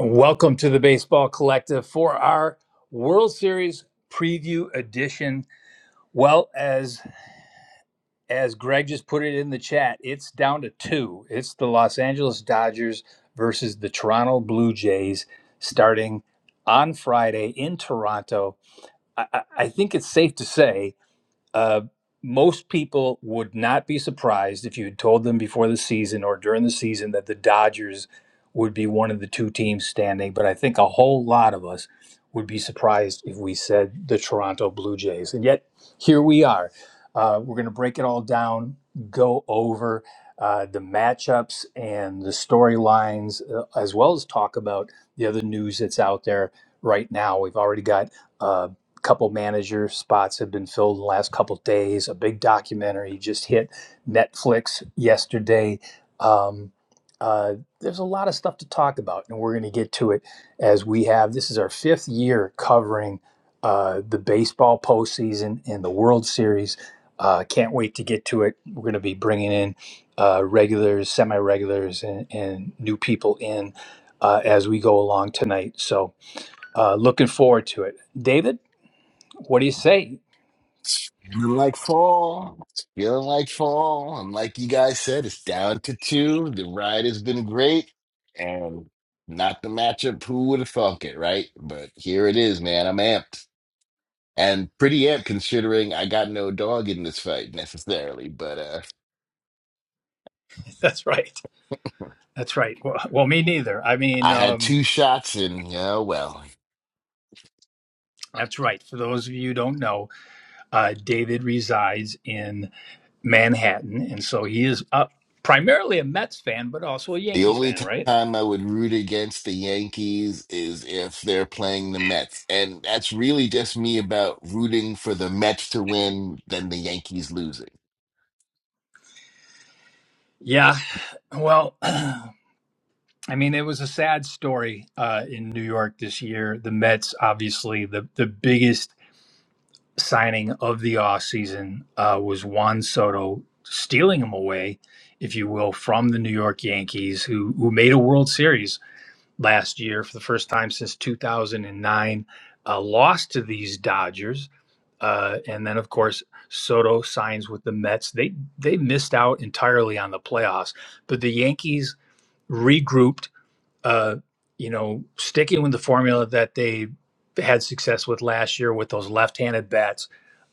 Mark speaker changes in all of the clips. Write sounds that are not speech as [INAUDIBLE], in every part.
Speaker 1: Welcome to the Baseball Collective for our World Series preview edition. Well, as as Greg just put it in the chat, it's down to two. It's the Los Angeles Dodgers versus the Toronto Blue Jays starting on Friday in Toronto. I, I think it's safe to say uh, most people would not be surprised if you had told them before the season or during the season that the Dodgers would be one of the two teams standing, but I think a whole lot of us would be surprised if we said the Toronto Blue Jays. And yet, here we are. Uh, we're going to break it all down, go over uh, the matchups and the storylines, uh, as well as talk about the other news that's out there right now. We've already got. uh, a couple manager spots have been filled in the last couple of days. A big documentary just hit Netflix yesterday. Um, uh, there's a lot of stuff to talk about, and we're going to get to it as we have. This is our fifth year covering uh, the baseball postseason and the World Series. Uh, can't wait to get to it. We're going to be bringing in uh, regulars, semi regulars, and, and new people in uh, as we go along tonight. So, uh, looking forward to it. David? What do you say?
Speaker 2: Feeling like fall. Feeling like fall. And like you guys said, it's down to two. The ride has been great. And not the matchup. Who would have thunk it, right? But here it is, man. I'm amped. And pretty amped considering I got no dog in this fight necessarily. But uh
Speaker 1: [LAUGHS] That's right. That's right. Well, well, me neither. I mean,
Speaker 2: I had
Speaker 1: um,
Speaker 2: two shots and yeah, well.
Speaker 1: that's right. For those of you who don't know, uh, David resides in Manhattan, and so he is uh, primarily a Mets fan, but also a
Speaker 2: The
Speaker 1: Yankees
Speaker 2: only
Speaker 1: fan, right?
Speaker 2: time I would root against the Yankees is if they're playing the Mets. And that's really just me about rooting for the Mets to win than the Yankees losing.
Speaker 1: Yeah. Well, [CLEARS THROAT] I mean, it was a sad story uh, in New York this year. The Mets, obviously, the the biggest signing of the offseason uh, was Juan Soto stealing him away, if you will, from the New York Yankees, who, who made a World Series last year for the first time since 2009, uh, lost to these Dodgers. Uh, and then, of course, Soto signs with the Mets. They they missed out entirely on the playoffs, but the Yankees regrouped uh, you know, sticking with the formula that they had success with last year with those left-handed bats,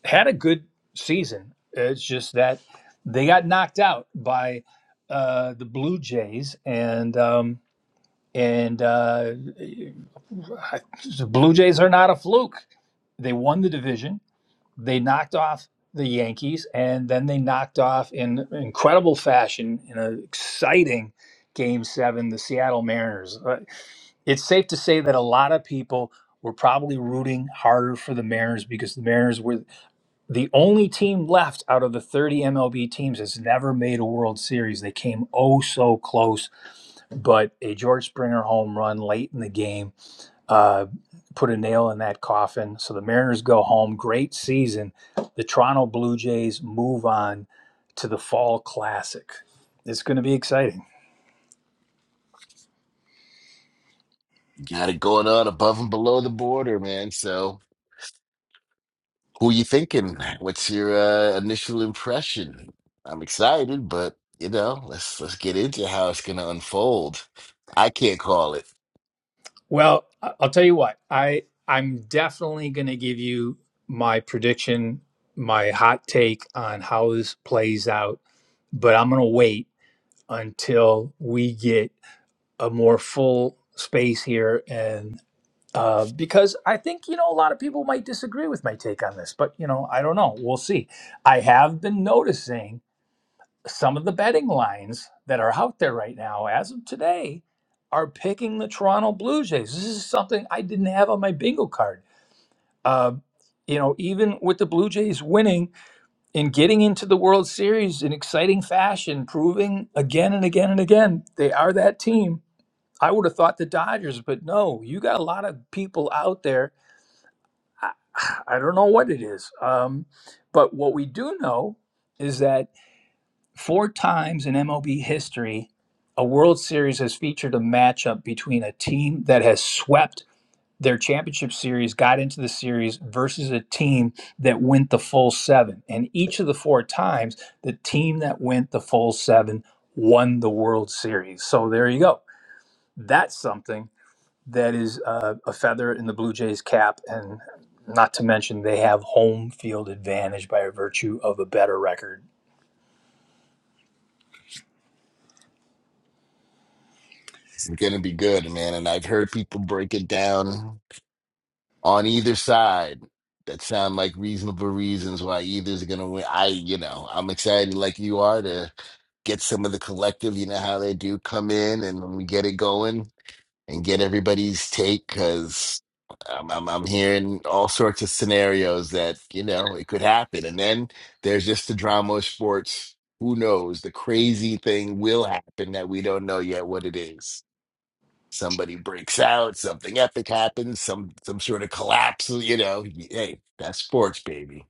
Speaker 1: had a good season. It's just that they got knocked out by uh, the Blue Jays, and um, and uh, I- the Blue Jays are not a fluke. They won the division they knocked off the Yankees, and then they knocked off in incredible fashion in an exciting Game Seven, the Seattle Mariners. Uh, It's safe to say that a lot of people were probably rooting harder for the Mariners because the Mariners were the only team left out of the 30 MLB teams that's never made a World Series. They came oh so close, but a George Springer home run late in the game uh, put a nail in that coffin. So the Mariners go home. Great season. The Toronto Blue Jays move on to the Fall Classic. It's going to be exciting.
Speaker 2: You got it going on above and below the border, man. So who you thinking? What's your uh, initial impression? I'm excited, but you know, let's let's get into how it's gonna unfold. I can't call it.
Speaker 1: Well, I- will tell you what. I I'm definitely going to give you my prediction, my hot take on how this plays out, but I'm going to wait until we get a more full space here and. uh, because I think you know a lot of people might disagree with my take on this, but you know I don't know. We'll see. I have been noticing some of the betting lines that are out there right now, as of today, are picking the Toronto Blue Jays. This is something I didn't have on my bingo card. Uh, you know, even with the Blue Jays winning and getting into the World Series in exciting fashion, proving again and again and again they are that team. I would have thought the Dodgers, but no, you got a lot of people out there [SIGHS] I, I don't know what it is. Um, but what we do know is that four times in MLB history, a World Series has featured a matchup between a team that has swept their championship series, got into the series, versus a team that went the full seven. And each of the four times, the team that went the full seven won the World Series. So there you go. That's something that is uh, a feather in the Blue Jays' cap, and not to mention they have home field advantage by virtue of a better record.
Speaker 2: It's gonna be good, man. And I've heard people break it down on either side that sound like reasonable reasons why either's gonna win. I, you know, I'm excited like you are to get some of the collective. You know how they do come in and when we get it going and get everybody's take because I'm, I'm I'm hearing all sorts of scenarios that you know it could happen. And then there's just the drama of sports. Who knows? The crazy thing will happen that we don't know yet what it is somebody breaks out, something epic happens, some some sort of collapse. You know, hey, that's sports, baby.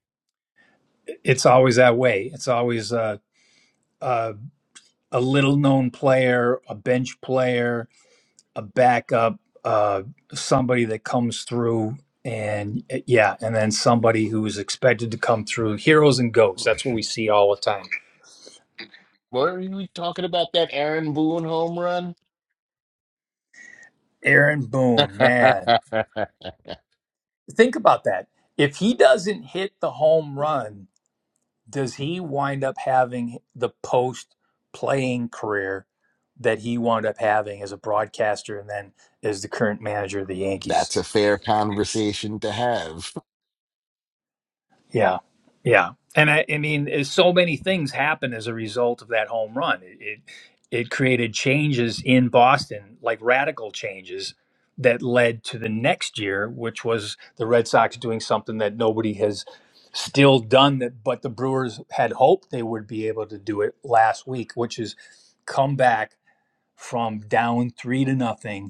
Speaker 1: It's always that way. It's always a a, a little known player, a bench player, a backup, uh, somebody that comes through. And uh, yeah, and then somebody who is expected to come through heroes and goats. That's what we see all the time.
Speaker 2: What are you talking about? That Aaron Boone home run?
Speaker 1: Aaron
Speaker 2: [LAUGHS]
Speaker 1: Boone, man, think about that. If he doesn't hit the home run, does he wind up having the post playing career that he wound up having as a broadcaster and then as the current manager of the Yankees?
Speaker 2: that's a fair conversation to have.
Speaker 1: Yeah. Yeah. And I, I mean, there's so many things happen as a result of that home run. It, it it created changes in Boston, like radical changes that led to the next year, which was the Red Sox doing something that nobody has still done that but the Brewers had hoped they would be able to do it last week, which is come back from down 3 to nothing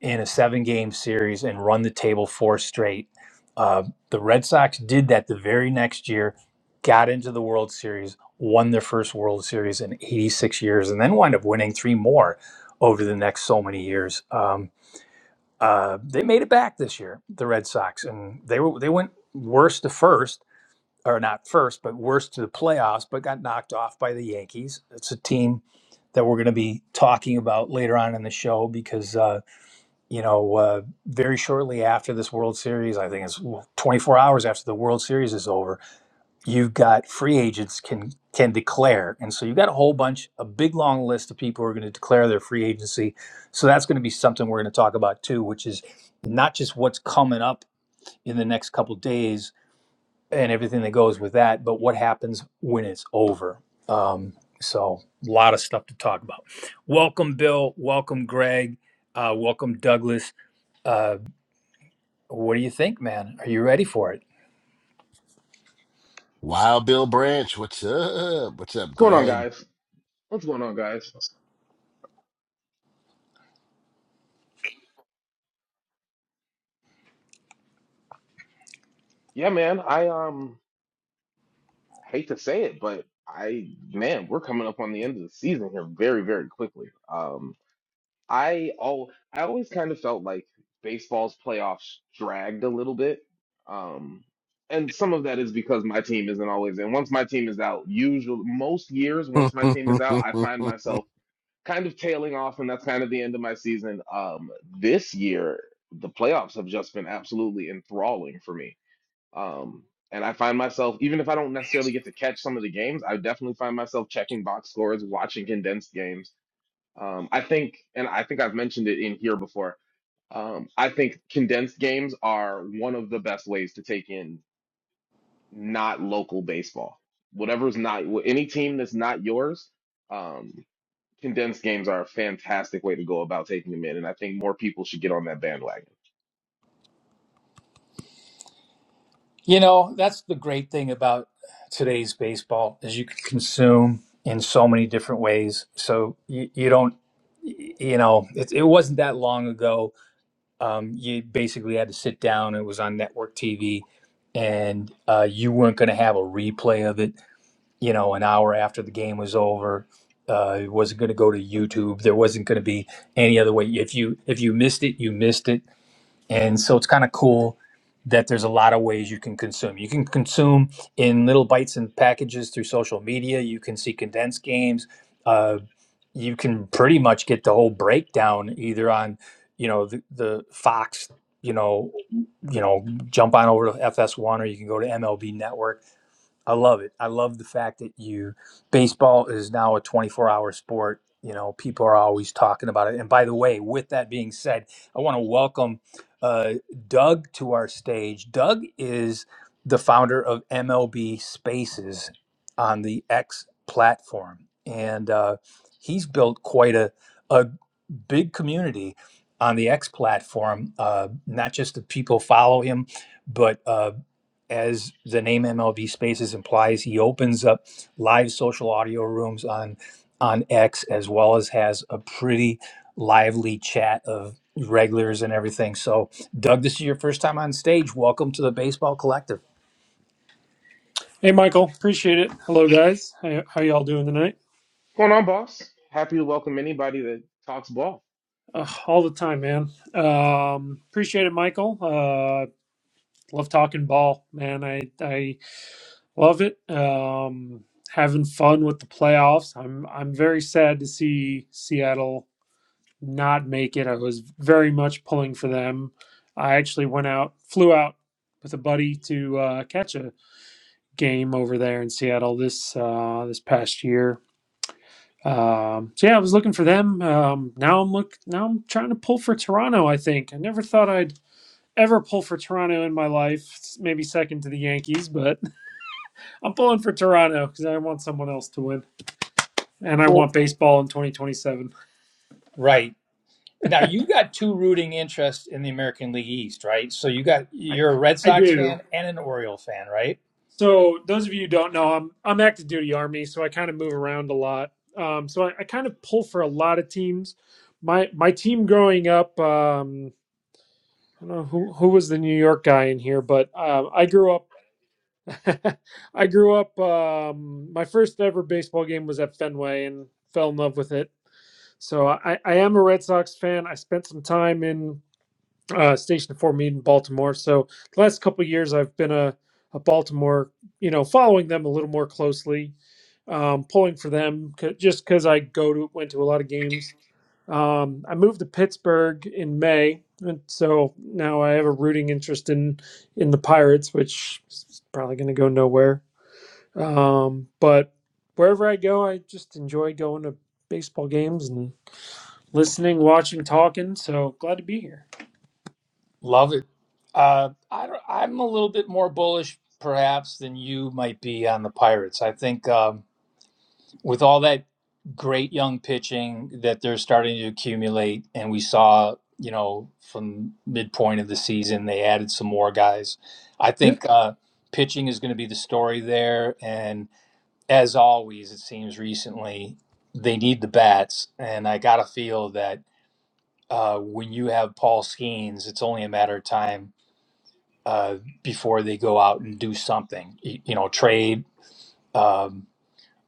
Speaker 1: in a seven game series and run the table four straight. Uh, the Red Sox did that the very next year, got into the World Series, won their first World Series in 86 years, and then wound up winning three more over the next so many years. Um, uh, they made it back this year, the Red Sox, and they were they went worse to first, or not first, but worse to the playoffs, but got knocked off by the Yankees. It's a team that we're going to be talking about later on in the show because. uh, you know, uh, very shortly after this World Series, I think it's well, 24 hours after the World Series is over, you've got free agents can can declare, and so you've got a whole bunch, a big long list of people who are going to declare their free agency. So that's going to be something we're going to talk about too, which is not just what's coming up in the next couple days and everything that goes with that, but what happens when it's over. Um, so a lot of stuff to talk about. Welcome, Bill. Welcome, Greg. Uh, welcome, Douglas Uh, what do you think, man? Are you ready for it?
Speaker 2: Wild Bill Branch, what's up? What's up,
Speaker 3: What's going on,
Speaker 2: Greg?
Speaker 3: guys? What's going on, guys? Yeah, man, I um hate to say it, but I man, we're coming up on the end of the season here very, very quickly. Um, I all I always kind of felt like baseball's playoffs dragged a little bit. Um, and some of that is because my team isn't always in. Once my team is out, usually most years,
Speaker 2: [LAUGHS] Is
Speaker 3: once my team is out, I find myself kind of tailing off, and that's kind of the end of my season. Um, this year, the playoffs have just been absolutely enthralling for me Um, and I find myself, even if I don't necessarily get to catch some of the games, I definitely find myself checking box scores, watching condensed games. Um, I think, and I think I've mentioned it in here before, um, I think condensed games are one of the best ways to take in not local baseball. Whatever's not, any team that's not yours, um, condensed games are a fantastic way to go about taking them in. And I think more people should get on that bandwagon.
Speaker 1: You know, that's the great thing about today's baseball is you can consume in so many different ways. So you, you don't, you know, it, it wasn't that long ago. Um, you basically had to sit down. It was on network TV, and uh, you weren't going to have a replay of it. You know, an hour after the game was over, uh, it wasn't going to go to YouTube. There wasn't going to be any other way. If you if you missed it, you missed it And so it's kind of cool that there's a lot of ways you can consume. You can consume in little bites and packages through social media. You can see condensed games. Uh, you can pretty much get the whole breakdown either on, you know, the, the Fox, you know, you know, jump on over to FS1 or you can go to MLB Network I love it. I love the fact that you baseball is now a 24-hour sport. You know, people are always talking about it. And by the way, with that being said, I want to welcome uh, Doug to our stage. Doug is the founder of MLB Spaces on the X platform, and uh, he's built quite a a big community on the X platform. Uh, not just the people follow him, but uh, as the name MLB Spaces implies, he opens up live social audio rooms on on X as well as has a pretty lively chat of regulars and everything. So, Doug, this is your first time on stage. Welcome to the Baseball Collective.
Speaker 4: Hey, Michael. Appreciate it. Hello, guys. How, how y'all doing tonight?
Speaker 3: What's going on, boss? Happy to welcome anybody that talks ball.
Speaker 4: Uh, all the time, man. Um, appreciate it, Michael. Uh, love talking ball, man. I I love it. Um, having fun with the playoffs. I'm I'm very sad to see Seattle not make it. I was very much pulling for them. I actually went out, flew out with a buddy to uh, catch a game over there in Seattle this uh, this past year Um, so yeah, I was looking for them. Um, now I'm look now I'm trying to pull for Toronto. I think I never thought I'd ever pull for Toronto in my life. s- Maybe second to the Yankees, but [LAUGHS] I'm pulling for Toronto because I want someone else to win, and I
Speaker 1: Well,
Speaker 4: want baseball in 2027.
Speaker 1: Right. Now, you got two rooting interests in the American League East, right? So you got
Speaker 4: I,
Speaker 1: you're a Red
Speaker 4: I
Speaker 1: Sox fan
Speaker 4: do.
Speaker 1: and an Oriole fan, right?
Speaker 4: So those of you who don't know, I'm I'm active duty army, so I kind of move around a lot. Um, so I, I kind of pull for a lot of teams. My my team growing up. Um, I don't know who who was the New York guy in here, but um, I grew up [LAUGHS] I grew up. Um, my first ever baseball game was at Fenway, and fell in love with it. So I, I am a Red Sox fan. I spent some time in uh, Station Four Mead in Baltimore. So the last couple of years, I've been a a Baltimore, you know, following them a little more closely, um, pulling for them c- just because I go to went to a lot of games. Um, I moved to Pittsburgh in May, and so now I have a rooting interest in in the Pirates, which is probably going to go nowhere. Um, but wherever I go, I just enjoy going to baseball games and listening, watching, talking. So glad to be here.
Speaker 1: Love it. Uh, I, don't- I'm a little bit more bullish, perhaps, than you might be on the Pirates. I think um, with all that great young pitching that they're starting to accumulate, and we saw, you know, from midpoint of the season, they added some more guys. I
Speaker 4: Yeah,
Speaker 1: think uh, pitching is going to be the story there. And as always, it seems recently, they need the bats. And I got to feel that uh, when you have Paul Skeens, it's only a matter of time uh, before they go out and do something, you, you know, trade um,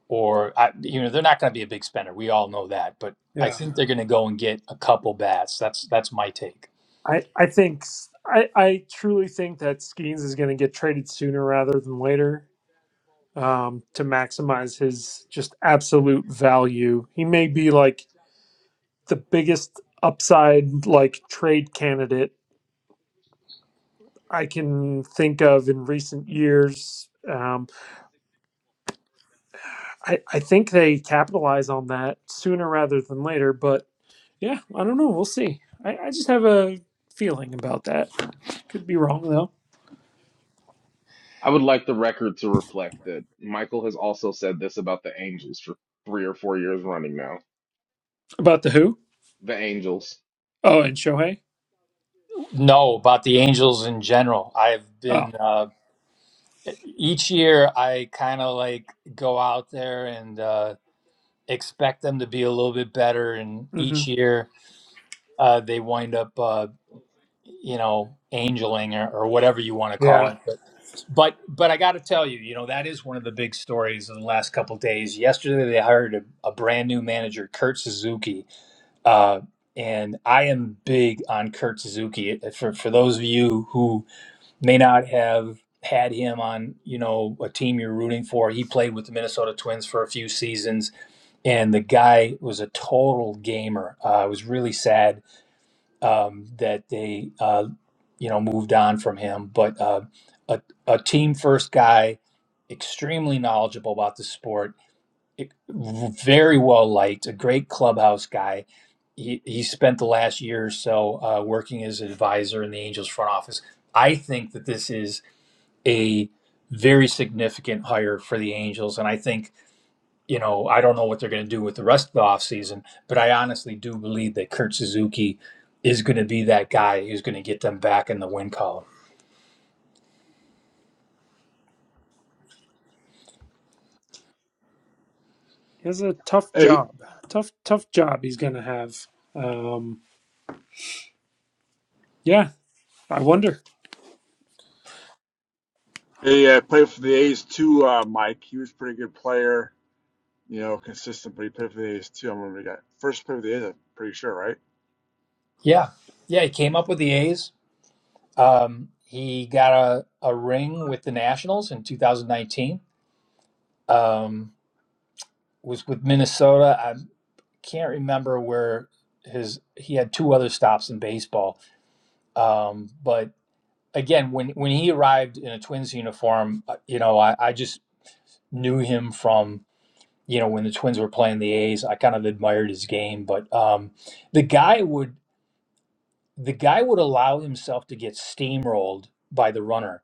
Speaker 1: or I, you know they're not going to be a big spender. We all know that, but I
Speaker 4: yeah.
Speaker 1: think they're going to go and get a couple bats. That's that's my take.
Speaker 4: I I think s- I I truly think that Skeens is going to get traded sooner rather than later um, to maximize his just absolute value. He may be like the biggest upside like trade candidate I can think of in recent years. Um, I, I think they capitalize on that sooner rather than later, but yeah, I don't know. We'll see. I, I just have a feeling about that. Could be wrong though.
Speaker 3: I would like the record to reflect that Michael has also said this about the Angels for three or four years running now.
Speaker 4: About the who?
Speaker 3: The Angels.
Speaker 4: Oh, and Shohei.
Speaker 1: No, about the Angels in general. I've
Speaker 4: Oh,
Speaker 1: been uh, each year I kind of like go out there and uh, expect them to be a little bit better, and
Speaker 4: hmm
Speaker 1: each year uh, they wind up. uh, you know, angeling or, or whatever you want to call
Speaker 4: yeah.
Speaker 1: it. But but but I got to tell you, you know, that is one of the big stories in the last couple of days. Yesterday, they hired a, a brand new manager, Kurt Suzuki, uh, and I am big on Kurt Suzuki. For for those of you who may not have had him on, you know, a team you're rooting for, he played with the Minnesota Twins for a few seasons, and the guy was a total gamer. Uh, it was really sad um, that they uh, you know moved on from him. But uh, a, a team first guy, extremely knowledgeable about the sport, e- very well liked, a great clubhouse guy. He, he spent the last year or so uh, working as an advisor in the Angels front office. I think that this is a very significant hire for the Angels, and I think you know, I don't know what they're going to do with the rest of the offseason, but I honestly do believe that Kurt Suzuki is going to be that guy who's going to get them back in the win column.
Speaker 4: He has a tough
Speaker 5: Hey,
Speaker 4: job. Tough, tough job he's gonna have. Um, yeah, I wonder.
Speaker 5: he uh, played for the A's too, uh, Mike. He was a pretty good player, you know, consistent, but he played for the A's too. I remember he got first played for the A's, I'm pretty sure, right?
Speaker 1: Yeah. Yeah. He came up with the A's. Um, he got a, a ring with the Nationals in 2019, um, was with Minnesota. I can't remember where his, he had two other stops in baseball. Um, but again, when, when he arrived in a Twins uniform, uh, you know, I, I just knew him from you know, when the Twins were playing the A's, I kind of admired his game, but um, the guy would the guy would allow himself to get steamrolled by the runner,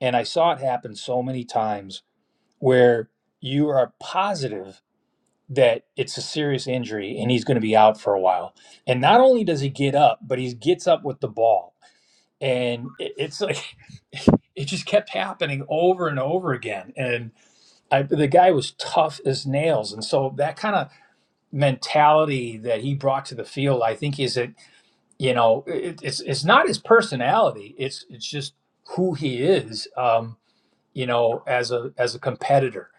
Speaker 1: and I saw it happen so many times where you are positive that it's a serious injury and he's going to be out for a while. And not only does he get up, but he gets up with the ball, and it, it's like [LAUGHS] it just kept happening over and over again. And I, the guy was tough as nails, and so that kind of mentality that he brought to the field, I think is a you know it, it's it's not his personality. It's it's just who he is. Um, you know, as a as a competitor,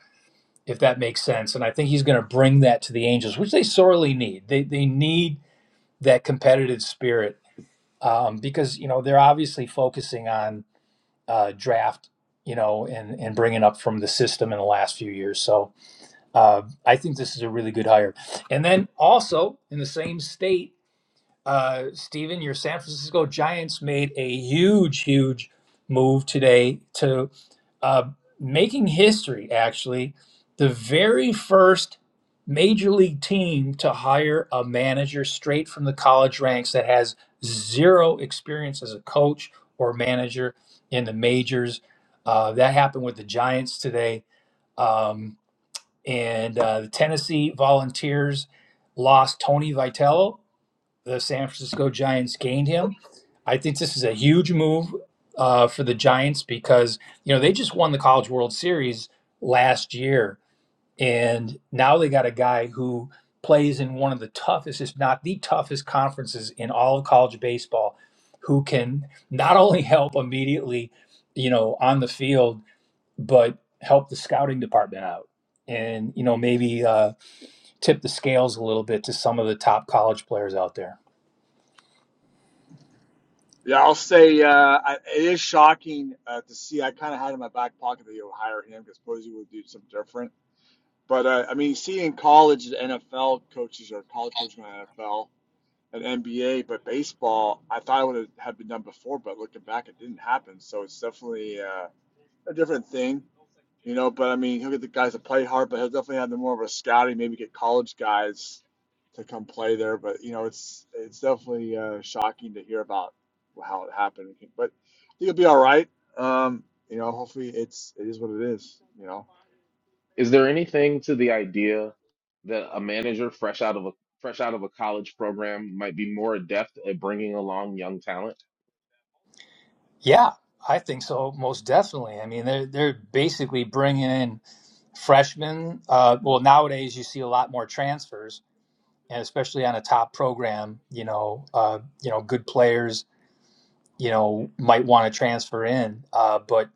Speaker 1: if that makes sense. And I think he's going to bring that to the Angels, which they sorely need. They they need that competitive spirit um, because you know they're obviously focusing on uh, draft. You know, and and bringing up from the system in the last few years. So uh, I think this is a really good hire. And then also in the same state, uh, Steven, your San Francisco Giants made a huge, huge move today to uh, making history, actually, the very first major league team to hire a manager straight from the college ranks that has zero experience as a coach or manager in the majors. Uh, that happened with the Giants today. Um, and uh, the Tennessee Volunteers lost Tony Vitello the San Francisco Giants gained him. I think this is a huge move uh, for the Giants because you know they just won the College World Series last year, and now they got a guy who plays in one of the toughest, if not the toughest, conferences in all of college baseball, who can not only help immediately, you know, on the field, but help the scouting department out, and you know maybe uh, tip the scales a little bit to some of the top college players out there.
Speaker 5: Yeah, I'll say uh, I, it is shocking uh, to see. I kind of had in my back pocket that you would hire him because Posey would do something different. But uh, I mean, seeing college and NFL coaches or college coaching on NFL and NBA, but baseball, I thought it would have been done before, but looking back, it didn't happen. So it's definitely uh, a different thing You know, but I mean, he'll get the guys to play hard, but he'll definitely have the more of a scouting, maybe get college guys to come play there. But you know, it's it's definitely uh, shocking to hear about how it happened. But I think it'll be all right. Um, you know, hopefully it's it is what it is. You know,
Speaker 3: Is there anything to the idea that a manager fresh out of a fresh out of a college program might be more adept at bringing along young talent?
Speaker 1: Yeah, I think so, most definitely. I mean, they're they're basically bringing in freshmen. Uh, well, nowadays you see a lot more transfers, and especially on a top program, you know, uh, you know, good players, you know, might want to transfer in. Uh, but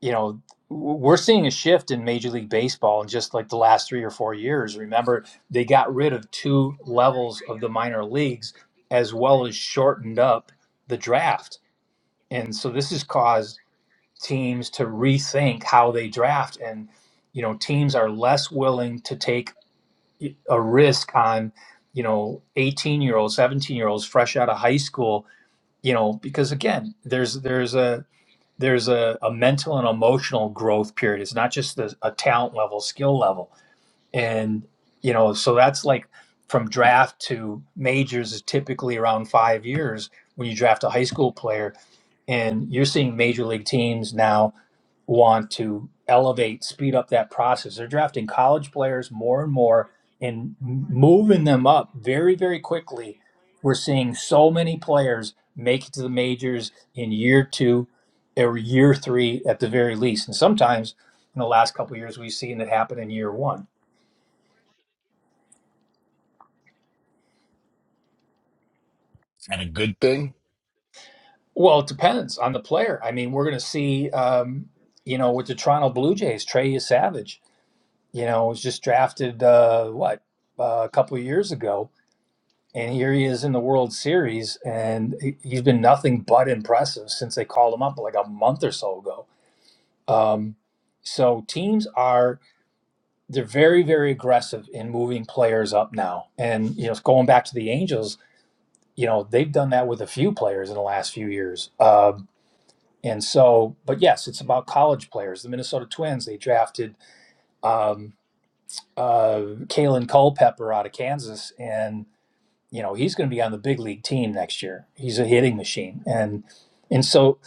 Speaker 1: you know, w- we're seeing a shift in Major League Baseball in just like the last three or four years. Remember, they got rid of two levels of the minor leagues, as well as shortened up the draft, and so this has caused teams to rethink how they draft and you know teams are less willing to take a risk on you know 18 year olds 17 year olds fresh out of high school you know because again there's there's a there's a, a mental and emotional growth period it's not just the, a talent level skill level and you know so that's like from draft to majors is typically around five years when you draft a high school player and you're seeing major league teams now want to elevate, speed up that process. They're drafting college players more and more and moving them up very, very quickly. We're seeing so many players make it to the majors in year two or year three at the very least. And sometimes in the last couple of years, we've seen it happen in year one.
Speaker 2: that a good thing?
Speaker 1: Well, it depends on the player. I mean, we're going to see, um, you know, with the Toronto Blue Jays, Trey Savage. You know, was just drafted uh, what uh, a couple of years ago, and here he is in the World Series, and he- he's been nothing but impressive since they called him up like a month or so ago. Um, so teams are they're very very aggressive in moving players up now, and you know going back to the Angels, you know they've done that with a few players in the last few years. Um, and so, but yes, it's about college players. The Minnesota Twins they drafted. Um, uh, Kalen Culpepper out of Kansas, and you know he's going to be on the big league team next year. He's a hitting machine, and and so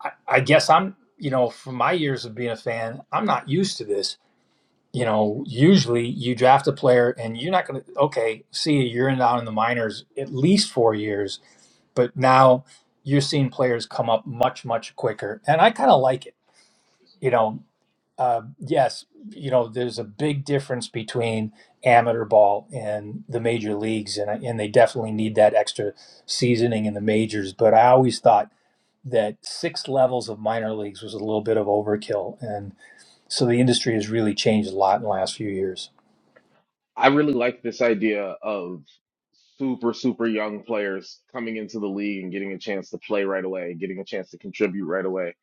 Speaker 1: I, I guess I'm you know from my years of being a fan, I'm not used to this. You know, usually you draft a player and you're not going to okay, see you, you're in down in the minors at least four years, but now you're seeing players come up much much quicker, and I kind of like it. You know, uh, yes, you know, there's a big difference between amateur ball and the major leagues, and I- and they definitely need that extra seasoning in the majors. But I always thought that six levels of minor leagues was a little bit of overkill, and so the industry has really changed a lot in the last few years.
Speaker 3: I really like this idea of super super young players coming into the league and getting a chance to play right away, getting a chance to contribute right away.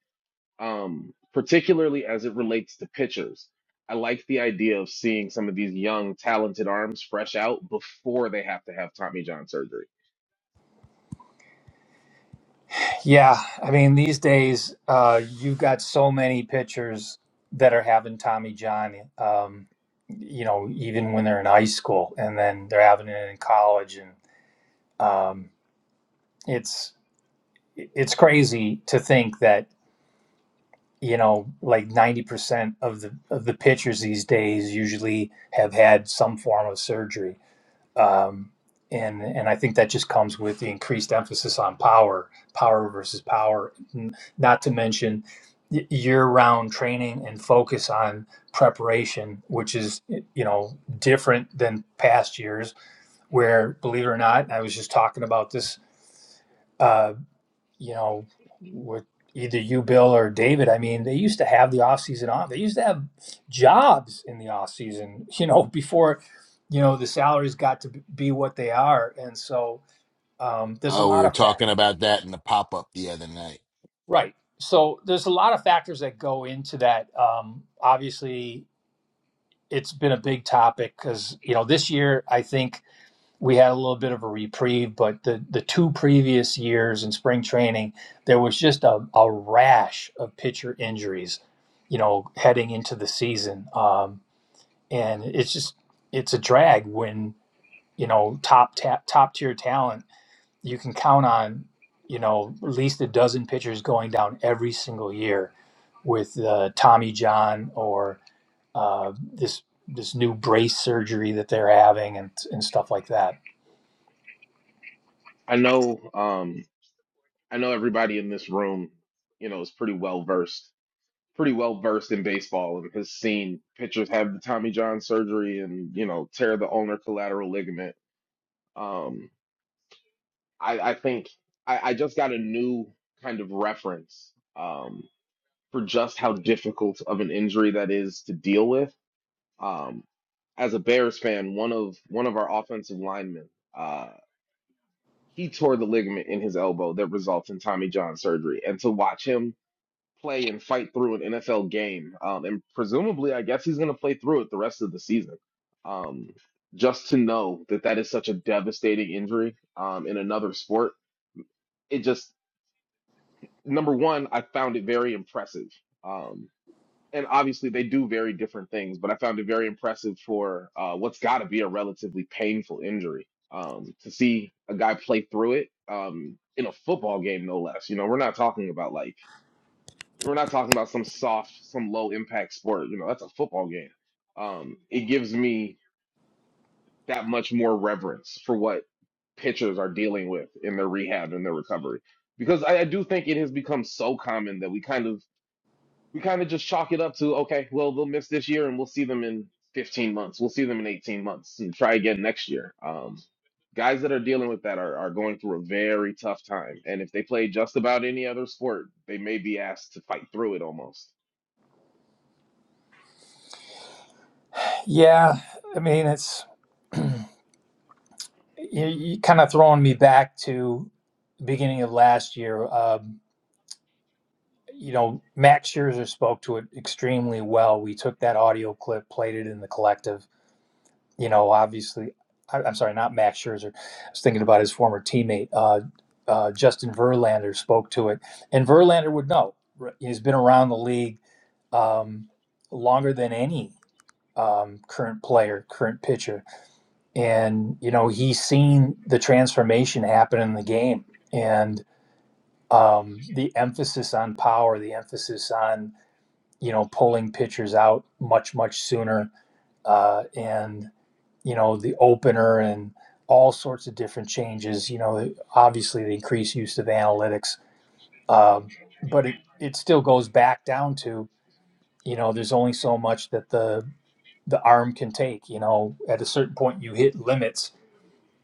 Speaker 3: um, particularly as it relates to pitchers. I like the idea of seeing some of these young, talented arms fresh out before they have to have Tommy John surgery.
Speaker 1: Yeah, I mean, these days uh, you've got so many pitchers that are having Tommy John. Um, you know, even when they're in high school, and then they're having it in college, and um, it's it's crazy to think that you know like 90% of the of the pitchers these days usually have had some form of surgery um, and and I think that just comes with the increased emphasis on power power versus power not to mention year-round training and focus on preparation which is you know different than past years where believe it or not I was just talking about this uh, you know, with either you, Bill, or David, I mean, they used to have the off season off. They used to have jobs in the off season, [LAUGHS] you know, before, you know, the salaries got to be what they are. And so um, there's a
Speaker 2: Oh, we
Speaker 1: lot
Speaker 2: were
Speaker 1: of
Speaker 2: talking
Speaker 1: fact.
Speaker 2: about that in the pop up the other night.
Speaker 1: Right. So there's a lot of factors that go into that. Um, obviously, it's been a big topic because, you know, this year, I think we had a little bit of a reprieve, but the, the two previous years in spring training, there was just a, a rash of pitcher injuries, you know, heading into the season. Um, and it's just, it's a drag when, you know, top, ta- top tier talent, you can count on, you know, at least a dozen pitchers going down every single year with uh, Tommy John or uh, this, this new brace surgery that they're having and, and stuff like that.
Speaker 3: I know, um, I know everybody in this room, you know, is pretty well versed, pretty well versed in baseball and has seen pitchers have the Tommy John surgery and you know tear the ulnar collateral ligament. Um, I, I think I, I just got a new kind of reference Um. for just how difficult of an injury that is to deal with. Um, as a Bears fan, one of one of our offensive linemen, uh, he tore the ligament in his elbow that results in Tommy John surgery, and to watch him play and fight through an NFL game, um, and presumably, I guess he's going to play through it the rest of the season. Um, just to know that that is such a devastating injury um, in another sport, it just number one, I found it very impressive. Um, and obviously they do very different things, but I found it very impressive for uh, what's got to be a relatively painful injury um, to see a guy play through it um, in a football game, no less. You know, we're not talking about like we're not talking about some soft, some low impact sport. You know, that's a football game. Um, it gives me that much more reverence for what pitchers are dealing with in their rehab and their recovery because I, I do think it has become so common that we kind of we kind of just chalk it up to okay, well they'll miss this year and we'll see them in 15 months. We'll see them in 18 months and try again next year. Um, guys that are dealing with that are are going through a very tough time, and if they play just about any other sport, they may be asked to fight through it almost.
Speaker 1: Yeah, I mean, it's you, you kind of throwing me back to the beginning of last year. Um, you know, Max Scherzer spoke to it extremely well. We took that audio clip, played it in the collective. You know, obviously, I, I'm sorry, not Max Scherzer. I was thinking about his former teammate, uh, uh, Justin Verlander, spoke to it, and Verlander would know. R- He's been around the league um, longer than any um, current player, current pitcher and you know he's seen the transformation happen in the game and um, the emphasis on power the emphasis on you know pulling pitchers out much much sooner uh, and you know the opener and all sorts of different changes you know obviously the increased use of analytics um, but it, it still goes back down to you know there's only so much that the the arm can take you know at a certain point you hit limits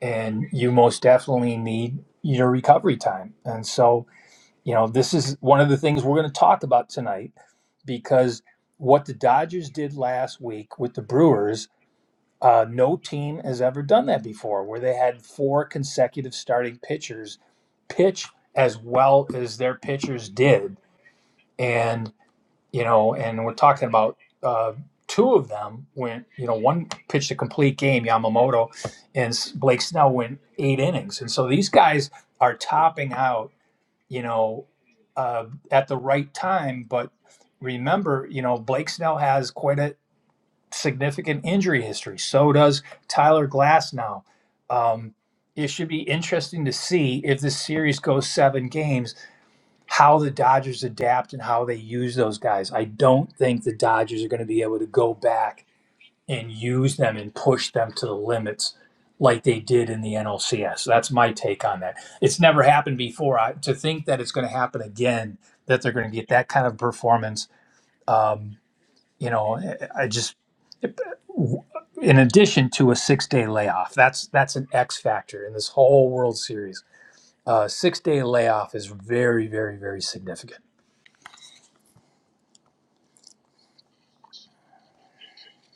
Speaker 1: and you most definitely need your recovery time. And so, you know, this is one of the things we're going to talk about tonight because what the Dodgers did last week with the Brewers, uh, no team has ever done that before, where they had four consecutive starting pitchers pitch as well as their pitchers did. and you know, and we're talking about uh, two of them went, you know, one pitched a complete game, Yamamoto, and Blake Snell went eight innings. And so these guys are topping out, you know, uh, at the right time. But remember, you know, Blake Snell has quite a significant injury history. So does Tyler Glass now. Um, it should be interesting to see if this series goes seven games how the Dodgers adapt and how they use those guys. I don't think the Dodgers are going to be able to go back and use them and push them to the limits like they did in the NLCS. That's my take on that. It's never happened before. I, to think that it's going to happen again, that they're going to get that kind of performance, um, you know, I I just in addition to a six day layoff. That's that's an X factor in this whole World Series. Uh, six day layoff is very, very, very significant.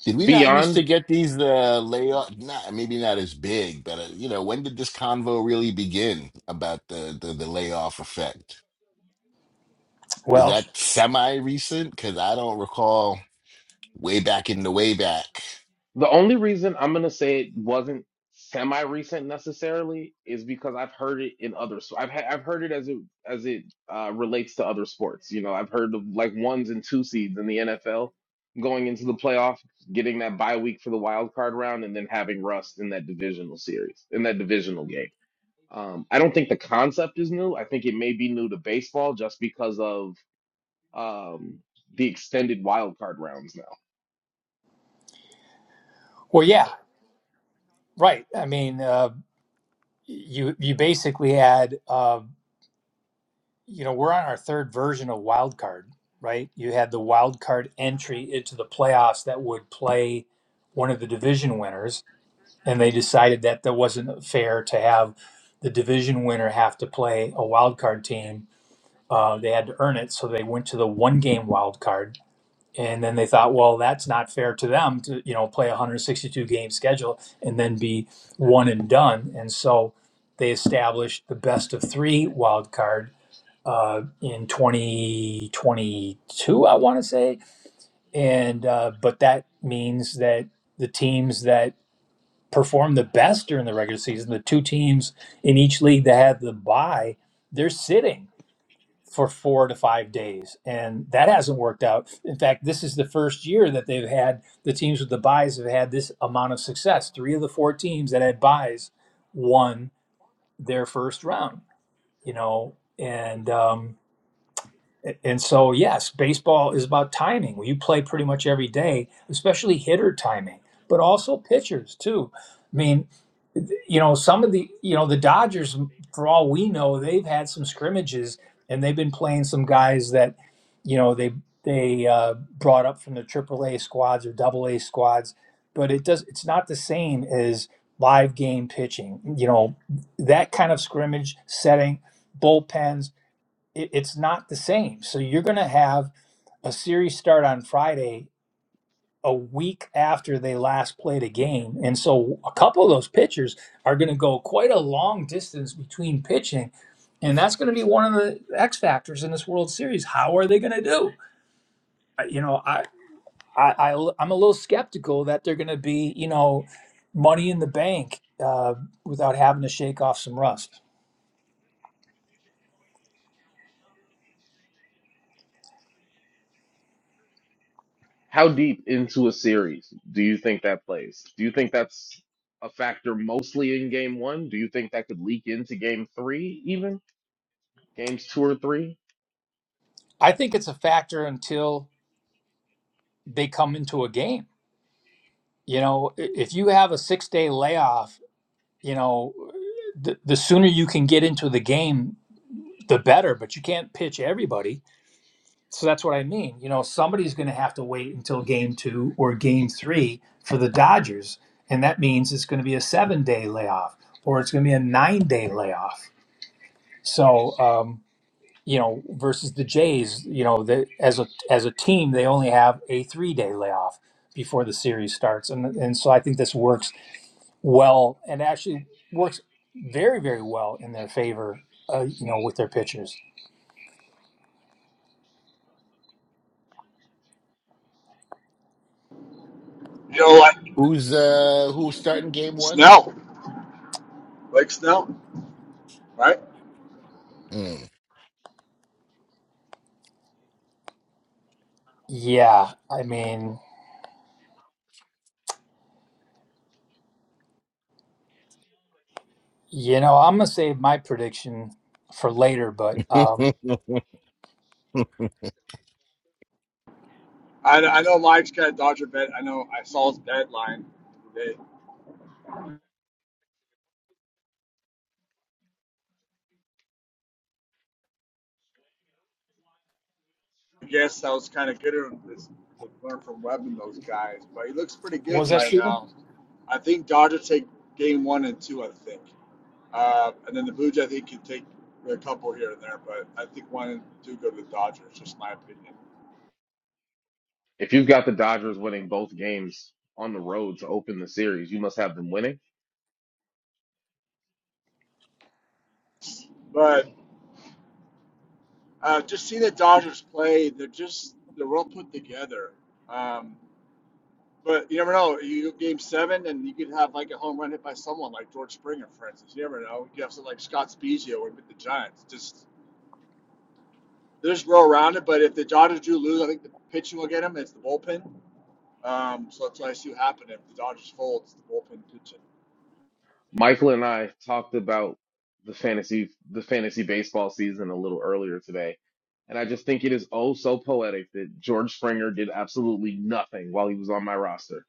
Speaker 2: Did we not used to
Speaker 3: Beyond
Speaker 2: get these uh, layoff? Not maybe not as big, but uh, you know, when did this convo really begin about the the, the layoff effect? Is
Speaker 1: Well,
Speaker 2: that semi recent? Because I don't recall way back in the way back.
Speaker 3: The only reason I'm gonna say it wasn't semi-recent necessarily is because I've heard it in other. So I've ha- I've heard it as it as it uh, relates to other sports. You know, I've heard of like ones and two seeds in the NFL going into the playoffs, getting that bye week for the wild card round, and then having rust in that divisional series in that divisional game. Um, I don't think the concept is new. I think it may be new to baseball just because of um, the extended wild card rounds now.
Speaker 1: well, yeah, right. I mean, uh, you you basically had, uh, you know, we're on our third version of wild card, right? You had the wild card entry into the playoffs that would play one of the division winners, and they decided that that wasn't fair to have the division winner have to play a wild card team. Uh, they had to earn it, so they went to the one game wild card and then they thought, well, that's not fair to them to you know play a 162 game schedule and then be one and done. And so they established the best of three wild card uh, in 2022, I want to say. And uh, but that means that the teams that perform the best during the regular season, the two teams in each league that have the bye, they're sitting for four to five days, and that hasn't worked out. In fact, this is the first year that they've had the teams with the buys have had this amount of success. Three of the four teams that had buys won their first round, you know, and um, and so, yes, baseball is about timing. Well, You play pretty much every day, especially hitter timing, but also pitchers too. I mean, you know, some of the, you know, the Dodgers, for all we know, they've had some scrimmages and they've been playing some guys that, you know, they they uh, brought up from the Triple A squads or Double A squads, but it does it's not the same as live game pitching. You know, that kind of scrimmage setting, bullpens it, it's not the same. So you're going to have a series start on Friday a week after they last played a game. And so a couple of those pitchers are going to go quite a long distance between pitching. And that's going to be one of the X factors in this World Series. How are they going to do? Uh, You know, I, I, I, am a little skeptical that they're going to be, you know, money in the bank uh, without having to shake off some rust.
Speaker 3: How deep into a series do you think that plays? Do you think that's a factor mostly in game one? Do you think that could leak into game three, even games two or three?
Speaker 1: I think it's a factor until they come into a game You know, i- if you have a six day layoff, you know, the, the sooner you can get into the game, the better, but you can't pitch everybody. So that's what I mean. You know, somebody's going to have to wait until game two or game three for the Dodgers. And that means it's going to be a seven day layoff or it's going to be a nine day layoff. So, um, you know, versus the Jays, you know, the, as a as a team, they only have a three day layoff before the series starts, and and so I think this works well and actually works very very well in their favor uh, you know with their pitchers
Speaker 5: you know, like
Speaker 2: Who's uh who's starting game one?
Speaker 5: Snell, like Snell, right?
Speaker 2: Mm.
Speaker 1: yeah i mean you know i'm gonna save my prediction for later but um
Speaker 2: [LAUGHS]
Speaker 5: I I know Mike's got a Dodger bet. I know I saw his bet line today. I guess I was kind of good at this, to learn from Webb and those guys, but he looks pretty
Speaker 1: what was
Speaker 5: good
Speaker 1: that
Speaker 5: right
Speaker 1: Stephen?
Speaker 5: now. I think Dodgers take game one and two, I think. Uh, and then the Blue Jays, I think, can take a couple here and there, but I think one and two go to the Dodgers, just my opinion.
Speaker 3: If you've got the Dodgers winning both games on the road to open the series, you must have them winning.
Speaker 5: But uh, just seeing the Dodgers play, they're just, they're well put together. Um, but you never know. You go game seven, and you could have like a home run hit by someone like George Springer, for instance. You never know. You could have something like Scott Spezio with the Giants. Just They'll just roll around it. But if the Dodgers do lose, I think the pitching will get them. It's the bullpen. Um, so that's what I see what happen if the Dodgers fold. It's the bullpen pitching.
Speaker 3: Michael and I talked about the fantasy the fantasy baseball season a little earlier today. And I just think it is oh so poetic that George Springer did absolutely nothing while he was on my roster.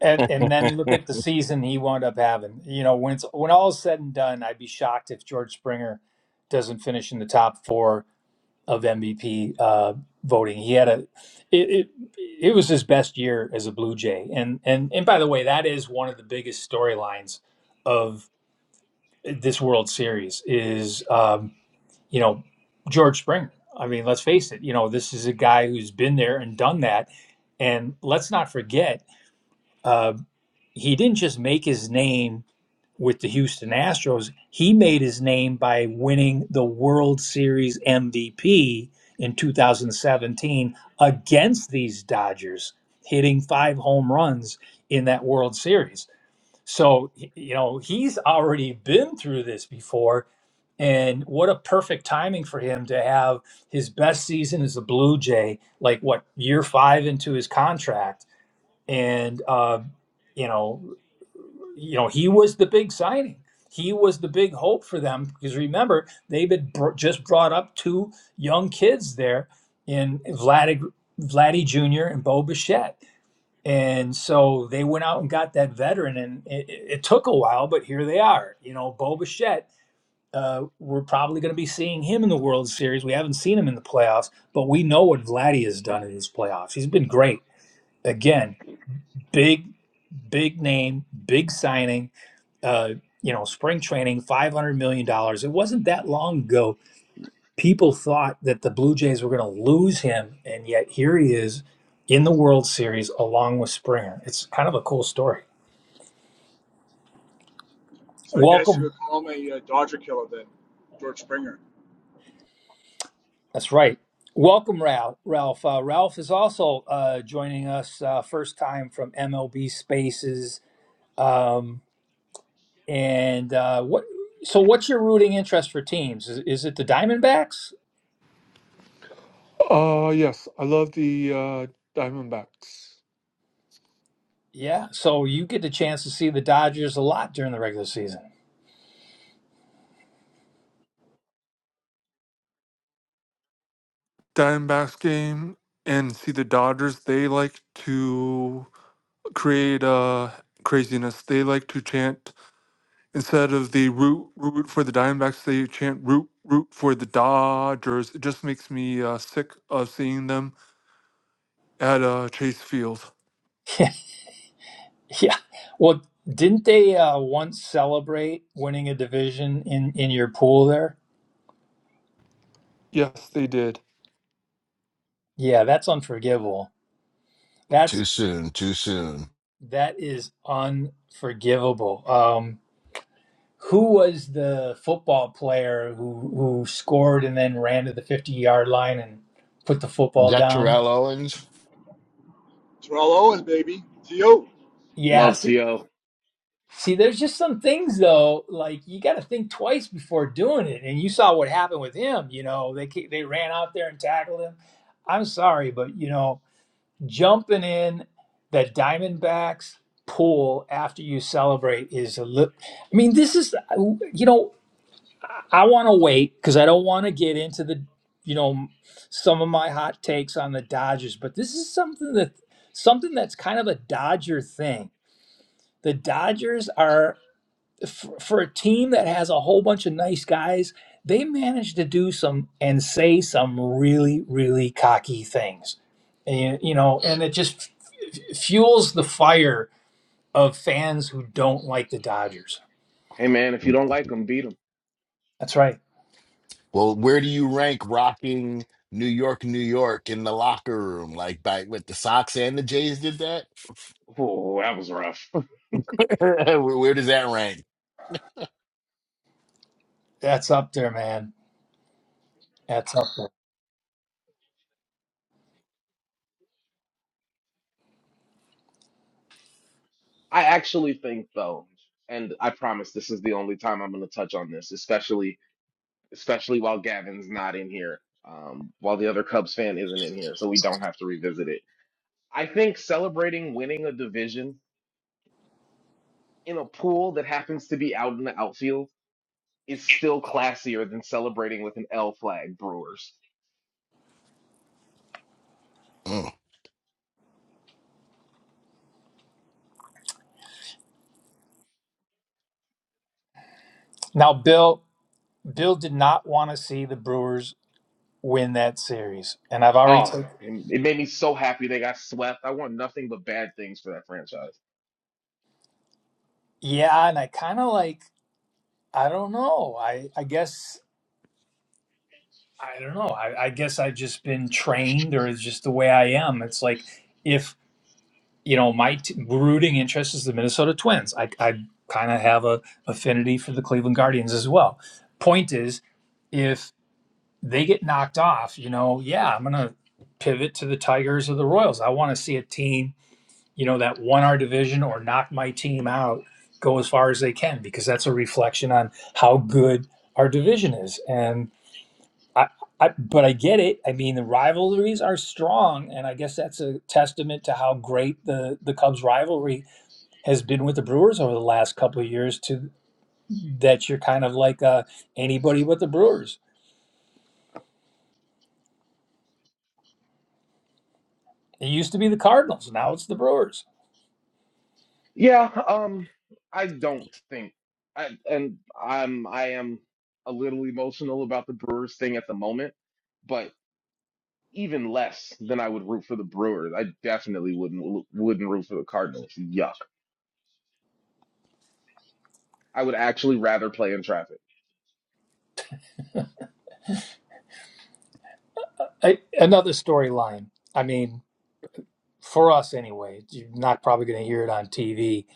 Speaker 1: and, and then look at the season he wound up having you know when it's when all is said and done i'd be shocked if george springer doesn't finish in the top four of MVP uh, voting. He had a it, it it was his best year as a Blue Jay, and and and by the way, that is one of the biggest storylines of this World Series is um, you know George Springer. I mean, let's face it, you know this is a guy who's been there and done that, and let's not forget uh, he didn't just make his name with the Houston Astros, he made his name by winning the World Series MVP in 2017 against these Dodgers, hitting five home runs in that World Series. So, you know, he's already been through this before. And what a perfect timing for him to have his best season as a Blue Jay, like what, year five into his contract. And, uh, you know, you know he was the big signing he was the big hope for them because remember they've had br- just brought up two young kids there in Vlad Vladdy Jr. and Bo Bichette and so they went out and got that veteran and it, it it took a while but here they are you know Bo Bichette uh, we're probably going to be seeing him in the World Series we haven't seen him in the playoffs but we know what Vladdy has done in his playoffs he's been great again big big name big signing uh, you know, spring training, five hundred million dollars. It wasn't that long ago. People thought that the Blue Jays were going to lose him, and yet here he is in the World Series along with Springer. It's kind of a cool story.
Speaker 5: So I guess you would
Speaker 1: Welcome.
Speaker 5: call him a uh, Dodger killer then, George Springer.
Speaker 1: That's right. Welcome, Ralph. Ralph. Uh, Ralph is also uh, joining us uh, first time from MLB Spaces. Um, and uh, what? So, what's your rooting interest for teams? Is, is it the Diamondbacks?
Speaker 6: Uh, yes, I love the uh, Diamondbacks.
Speaker 1: Yeah, so you get the chance to see the Dodgers a lot during the regular season. [LAUGHS]
Speaker 6: Diamondbacks game and see the Dodgers. They like to create uh, craziness. They like to chant instead of the root root for the Diamondbacks. They chant root root for the Dodgers. It just makes me uh, sick of seeing them at uh, Chase Field.
Speaker 1: Yeah. Well, didn't they uh, once celebrate winning a division in in your pool there?
Speaker 6: Yes, they did.
Speaker 1: Yeah, that's unforgivable.
Speaker 2: Too
Speaker 1: That's
Speaker 2: soon, too soon.
Speaker 1: that is unforgivable. Um, who was the football player who who scored and then ran to the fifty yard line and put the
Speaker 2: Is
Speaker 1: football
Speaker 2: that
Speaker 1: down?
Speaker 2: Terrell Owens?
Speaker 5: Terrell Owens, baby. T.O.
Speaker 3: Love
Speaker 1: Yes.
Speaker 3: T.O.
Speaker 1: See, there's just some things though, like you got to think twice before doing it. And you saw what happened with him. You know, they ca- they ran out there and tackled him. I'm sorry, but you know, jumping in the Diamondbacks pool after you celebrate is a little. I mean, this is you know, I want to wait because I don't want to get into the you know some of my hot takes on the Dodgers, but this is something that something that's kind of a Dodger thing. The Dodgers are for, for a team that has a whole bunch of nice guys, they managed to do some and say some really, really cocky things. And, you know, and it just f- fuels the fire of fans who don't like the Dodgers.
Speaker 3: Hey man, if you don't like him, beat him.
Speaker 1: That's right.
Speaker 2: Well, where do you rank rocking New York, New York in the locker room? Like by with the Sox and the Jays did that?
Speaker 3: Oh, that was rough.
Speaker 2: [LAUGHS] where, where does that rank?
Speaker 1: That's up there, man. That's up there.
Speaker 3: [LAUGHS] I actually think though, and I promise this is the only time I'm going to touch on this, especially especially while Gavin's not in here, um, while the other Cubs fan isn't in here, so we don't have to revisit it. I think celebrating winning a division in a pool that happens to be out in the outfield is still classier than celebrating with an L flag, Brewers.
Speaker 2: Mm.
Speaker 1: Now, Bill, Bill did not want to see the Brewers win that series. And I've already
Speaker 3: Oh,
Speaker 1: taken,
Speaker 3: it it made me so happy they got swept. I want nothing but bad things for that franchise.
Speaker 1: yeah, and I kind of like, I don't know. I, I guess I don't know. I, I guess I've just been trained, or it's just the way I am. It's like if you know my t- rooting interest is the Minnesota Twins. I, I kind of have a affinity for the Cleveland Guardians as well. Point is, if they get knocked off, you know, yeah, I'm gonna pivot to the Tigers or the Royals. I want to see a team, you know, that won our division or knocked my team out go as far as they can because that's a reflection on how good our division is and I, I, but I get it. I mean, the rivalries are strong, and I guess that's a testament to how great the the Cubs rivalry has been with the Brewers over the last couple of years. To that, you're kind of like uh, anybody but the Brewers. It used to be the Cardinals, now it's the Brewers.
Speaker 3: Yeah, um, I don't think I and I'm I am a little emotional about the Brewers thing at the moment, but even less than I would root for the Brewers. I definitely wouldn't wouldn't root for the Cardinals. Yuck. I would actually rather play in traffic.
Speaker 1: I, another storyline. I mean, for us anyway, you're not probably going to hear it on TV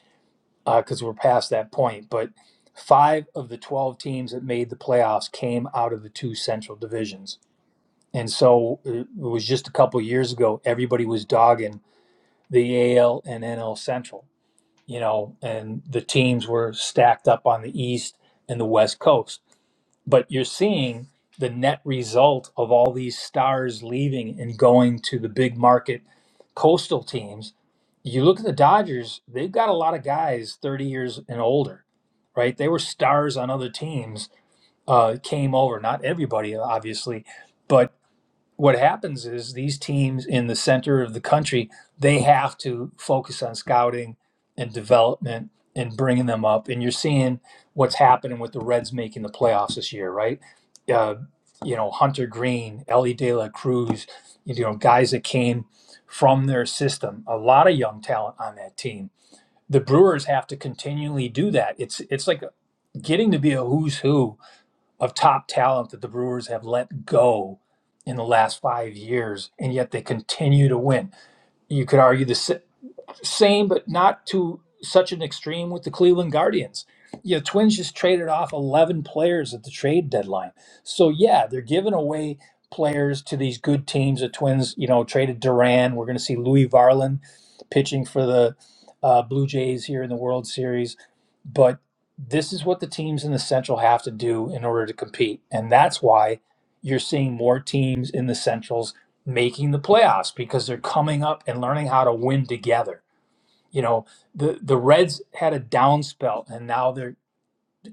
Speaker 1: because uh, we're past that point. But five of the twelve teams that made the playoffs came out of the two Central divisions And so uh, it was just a couple of years ago, everybody was dogging the AL and NL Central, you know, and the teams were stacked up on the East and the West Coast. But you're seeing the net result of all these stars leaving and going to the big market coastal teams. You look at the Dodgers, they've got a lot of guys 30 years and older, right? They were stars on other teams, uh, came over, not everybody, obviously, but what happens is these teams in the center of the country they have to focus on scouting and development and bringing them up and you're seeing what's happening with the reds making the playoffs this year right uh, you know hunter green ellie de la cruz you know guys that came from their system a lot of young talent on that team the brewers have to continually do that it's it's like getting to be a who's who of top talent that the Brewers have let go in the last five years, and yet they continue to win. You could argue this. Same, but not to such an extreme with the Cleveland Guardians. You know, Twins just traded off 11 players at the trade deadline. So, yeah, they're giving away players to these good teams. The Twins, you know, traded Duran. We're going to see Louis Varlin pitching for the uh, Blue Jays here in the World Series. But this is what the teams in the Central have to do in order to compete. And that's why you're seeing more teams in the Centrals making the playoffs because they're coming up and learning how to win together you know, the the Reds had a down spell and now they're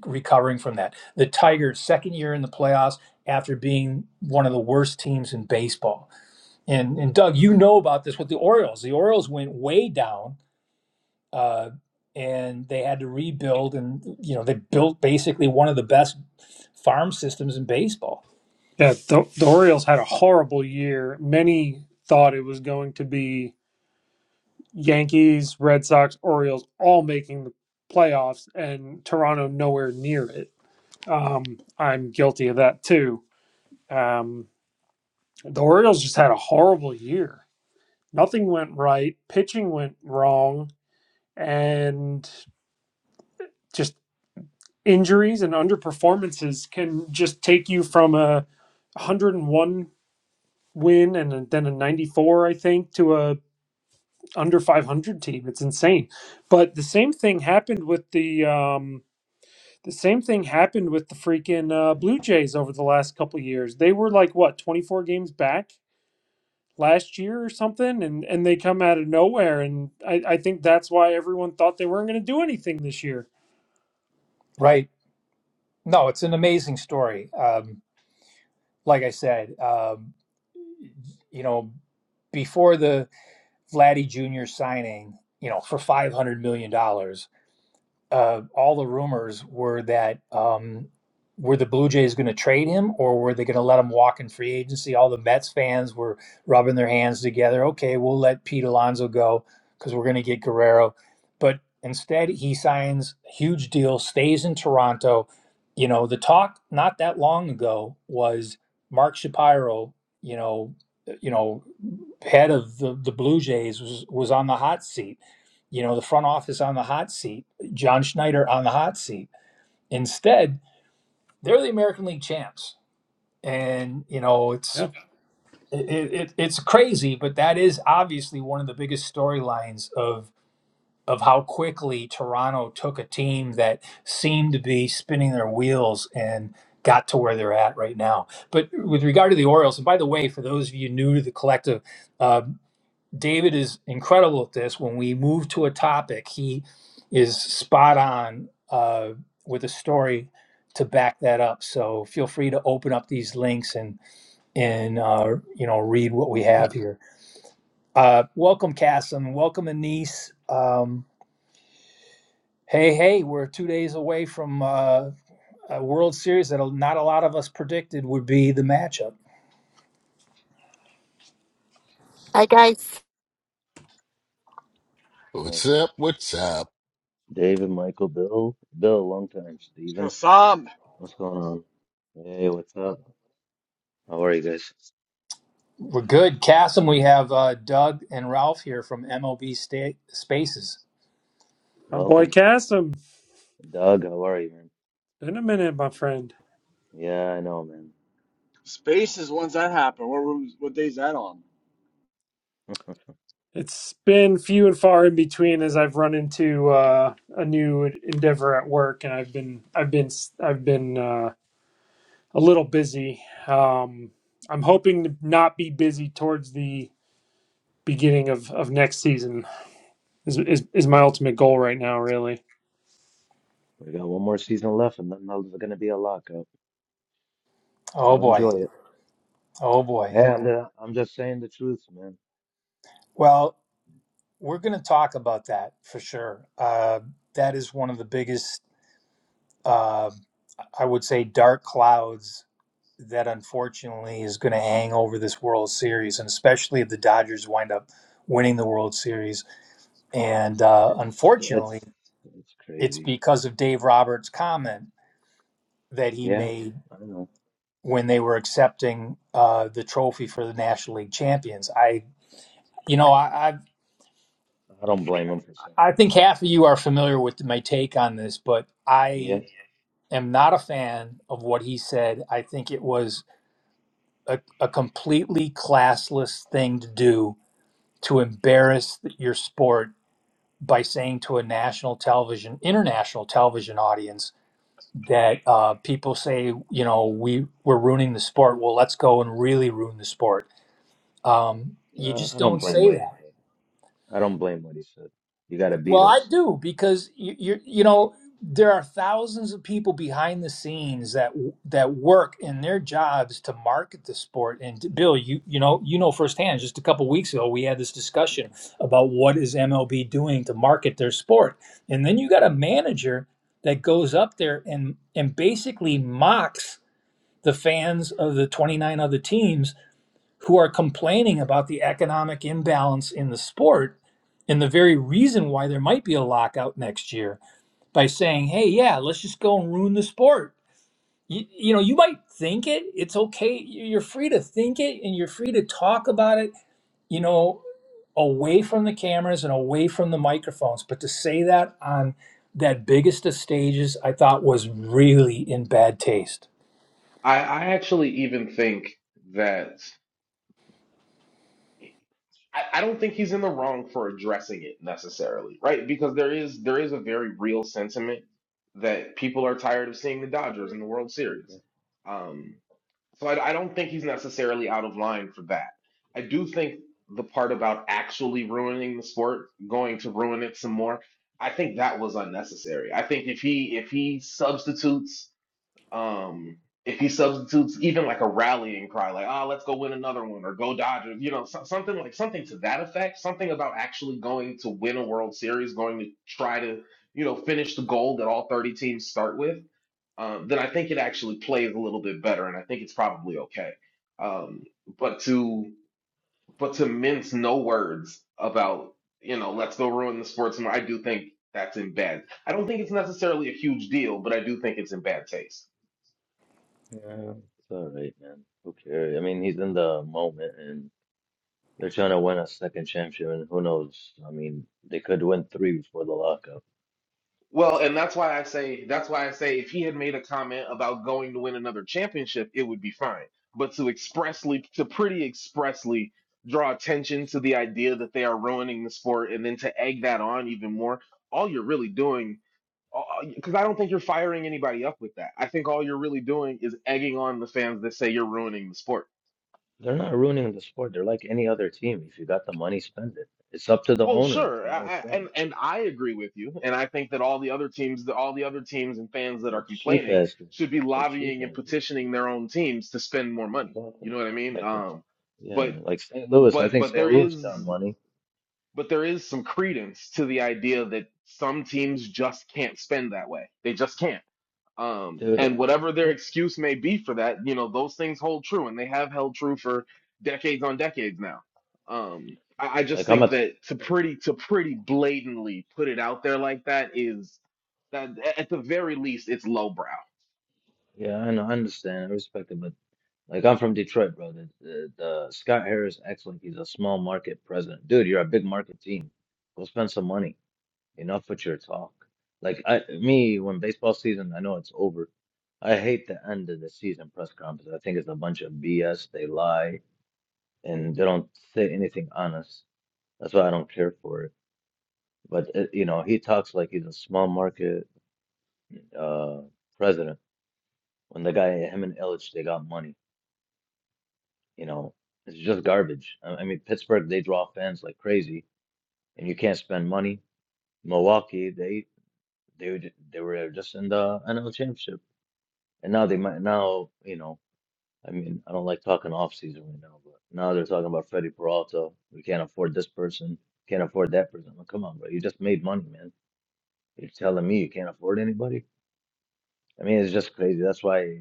Speaker 1: recovering from that. The Tigers second year in the playoffs after being one of the worst teams in baseball. And and Doug, you know about this with the Orioles. The Orioles went way down uh and they had to rebuild and you know, they built basically one of the best farm systems in baseball.
Speaker 4: Yeah, the, the Orioles had a horrible year. Many thought it was going to be Yankees, Red Sox, Orioles all making the playoffs, and Toronto nowhere near it Um, I'm guilty of that too. Um, the Orioles just had a horrible year. Nothing went right. Pitching went wrong, and just injuries and underperformances can just take you from a 101 win and then a 94, I think, to a under 500 team. It's insane. But the same thing happened with the um, the same thing happened with the freaking uh, Blue Jays over the last couple of years. They were like what 24 games back last year or something, and and they come out of nowhere, and I I think that's why everyone thought they weren't going to do anything this year.
Speaker 1: Right. No, it's an amazing story. Um like I said, um you know, before the Vladdy Jr. signing, you know, for five hundred million dollars uh, all the rumors were that um, were the Blue Jays going to trade him or were they going to let him walk in free agency? All the Mets fans were rubbing their hands together. Okay, we'll let Pete Alonso go because we're going to get Guerrero. But instead, he signs a huge deal, stays in Toronto. You know, the talk not that long ago was Mark Shapiro, you know, you know, head of the, the Blue Jays was, was on the hot seat, you know, the front office on the hot seat John Schneider on the hot seat. Instead, they're the American League champs, and you know
Speaker 4: Yeah,
Speaker 1: it's it, it, it's crazy, but that is obviously one of the biggest storylines of of how quickly Toronto took a team that seemed to be spinning their wheels and got to where they're at right now. But with regard to the Orioles, and by the way, for those of you new to the collective, uh, David is incredible at this. When we move to a topic, he is spot on uh, with a story to back that up. So feel free to open up these links and and uh, you know read what we
Speaker 4: Yeah.
Speaker 1: have here. Uh, welcome, Cassim. Welcome, Anise. Um, hey, hey, we're two days away from uh, a World Series that not a lot of us predicted would be the matchup.
Speaker 7: Hi guys.
Speaker 2: What's
Speaker 8: David,
Speaker 2: up? What's up?
Speaker 8: David, Michael, Bill, Bill, long time. Steven,
Speaker 5: Kasam.
Speaker 8: what's going on? Hey, what's up? How are you guys?
Speaker 1: We're good, Cassim. We have uh, Doug and Ralph here from MLB sta- Spaces.
Speaker 4: my boy
Speaker 8: Welcome.
Speaker 4: Cassim,
Speaker 8: Doug, how are you, man?
Speaker 4: been a minute, my friend.
Speaker 8: Yeah, I know, man.
Speaker 5: Spaces. When's that happen? What, what, what day's that on?
Speaker 4: It's been few and far in between as I've run into uh, a new endeavor at work, and I've been I've been I've been uh, a little busy. Um, I'm hoping to not be busy towards the beginning of, of next season is, is is my
Speaker 8: Yeah,
Speaker 4: ultimate goal right now really
Speaker 8: we got one more season left, and then there's gonna be a lockout.
Speaker 1: Oh
Speaker 8: So
Speaker 1: boy.
Speaker 8: enjoy it.
Speaker 1: Oh boy.
Speaker 8: Yeah, I'm, uh, I'm just saying the truth, man.
Speaker 1: Well, we're going to talk about that for sure. Uh, that is one of the biggest, uh, I would say, dark clouds that unfortunately is going to hang over this World Series, and especially if the Dodgers wind up winning the World Series. And uh,
Speaker 8: It's
Speaker 1: unfortunately,
Speaker 8: it's it's
Speaker 1: it's
Speaker 8: crazy.
Speaker 1: because of Dave Roberts' comment that he
Speaker 8: Yeah,
Speaker 1: made
Speaker 8: I know.
Speaker 1: when they were accepting uh, the trophy for the National League champions. I, you know, I,
Speaker 8: I don't blame him for saying
Speaker 1: I
Speaker 8: it.
Speaker 1: think half of you are familiar with my take on this, but
Speaker 8: Yeah,
Speaker 1: I am not a fan of what he said. I think it was a, a completely classless thing to do to embarrass your sport by saying to a national television, international television audience that uh, people say, you know, we we're ruining the sport. Well, let's go and really ruin the sport. Um, you
Speaker 8: yeah,
Speaker 1: just
Speaker 8: I don't
Speaker 1: don't
Speaker 8: blame
Speaker 1: say
Speaker 8: what he
Speaker 1: that.
Speaker 8: said. I don't blame what he said. You gotta beat
Speaker 1: Well, I
Speaker 8: us.
Speaker 1: do because you, you you know there are thousands of people behind the scenes that that work in their jobs to market the sport. And Bill, you you know you know firsthand. Just a couple weeks ago, we had this discussion
Speaker 8: Mhm.
Speaker 1: about what is MLB doing to market their sport, and then you got a
Speaker 8: Yeah.
Speaker 1: manager that goes up there and and basically mocks the fans of the 29 other teams who are complaining about the economic imbalance in the sport and the very reason why there might be a lockout next year by saying, hey, yeah, let's just go and ruin the sport. You, you know, you might think it, it's okay. You- are free to think it and you're free to talk about it, you know, away from the cameras and away from the microphones. But to say that on that biggest of stages, I thought was really in bad taste.
Speaker 3: I I actually even think that I, I don't think he's in the wrong for addressing it necessarily, right? Because there is there is a very real sentiment that people are tired of seeing the Dodgers in the World
Speaker 8: okay.
Speaker 3: Series. Um, So I, I don't think he's necessarily out of line for that. I do think the part about actually ruining the sport, going to ruin it some more, I think that was unnecessary. I think if he if he substitutes um if he substitutes even like a rallying cry, like oh let's go win another one or go Dodgers, you know so, something like something to that effect, something about actually going to win a World Series, going to try to you know finish the goal that all thirty teams start with um, then I think it actually plays a little bit better, and I think it's probably okay. Um, but to but to mince no words about you know let's go ruin the sports, I do think that's in bad. I don't think it's necessarily a huge deal, but I do think it's in bad taste.
Speaker 8: Yeah, it's all right, man. Who cares? I mean, he's in the moment, and they're trying to win a second championship, and who knows? I mean, they could win three before the lockout.
Speaker 3: Well, and that's why I say that's why I say if he had made a comment about going to win another championship, it would be fine. But to expressly to pretty expressly draw attention to the idea that they are ruining the sport and then to egg that on even more, all you're really doing because I don't think you're firing anybody up with that. I think all you're really doing is egging on the fans that say you're ruining the sport.
Speaker 8: They're not ruining the sport. They're like any other team. If you got the money, spend it. It's up to the
Speaker 3: Well,
Speaker 8: owner if they
Speaker 3: sure, I,
Speaker 8: want to
Speaker 3: I,
Speaker 8: spend.
Speaker 3: and and I agree with you, and I think that all the other teams, that all the other teams and fans that are
Speaker 8: They're cheap
Speaker 3: complaining
Speaker 8: asses.
Speaker 3: should be
Speaker 8: They're cheap
Speaker 3: lobbying and
Speaker 8: asses.
Speaker 3: petitioning their own teams to spend more money.
Speaker 8: Exactly.
Speaker 3: You know what I mean?
Speaker 8: Like the
Speaker 3: Um,
Speaker 8: yeah,
Speaker 3: but
Speaker 8: like St. Louis. I
Speaker 3: but
Speaker 8: think
Speaker 3: but
Speaker 8: St.
Speaker 3: there
Speaker 8: Louis
Speaker 3: is
Speaker 8: got money,
Speaker 3: but there is some credence to the idea that some teams just can't spend that way. They just can't um,
Speaker 8: dude. uh,
Speaker 3: and whatever their
Speaker 8: That,
Speaker 3: excuse may be for that, you know, those things hold true, and they have held true for decades on decades now. Um, I, I just
Speaker 8: like I'm
Speaker 3: think
Speaker 8: a
Speaker 3: that to pretty to pretty blatantly put it out there like that is that a- at the very least it's lowbrow.
Speaker 8: yeah, I know, I understand. I respect it, but. Like I'm from Detroit, bro. The, the, the Scott Harris acts like he's a small market president. Dude, you're a big market team. Go spend some money. Enough with your talk. Like I, me, when baseball season, I know it's over. I hate the end of the season press conference. I think it's a bunch of BS. They lie and they don't say anything honest. That's why I don't care for it. But uh you know, he talks You know, it's just garbage. I I mean, Pittsburgh, they draw fans like crazy, and you can't spend money. Milwaukee, they they were ju- they were just in the NL championship, and now they might now you know. I mean, I don't like talking off season right now, but now they're talking about Freddie Peralta. We can't afford this person, can't afford that person. Like, come on, bro, you just made money, man. You're telling me you can't afford anybody? I mean, it's just crazy. That's why.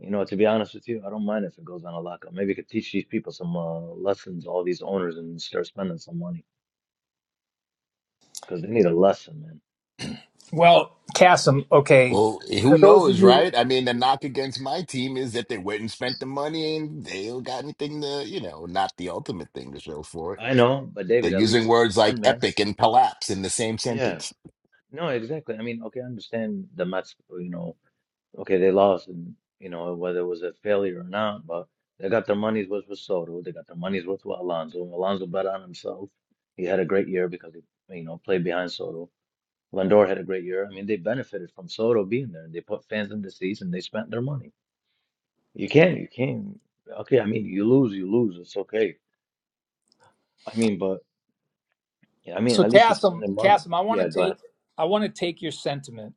Speaker 8: You know, to be honest with you, I don't mind if it goes on a lockup. Maybe it could teach these people some uh, lessons, all these owners, and start spending some money because they need a lesson, man.
Speaker 1: Well, Cassim, okay,
Speaker 2: Well, who
Speaker 1: for those of
Speaker 2: knows,
Speaker 1: you
Speaker 2: right? I mean, the knock against my team is that they went and spent the money and they don't got anything to, you know, not the ultimate thing to show for it.
Speaker 8: I know, but
Speaker 2: They're
Speaker 8: David, at least
Speaker 2: using
Speaker 8: they
Speaker 2: words like
Speaker 8: spend, man.
Speaker 2: epic and collapse in the same
Speaker 8: Yeah.
Speaker 2: sentence.
Speaker 8: No, exactly. I mean, okay, I understand the Mets, you know, okay, they lost, and, you know, whether it was a failure or not, but they got their money's worth with Soto. They got their money's worth with Alonso. Alonso bet on himself. He had a great year because he, you know, played behind Soto. Lindor had a great year. I mean, they benefited from Soto being there. They put fans in the seats and they spent their money. You can't, you can't. Okay, I mean, you lose, you lose. It's okay. I mean, but yeah, I mean,
Speaker 1: So
Speaker 8: at least you spend
Speaker 1: Cassim,
Speaker 8: the money.
Speaker 1: Cassim, I want to
Speaker 8: Yeah, go ahead.
Speaker 1: take I want to take your sentiment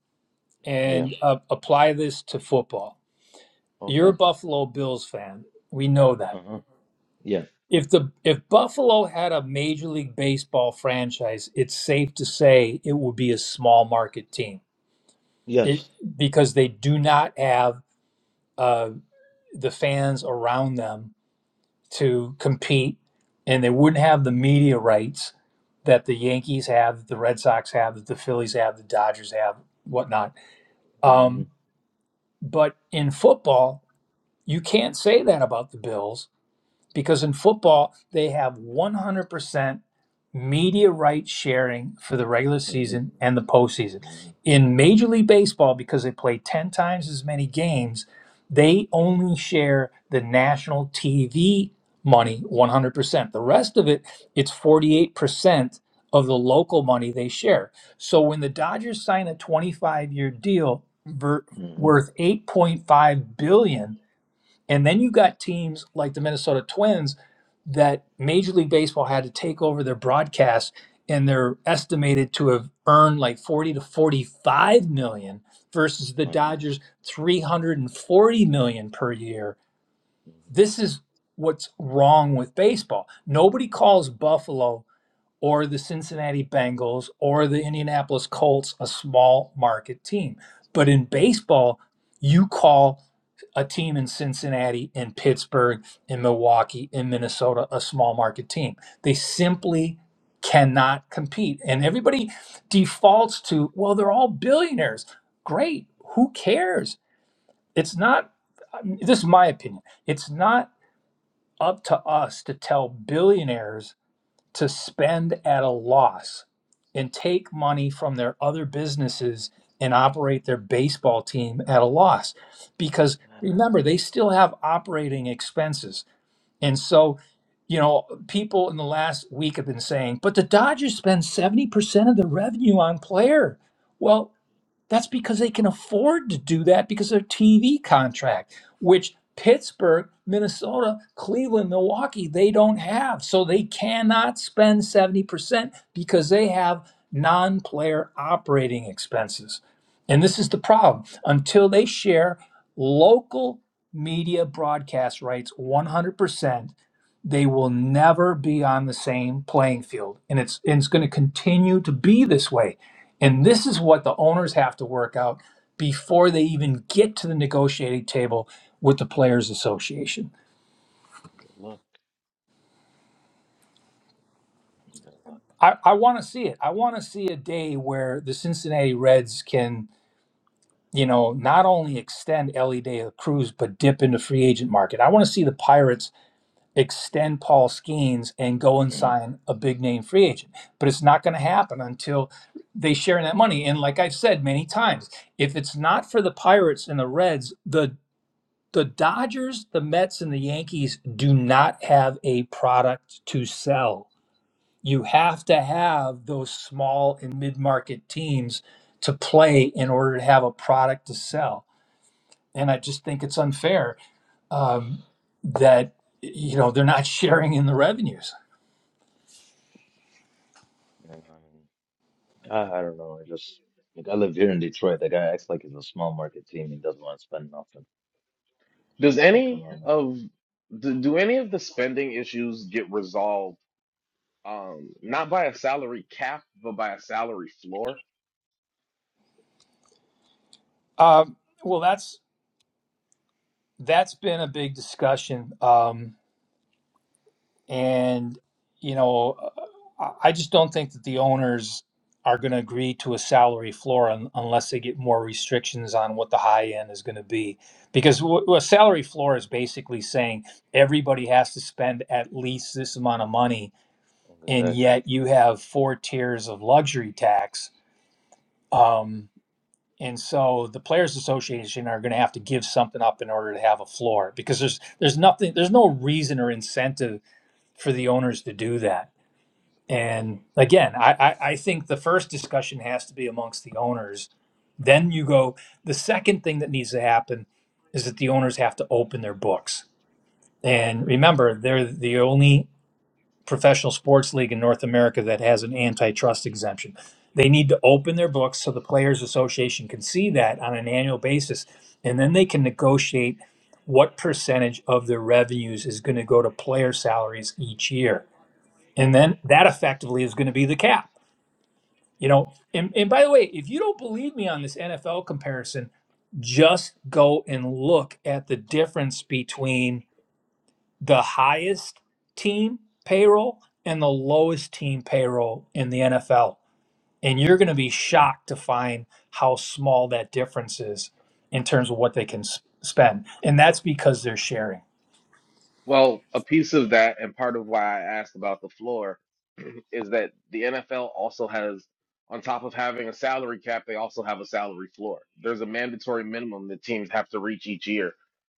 Speaker 8: Yeah.
Speaker 1: and uh, apply this to football. You're a
Speaker 8: Okay.
Speaker 1: Buffalo Bills fan. We know that.
Speaker 8: Uh-huh. Yeah.
Speaker 1: If the if Buffalo had a Major League Baseball franchise, it's safe to say it would be a small market team. It
Speaker 8: Yes.
Speaker 1: because they do not have uh, the fans around them to compete, and they wouldn't have the media rights that the Yankees have, that the Red Sox have, that the Phillies have, the Dodgers have, whatnot.
Speaker 8: Mm-hmm.
Speaker 1: Um, but in football, you can't say that about the Bills because in football they have 100% media rights sharing for the regular
Speaker 8: hmm
Speaker 1: season and the postseason.
Speaker 8: hmm
Speaker 1: In Major League Baseball, because they play 10 times as many games, they
Speaker 8: Yeah.
Speaker 1: only share the national TV money 100%. The rest of it, it's 48% of the local money they share. So when the Dodgers sign a 25-year deal ver-
Speaker 8: hmm
Speaker 1: worth 8.5 billion, dollars, and then you got teams like the Minnesota Twins that Major League Baseball had to take over their broadcast and they're estimated to have earned like 40 to 45 million versus the
Speaker 8: hmm
Speaker 1: Dodgers 340 million per year.
Speaker 8: Look.
Speaker 1: This is what's wrong with baseball. Nobody calls Buffalo or the Cincinnati Bengals or the Indianapolis Colts a small market team. But in baseball, you call a team in Cincinnati, in Pittsburgh, in Milwaukee, in Minnesota a small market team. They simply cannot compete. And everybody defaults to, well, they're all billionaires. Great. Who cares? It's not, this is my opinion, it's not up to us to tell billionaires to spend at a loss and take money from their other businesses and operate their baseball team at a loss because remember they still have operating expenses and so you know people in the last week have been saying but the dodgers spend 70% of the revenue on player well that's because they can afford to do that because of their TV contract, which Pittsburgh, Minnesota, Cleveland, Milwaukee, they don't have. So they cannot spend 70% because they have non player operating expenses. And this is the problem. Until they share local media broadcast rights 100%, they will never be on the same playing field and it's and it's going to continue to be this way and this is what the owners have to work out before they even get to the negotiating table with the players association
Speaker 8: good luck. Good luck.
Speaker 1: i, I want to see it i want to see a day where the cincinnati reds can you know not only extend ellie de la cruz but dip into free agent market i want to see the pirates extend Paul Skeens and go and
Speaker 8: [CLEARS THROAT]
Speaker 1: sign a big name free agent. But it's not going to happen until they share in that money. And like I've said many times, if it's not for the Pirates and the Reds, the the Dodgers, the Mets, and the Yankees do not have a product to sell. You have to have those small and mid market teams to play in order to have a product to sell. And I just think it's unfair um, that you know they're not [LAUGHS] sharing in the revenues.
Speaker 8: You know what I mean? I, I don't know. I just like I live here in Detroit. That guy acts like it's a small market team. He doesn't want to spend nothing.
Speaker 3: Does
Speaker 8: Like, come
Speaker 3: any
Speaker 8: on, man.
Speaker 3: of do, do any of the spending issues get resolved um, not by a salary cap but by a salary floor?
Speaker 1: Um, well, that's that's been a big discussion, um, and you know, uh, I I just don't think that the owners are going to agree to a salary floor un- unless they get more restrictions on what the high end is going to be. Because w- a salary floor is basically saying everybody has to spend at least this amount of money, and
Speaker 8: Exactly.
Speaker 1: yet you have four tiers of luxury tax. Um, And so the players association are going to have to give something up in order to have a floor because there's there's nothing there's no reason or incentive for the owners to do that. And again, I, I, I think the first discussion has to be amongst the owners. Then you go the second thing that needs to happen is that the owners have to open their books. And remember, they're the only professional sports league in North America that has an antitrust exemption. They need to open their books so the Players Association can see that on an annual basis. And then they can negotiate what percentage of their revenues is going to go to player salaries each year. And then that effectively is going to be the cap. You know, and, and by the way, if you don't believe me on this NFL comparison, just go and look at the difference between the highest team payroll and the lowest team payroll in the NFL. And you're going to be shocked to find how small that difference is in terms of what they can s- spend. And that's because they're sharing.
Speaker 3: Well, a piece of that, and part of why I asked about the floor, [CLEARS THROAT] is that the NFL also has, on top of having a salary cap, they also have a salary floor. There's a mandatory minimum that teams have to reach each year,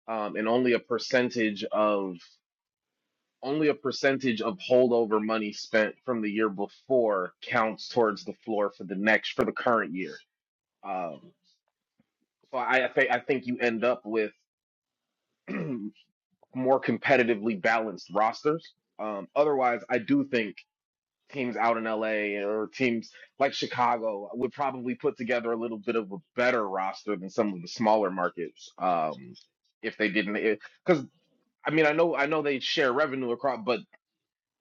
Speaker 3: um, and only a percentage of only a percentage of holdover money spent from the year before counts towards the floor for the next for the current year. Um, so I, I think I think you end up with. [CLEARS THROAT] more competitively balanced rosters. Um, otherwise, I do think teams out in LA or teams like Chicago would probably put together a little bit of a better roster than some of the smaller markets. Um, if they didn't, because I mean, I know I know they share revenue across, but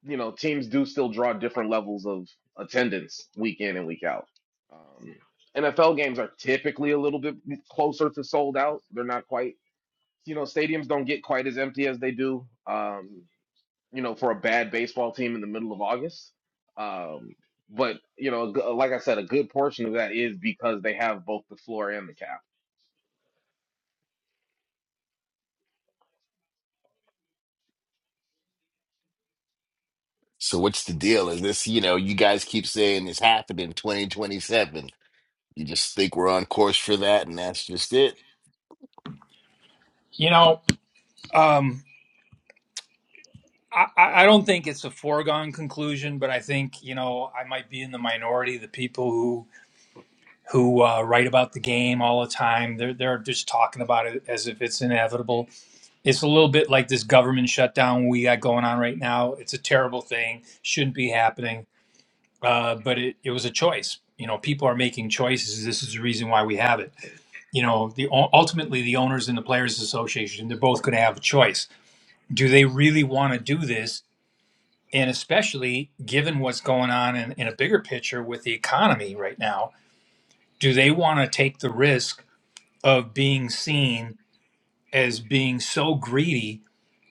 Speaker 3: you know, teams do still draw different levels of attendance week in and week out. Um, NFL games are typically a little bit closer to sold out. They're not quite you know, stadiums don't get quite as empty as they do. Um, you know, for a bad baseball team in the middle of August. Um, but you know, g- like I said, a good portion of that is because they have both the floor and the cap.
Speaker 2: So what's the deal? Is this, you know, you guys keep saying it's happening 2027. You just think we're on course for that, and that's just it.
Speaker 1: You know, um, I, I I don't think it's a foregone conclusion, but I think, you know, I might be in the minority, the people who who uh, write about the game all the time. They're, they're just talking about it as if it's inevitable it's a little bit like this government shutdown we got going on right now. It's a terrible thing; shouldn't be happening. Uh, but it, it was a choice. You know, people are making choices. This is the reason why we have it. You know, the ultimately the owners and the players association they're both going to have a choice. Do they really want to do this? And especially given what's going on in, in a bigger picture with the economy right now, do they want to take the risk of being seen as being so greedy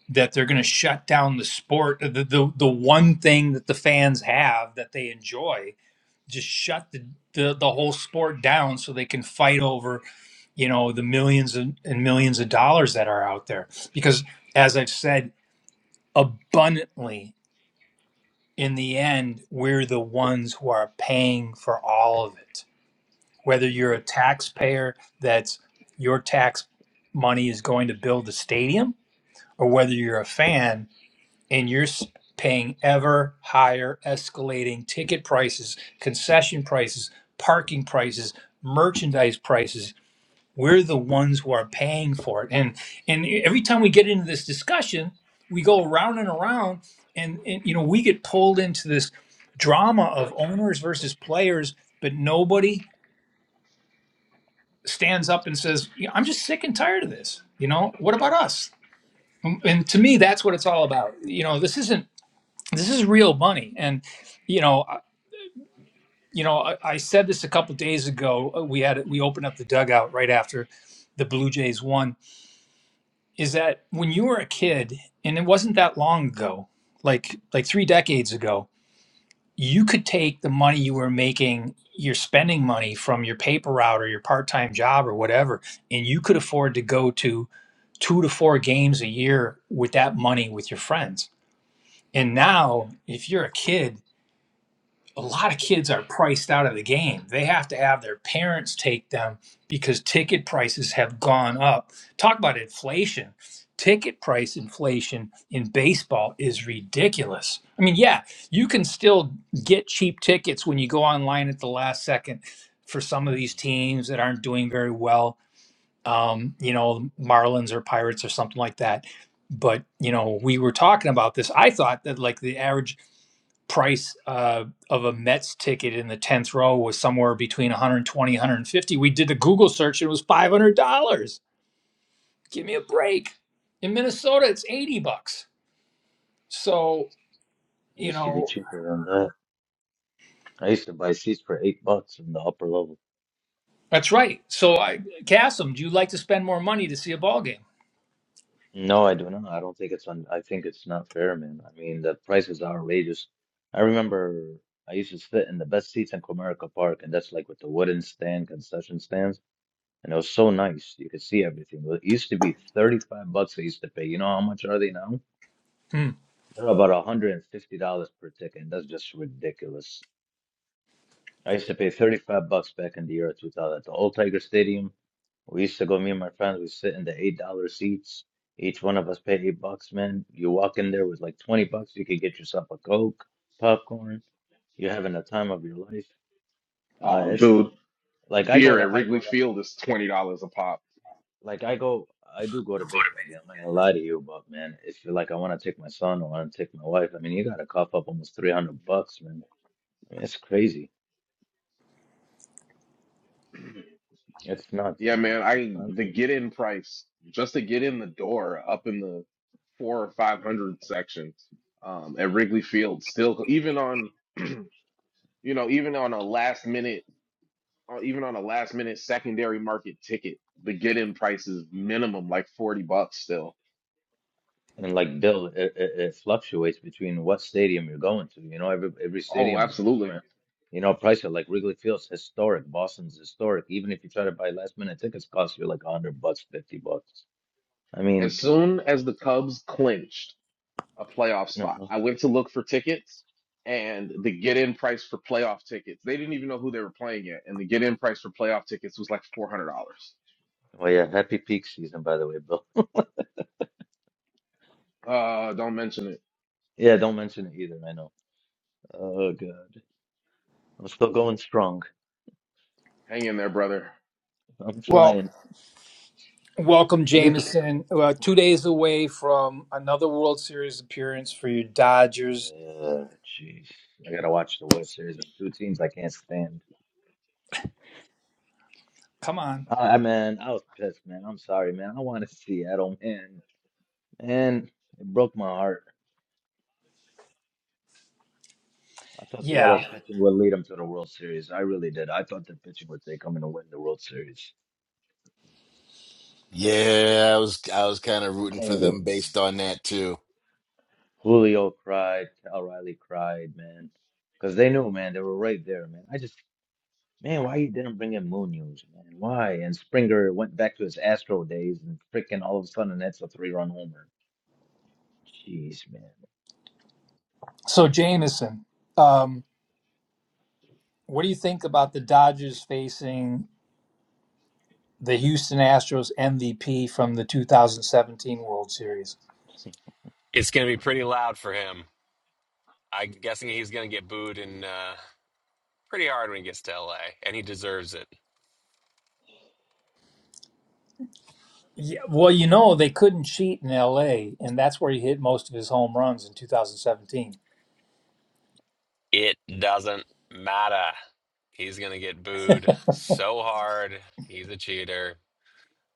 Speaker 1: that they're going to shut down the sport, the, the the one thing that the fans have that they enjoy, just shut the, the the whole sport down so they can fight over, you know, the millions and, and millions of dollars that are out there. Because as I've said abundantly, in the end, we're the ones who are paying for all of it. Whether you're a
Speaker 8: Yep.
Speaker 1: taxpayer that's your tax money is going to build the stadium, or whether you're a fan and you're paying ever higher escalating ticket prices, concession prices, parking prices, merchandise prices. We're the ones who are paying for it. And and e, every time we get into this discussion, we go around and around and, and you know, we get pulled into this drama of owners versus players, but nobody stands up and says, "Yeah, I'm just sick and tired of this. You know, what about us? And and to me, that's what it's all about. You know, this isn't this is real money and you know I- you know i, I said this a couple days ago uh, we had we opened up the dugout right after the blue jays won is that when you were a kid and it wasn't that long ago like like three decades ago you could take the money you were making your spending money from your paper route or your part-time job or whatever and you could afford to go to two to four games a year with that money with your friends and
Speaker 8: Yep.
Speaker 1: now if you're a kid a lot of kids are priced out of the game. They have to have their parents take them because ticket prices have gone up. Talk about inflation. Ticket price inflation in baseball is ridiculous. I mean, yeah, you can still get cheap tickets when you go online at the last second for some of
Speaker 8: Mm.
Speaker 1: these teams that aren't doing very well, um, you know, Marlins or Pirates or something like that. But, you know, we were talking about this. I thought that like the average price uh, of a Mets ticket in the 10th row was somewhere between 120 150 we did the Google search and it was $500 give me a break in Minnesota it's 80 bucks so you
Speaker 8: Used to be
Speaker 1: know
Speaker 8: cheaper than that. I used to buy seats for eight bucks in the upper level.
Speaker 1: that's right so I Cassim do you like to spend more money to see a ball game
Speaker 8: No, I do not. I don't think it's on. I think it's not fair, man. I mean, the price is outrageous. I remember I used to sit in the best seats in Comerica Park, and that's like with the wooden stand, concession stands, and it was so nice. You could see everything. Well, It used to be 35 bucks I used to pay. You know how much are they now?
Speaker 1: hmm.
Speaker 8: They're about $150 per ticket, and that's just ridiculous. I used to pay 35 bucks back in the year 2000 at the old Tiger Stadium. We used to go, me and my friends, we sit in the $8 seats. Each one of us paid 8 bucks, man. You walk in there with like 20 bucks, you could get yourself a Coke, popcorn. You're having the time of your life. Uh,
Speaker 3: Oh,
Speaker 8: it's
Speaker 3: dude,
Speaker 8: like I go
Speaker 3: beer
Speaker 8: to,
Speaker 3: at
Speaker 8: I
Speaker 3: Wrigley
Speaker 8: go to,
Speaker 3: Field is twenty dollars a pop.
Speaker 8: like I go, I do go to baseball games. I'm not gonna lie to you, but man, if you're like, I want to take my son, I want to take my wife, I mean, you got to cough up almost 300 bucks, man. It's crazy.
Speaker 3: [CLEARS THROAT]
Speaker 8: It's nuts,
Speaker 3: Yeah,
Speaker 8: man.
Speaker 3: man,
Speaker 8: It's
Speaker 3: I the
Speaker 8: expensive.
Speaker 3: get in price just to get in the door up in the four or five hundred section um, at Wrigley Field still even on [CLEARS THROAT] you know even on a last minute or even on a last minute secondary market ticket, the get in price is minimum like 40 bucks still.
Speaker 8: And like Bill, it, it, it fluctuates between what stadium you're going to. You know, every every
Speaker 3: Oh,
Speaker 8: stadium is
Speaker 3: absolutely.
Speaker 8: different. You know, price it like Wrigley Field's historic, Boston's historic. Even if you try to buy last minute tickets, cost you like a hundred bucks, fifty bucks. I
Speaker 3: As
Speaker 8: mean,
Speaker 3: soon as the Cubs clinched a playoff
Speaker 8: no.
Speaker 3: spot, I went to look for tickets and the get in price for playoff tickets, they didn't even know who they were playing yet. And the get in price for playoff tickets was like $400.
Speaker 8: Well, yeah, happy peak season, by the way, Bill.
Speaker 3: Uh, don't mention it.
Speaker 8: Yeah, don't mention it either. I know. Oh God, I'm still going strong.
Speaker 3: Hang in there, brother.
Speaker 8: I'm
Speaker 1: well
Speaker 8: trying.
Speaker 1: welcome
Speaker 8: At least,
Speaker 1: Jameson uh, two days away from another World Series appearance for your Dodgers
Speaker 8: Uh, jeez, I gotta watch the World Series and two teams I can't stand.
Speaker 1: come on
Speaker 8: I I- man, I was pissed, man. I'm sorry, man. I wanted Seattle, man. And it broke my heart. I thought Seattle's
Speaker 1: yeah
Speaker 8: pitching would lead them to the World Series. I really did. I thought the pitching would take them and win the World Series.
Speaker 2: Yeah, I was I was kind of rooting for
Speaker 8: Dang it,
Speaker 2: them
Speaker 8: man.
Speaker 2: based on that too.
Speaker 8: Julio cried. Cal Riley cried, man. Because they knew, man. They were right there, man. I just, man, why you didn't bring in Munoz, man? Why? And Springer went back to his Astro days and freaking all of a sudden that's a three-run homer. Jeez,
Speaker 1: so Jameson um What do you think about the Dodgers facing the Houston Astros MVP from the 2017 World Series?
Speaker 9: It's going to be pretty loud for him. I'm guessing he's going to get booed in uh, pretty hard when he gets to LA, and he deserves it.
Speaker 1: Yeah, well, you know, they couldn't cheat in LA, and that's where he hit most of his home runs in 2017.
Speaker 9: It doesn't matter. He's going to get booed so hard. He's a cheater.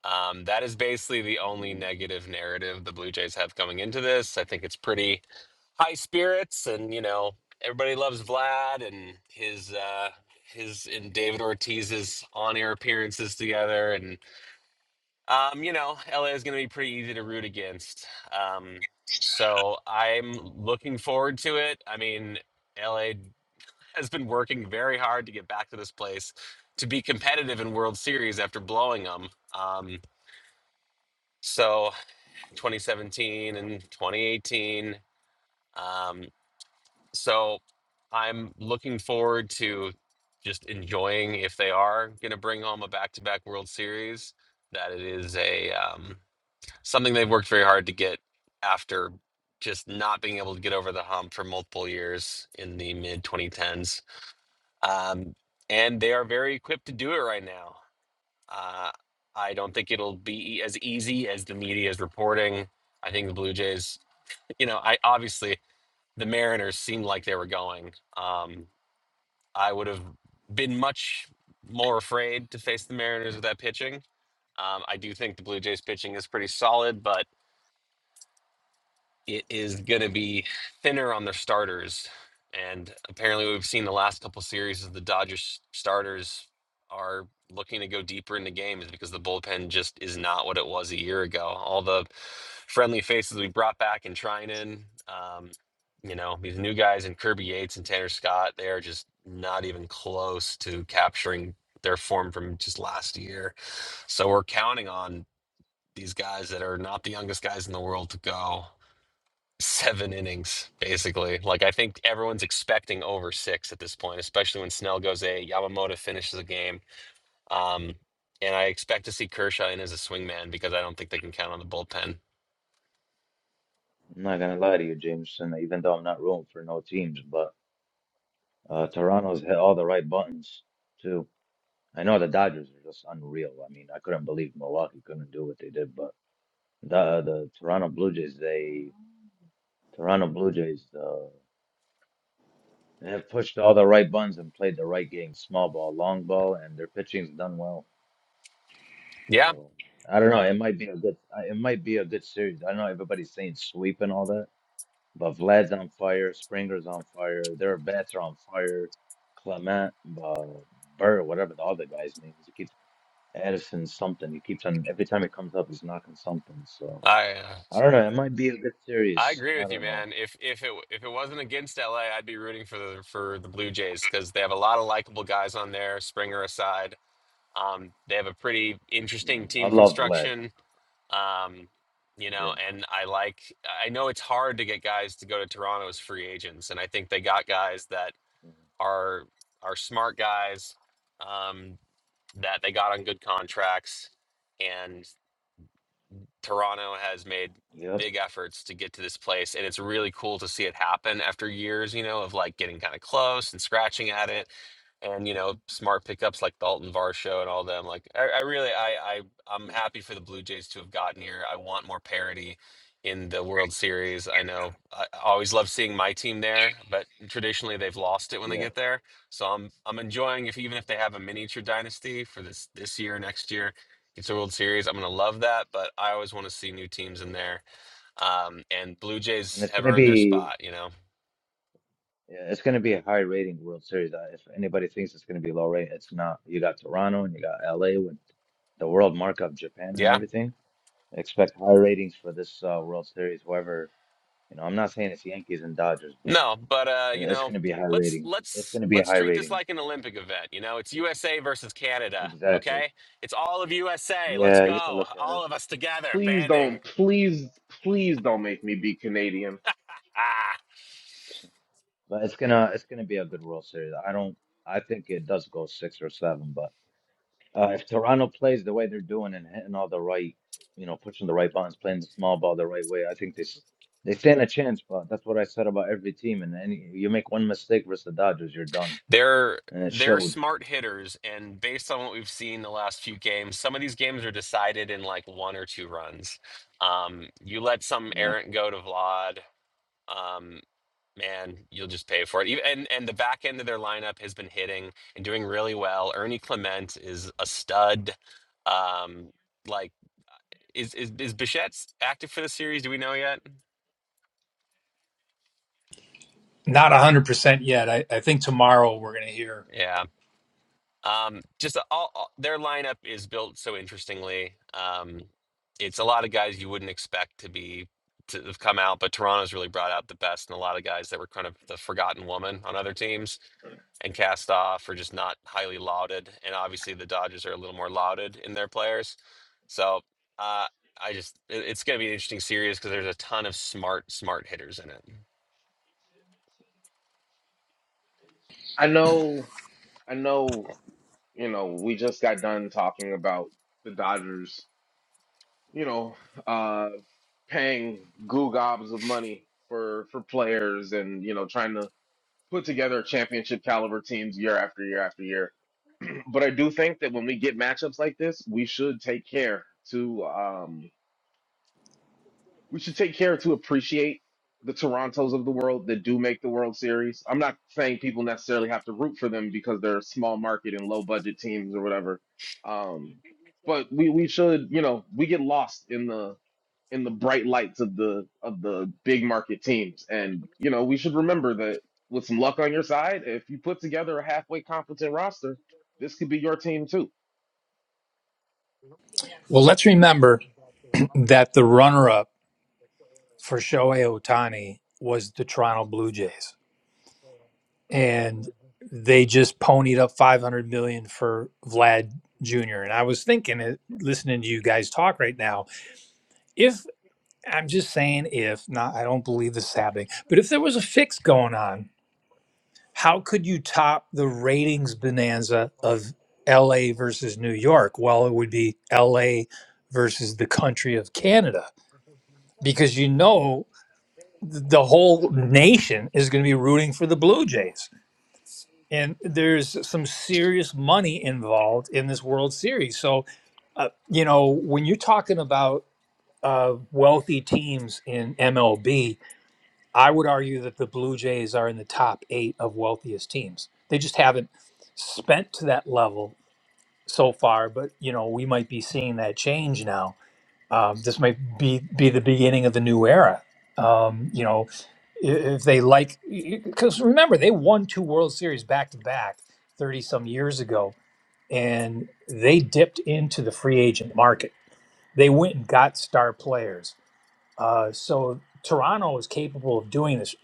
Speaker 9: Um, that is basically the only
Speaker 8: man.
Speaker 9: negative narrative the Blue Jays have coming into this. I think it's pretty high spirits, and you know everybody loves Vlad and his uh, his and David Ortiz's on air appearances together, and. Um, you know, LA is going to be pretty easy to root against. Um, so I'm looking forward to it. I mean, LA has been working very hard to get back to this place to be competitive in World Series after blowing them. Um, so 2017 and 2018. Um, so I'm looking forward to just enjoying if they are going to bring home a back-to-back World Series, that it is a um, something they've worked very hard to get after just not being able to get over the hump for multiple years in the mid 2010s. Um, and they are very equipped to do it right now. Uh, I don't think it'll be e, as easy as the media is reporting. I think the Blue Jays, you know, I obviously the Mariners seemed like they were going. Um, I would have been much more afraid to face the Mariners with that pitching. Um, I do think the Blue Jays pitching is pretty solid, but it is going to be thinner on their starters. And apparently, we've seen the last couple series of the Dodgers starters are looking to go deeper into games because the bullpen just is not what it was a year ago. All the friendly faces we brought back and trying in, um, you know, these new guys and Kirby Yates and Tanner Scott, they are just not even close to capturing their form from just last year. So we're counting on these guys that are not the youngest guys in the world to go seven innings, basically. Like I think everyone's expecting over six at this point, especially when Snell goes eight, Yamamoto finishes the game. Um, and I expect to see Kershaw in as a swingman because I don't think they can count on the bullpen.
Speaker 8: I'm not gonna lie to you, Jameson, even though I'm not rooting for no teams, but uh, Toronto's hit all the right buttons too. I know the Dodgers are just unreal. I mean, I couldn't believe Milwaukee couldn't do what they did, but the the Toronto Blue Jays, they Toronto Blue Jays, uh, they have pushed all the right buttons and played the right game, small ball, long ball, and their pitching's done well.
Speaker 9: Yeah,
Speaker 8: So I don't know. It might be a good. uh, It might be a good series. I know everybody's saying sweep and all that. But Vlad's on fire. Springer's on fire. Their bats are on fire. Clement, uh, Burr, whatever the other guy's name is, he keeps Addison something. He keeps on every time he comes up, he's knocking something. So
Speaker 9: I uh,
Speaker 8: I don't know. It might be a good
Speaker 9: I
Speaker 8: series.
Speaker 9: agree
Speaker 8: I
Speaker 9: with you,
Speaker 8: don't know.
Speaker 9: man. If if it if it wasn't against LA, I'd be rooting for the for the Blue Jays because they have a lot of likable guys on there, Springer aside. Um, they have a pretty
Speaker 8: Yeah,
Speaker 9: interesting
Speaker 8: I
Speaker 9: team
Speaker 8: love Vlad.
Speaker 9: construction. Um, you know,
Speaker 8: Yeah.
Speaker 9: and I like, I know it's hard to get guys to go to Toronto as free agents, and I think they got guys that
Speaker 8: Mhm.
Speaker 9: are are smart guys um, that they got on good contracts, and. Toronto has made
Speaker 8: Yep.
Speaker 9: big efforts to get to this place, and it's really cool to see it happen after years, you know, of like getting kind of close and scratching at it. And you know, smart pickups like Dalton Varsho and all them. Like, I, I really, I, I, I'm
Speaker 8: Yeah.
Speaker 9: happy for the Blue Jays to have gotten here. I want more parity in the World Series. I know I I always love seeing my team there, but traditionally they've lost it when they
Speaker 8: Yeah.
Speaker 9: get there. So I'm, I'm enjoying if even if they have a miniature dynasty for this this year, next year. It's a World Series. I'm going to love that, but I always want to see new teams in there. Um, and Blue
Speaker 8: And
Speaker 9: Jays
Speaker 8: it's
Speaker 9: have
Speaker 8: gonna
Speaker 9: earned their
Speaker 8: be
Speaker 9: spot, you know.
Speaker 8: yeah, it's gonna be a high rating World Series. Uh, If anybody thinks it's gonna be low rate, it's not. You got Toronto and you got LA with the world markup, Japan and
Speaker 9: Yeah.
Speaker 8: everything. expect higher ratings for this uh, World Series. Whoever, you know, I'm not saying it's Yankees and Dodgers, but
Speaker 9: No, but uh, you
Speaker 8: it's going
Speaker 9: know,
Speaker 8: to be high
Speaker 9: let's
Speaker 8: ratings. It's
Speaker 9: let's
Speaker 8: going to be
Speaker 9: let's
Speaker 8: high
Speaker 9: treat this
Speaker 8: ratings.
Speaker 9: like an Olympic event. You know, it's USA versus Canada.
Speaker 8: Exactly.
Speaker 9: Okay, it's all of USA. Let's
Speaker 8: Yeah, you can
Speaker 9: go,
Speaker 8: look at it,
Speaker 9: all of us together,
Speaker 3: Please
Speaker 9: banding.
Speaker 3: don't, please, please don't make me be Canadian.
Speaker 9: Ah,
Speaker 8: but it's gonna it's gonna be a good World Series. I don't. I think it does go six or seven, but uh, if Toronto plays the way they're doing and hitting all the right, you know, pushing the right buttons, playing the small ball the right way, I think this they stand a chance. But that's what I said about every team. And any you make one mistake versus the Dodgers, you're done,
Speaker 9: they're
Speaker 8: and it
Speaker 9: they're
Speaker 8: showed.
Speaker 9: smart hitters, and based on what we've seen the last few games, some of these games are decided in like one or two runs. Um, you let some
Speaker 8: Yeah.
Speaker 9: errant go to Vlad um, man, you'll just pay for it. Even- And and the back end of their lineup has been hitting and doing really well. Ernie Clement is a stud. Um, like is is is Bichette s- active for the series? Do we know yet?
Speaker 1: Not 100% yet. I, I think tomorrow we're going to hear.
Speaker 9: Yeah. Um, just all, all their lineup is built so interestingly. Um, it's a lot of guys you wouldn't expect to be to have come out, but Toronto's really brought out the best and a lot of guys that were kind of the forgotten woman on other teams. and cast off or just not highly lauded. And obviously, the Dodgers are a little more lauded in their players. So uh, I just, it- it's going to be an interesting series because there's a ton of smart, smart hitters in it.
Speaker 3: I know, I know you know, we just got done talking about the Dodgers, you know, uh, paying goo gobs of money for for players and you know trying to put together championship caliber teams year after year after year. But I do think that when we get matchups like this, we should take care to um we should take care to appreciate the Torontos of the world that do make the World Series. I'm not saying people necessarily have to root for them because they're small market and low budget teams or whatever. Um, but we we should, you know, we get lost in the in the bright lights of the of the big market teams, and you know, we should remember that with some luck on your side, if you put together a halfway competent roster, this could be your team too.
Speaker 1: Well, let's remember that the runner up for Shohei Ohtani was the Toronto Blue Jays. and they just ponied up 500 million dollars for Vlad Jr. And I was thinking, listening to you guys talk right now, if I'm just saying, if not, I don't believe this is happening, but if there was a fix going on, how could you top the ratings bonanza of LA versus New York? Well, it would be LA versus the country of Canada because you know the whole nation is going to be rooting for the Blue Jays and there's some serious money involved in this World Series. So, uh, you know, when you're talking about uh, wealthy teams in MLB, I would argue that the Blue Jays are in the top eight of wealthiest teams. They just haven't spent to that level so far, but you know, we might be seeing that change now um, this might be be the beginning of the new era. Um, you know, if they like, because remember they won two World Series back to back thirty some years ago, and they dipped into the free agent market. They went and got star players. Uh, so Toronto is capable of doing this.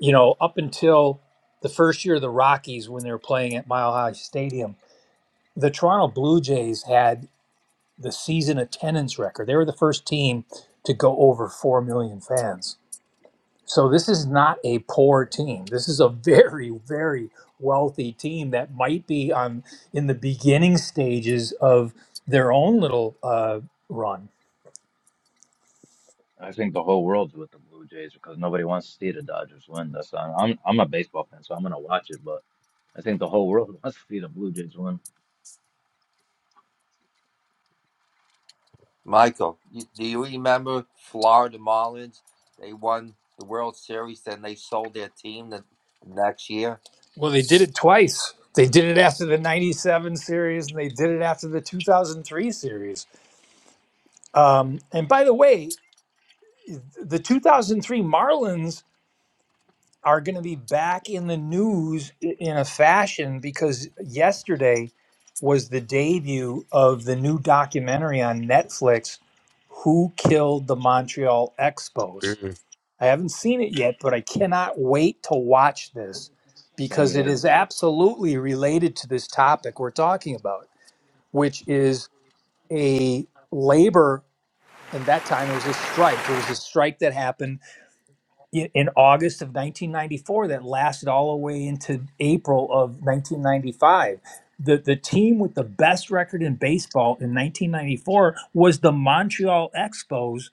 Speaker 1: You know, up until the first year of the Rockies when they were playing at Mile High Stadium, the Toronto Blue Jays had the season attendance record. They were the first team to go over 4 million fans. So this is not a poor team. This is a [LAUGHS] very very wealthy team that might be on in the beginning stages of their own little uh, run.
Speaker 8: I think the whole world's with the Blue Jays because nobody wants to see the Dodgers win. That's I'm I'm a baseball fan, so I'm gonna watch it. But I think the whole world [LAUGHS] wants to see the Blue Jays win.
Speaker 10: Michael, you, do you remember Florida Marlins? They won the World Series, then they sold their team the next year.
Speaker 1: Well, they did it twice. They did it after the 97 series and they did it after the 2003 series. Um, and by the way, the 2003 Marlins are going to be back in the news i- in a fashion because yesterday was the debut of the new documentary on Netflix, Who Killed the Montreal Expos. I haven't seen it yet, but I cannot wait to watch this
Speaker 8: Same
Speaker 1: because it
Speaker 8: here.
Speaker 1: is absolutely related to this topic we're talking about, which is a labor, and that time it was a strike. It was a strike that happened i- in August of 1994 that lasted all the way into April of 1995. The, the team with the best record in baseball in 1994 was the Montreal Expos.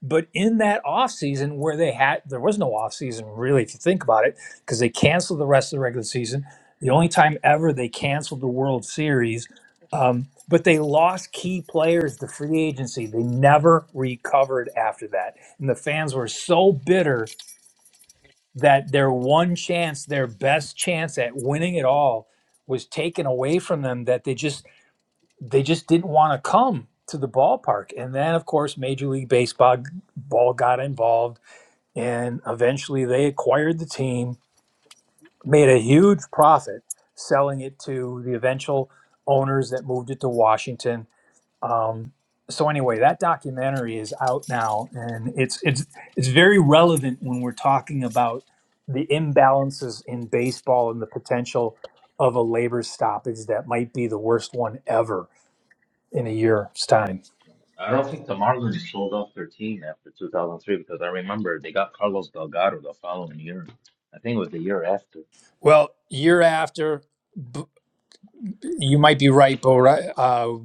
Speaker 1: But in that offseason, where they had, there was no offseason really, if you think about it, because they canceled the rest of the regular season. The only time ever they canceled the World Series. Um, but they lost key players to free agency. They never recovered after that. And the fans were so bitter that their one chance, their best chance at winning it all was taken away from them that they just they just didn't want to come to the ballpark. And then of course Major League Baseball ball got involved and eventually they acquired the team, made a huge profit selling it to the eventual owners that moved it to Washington um, so anyway, that documentary is out now, and it's it's it's very relevant when we're talking about the imbalances in baseball and the potential of a labor stoppage that might be the worst one ever in a year's time.
Speaker 8: I don't think the Marlins sold off their team after 2003 because I remember they got Carlos Delgado the following year. I think it was the year after.
Speaker 1: Well, year after, b- you might be right, but uh,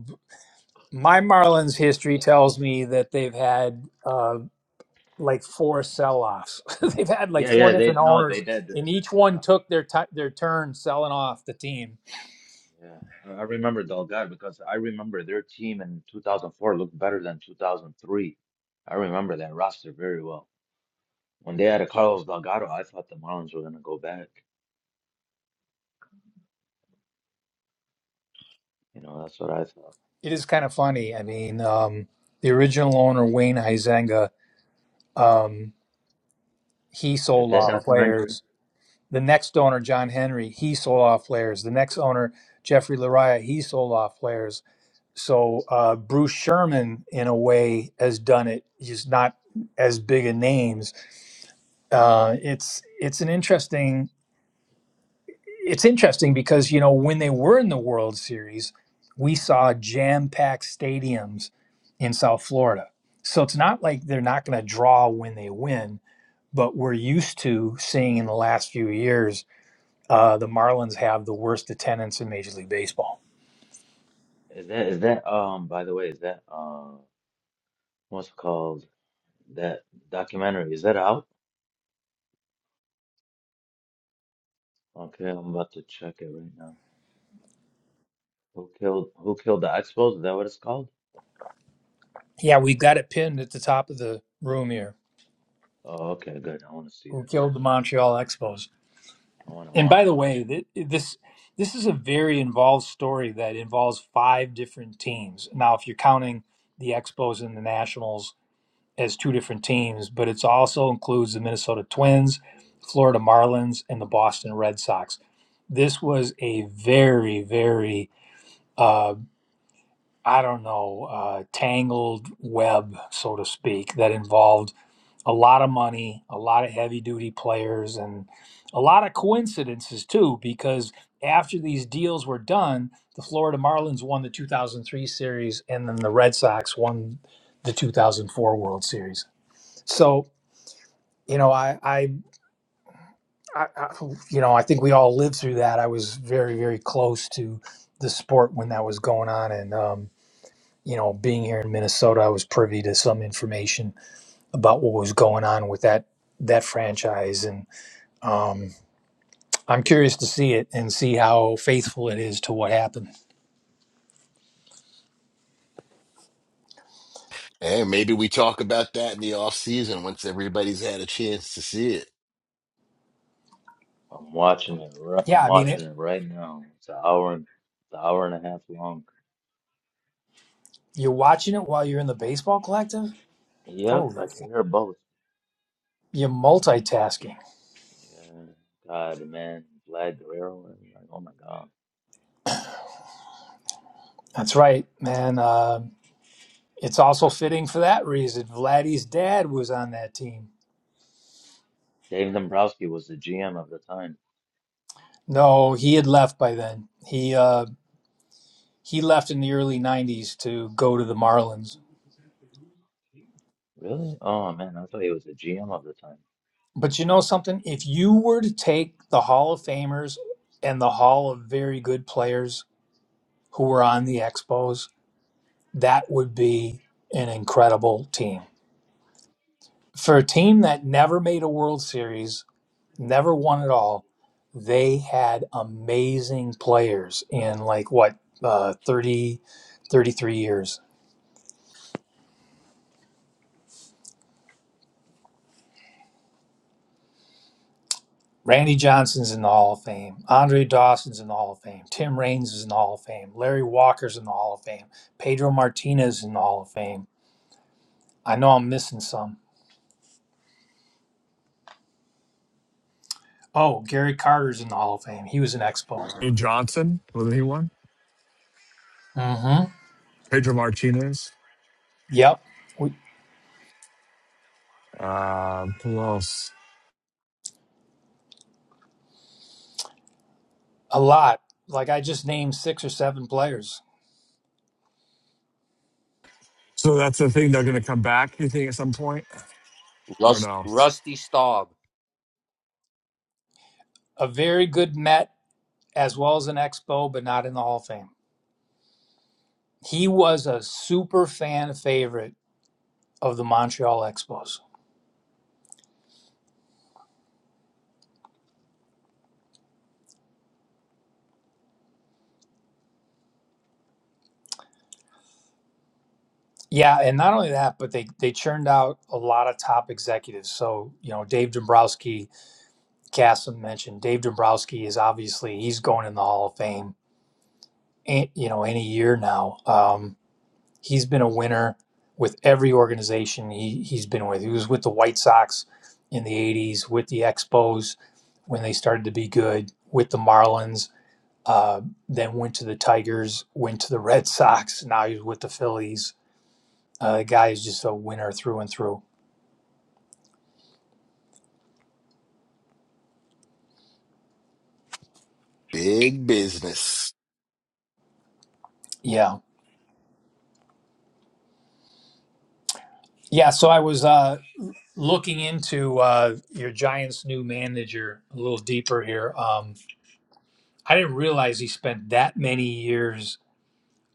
Speaker 1: my Marlins history tells me that they've had uh, like four sell-offs. [LAUGHS] They've had like
Speaker 8: Yeah,
Speaker 1: four
Speaker 8: yeah, they
Speaker 1: different
Speaker 8: no,
Speaker 1: owners,
Speaker 8: they did.
Speaker 1: and each one took their ti their turn selling off the team.
Speaker 8: Yeah, I I remember Delgado because I remember their team in 2004 looked better than 2003. I remember that roster very well. When they had a Carlos Delgado, I thought the Marlins were gonna go back. You know, that's what I thought.
Speaker 1: It is kind of funny. I mean, um, the original owner Wayne Huizenga, um, he
Speaker 8: Is
Speaker 1: sold
Speaker 8: that
Speaker 1: off
Speaker 8: documentary?
Speaker 1: players. The next owner John Henry, he sold off players. The next owner Jeffrey Lariah, he sold off players. So uh, Bruce Sherman, in a way, has done it. He's not as big a
Speaker 8: Yeah.
Speaker 1: names. Uh, it's it's an interesting it's interesting because you know when they were in the World Series, we saw jam-packed stadiums in South Florida. So it's not like they're not going to draw when they win, but we're used to seeing in the last few years uh, the Marlins have the worst attendance in Major League Baseball.
Speaker 8: Is that is that um? By the way, is that uh? What's it called? That documentary is that out? Okay, I'm about to check it right now. Who killed Who killed the Expos? Is that what it's called?
Speaker 1: Yeah, we've got it pinned at the top of the room here.
Speaker 8: Oh, okay, good. I want to see
Speaker 1: Who
Speaker 8: this.
Speaker 1: killed the Montreal Expos?
Speaker 8: I want to
Speaker 1: And by
Speaker 8: watch
Speaker 1: the
Speaker 8: it.
Speaker 1: way, th- this this is a very involved story that involves five different teams. Now, if you're counting the Expos and the Nationals as two different teams, but it also includes the Minnesota Twins, Florida Marlins, and the Boston Red Sox. This was a very, very uh, I don't know uh, tangled web, so to speak, that involved a lot of money, a lot of heavy duty players, and a lot of coincidences too, because after these deals were done, the Florida Marlins won the 2003 series, and then the Red Sox won the 2004 World Series. So, you know, I, I, I, I you know, I think we all lived through that. I was very, very close to the sport when that was going on, and um, you know, being here in Minnesota, I was privy to some information about what was going on with that that franchise, and Um, I'm curious to see it and see how faithful it is to what happened.
Speaker 2: Hey, maybe we talk about that in the off season once everybody's had a chance to see it.
Speaker 8: I'm watching it. ri-
Speaker 1: Yeah,
Speaker 8: I'm
Speaker 1: I mean,
Speaker 8: watching
Speaker 1: it,
Speaker 8: it right now. It's an hour. and It's an hour and a half long.
Speaker 1: you're watching it while you're in the baseball collective.
Speaker 8: Yep,
Speaker 1: Holy,
Speaker 8: I can hear both.
Speaker 1: you're multitasking.
Speaker 8: Yeah, God, man, Vlad Guerrero. I mean, like, oh my God,
Speaker 1: That's right, man. Uh, it's also fitting for that reason. Vladdy's dad was on that team.
Speaker 8: Dave Dombrowski was the GM of the time.
Speaker 1: No, he had left by then. He uh, he left in the early '90s to go to the Marlins.
Speaker 8: Really? Oh man, I thought he was the GM of the time.
Speaker 1: But you know something? If you were to take the Hall of Famers and the Hall of Very Good Players who were on the Expos that would be an incredible team. For a team that never made a World Series, never won at all, they had amazing players in like what, uh, 30, thirty-three years. Randy Johnson's in the Hall of Fame. Andre Dawson's in the Hall of Fame. Tim Raines is in the Hall of Fame. Larry Walker's in the Hall of Fame. Pedro Martinez in the Hall of Fame. I know I'm missing some. Oh, Gary Carter's in the Hall of Fame. He was an Expo.
Speaker 5: Andrew Johnson, wasn't he one?
Speaker 1: Mm-hmm.
Speaker 5: Pedro Martinez.
Speaker 1: Yep. We,
Speaker 5: Uh, who else?
Speaker 1: A lot. Like I just named six or seven players.
Speaker 5: So that's a thing.
Speaker 10: Rust, Rusty Staub.
Speaker 1: A very good Met as well as an Expo, but not in the Hall of Fame. He was a super fan favorite of the Montreal Expos. Yeah, and not only that, but they they churned out a lot of top executives. So, you know, Dave Dombrowski, Cassim mentioned Dave Dombrowski is obviously he's going in the Hall of Fame, eh, you know, any year now. Um, He's been a winner with every organization he, he's been with. He was with the White Sox in the 80s, with the Expos when they started to be good, with the Marlins, uh, then went to the Tigers, went to the Red [LAUGHS] Sox. Now he's with the Phillies. Uh, the guy is just a winner through and through.
Speaker 2: Big business.
Speaker 1: Yeah. Yeah. So I was uh, looking into uh, your Giants' new manager a little deeper here. Um, I didn't realize he spent that many years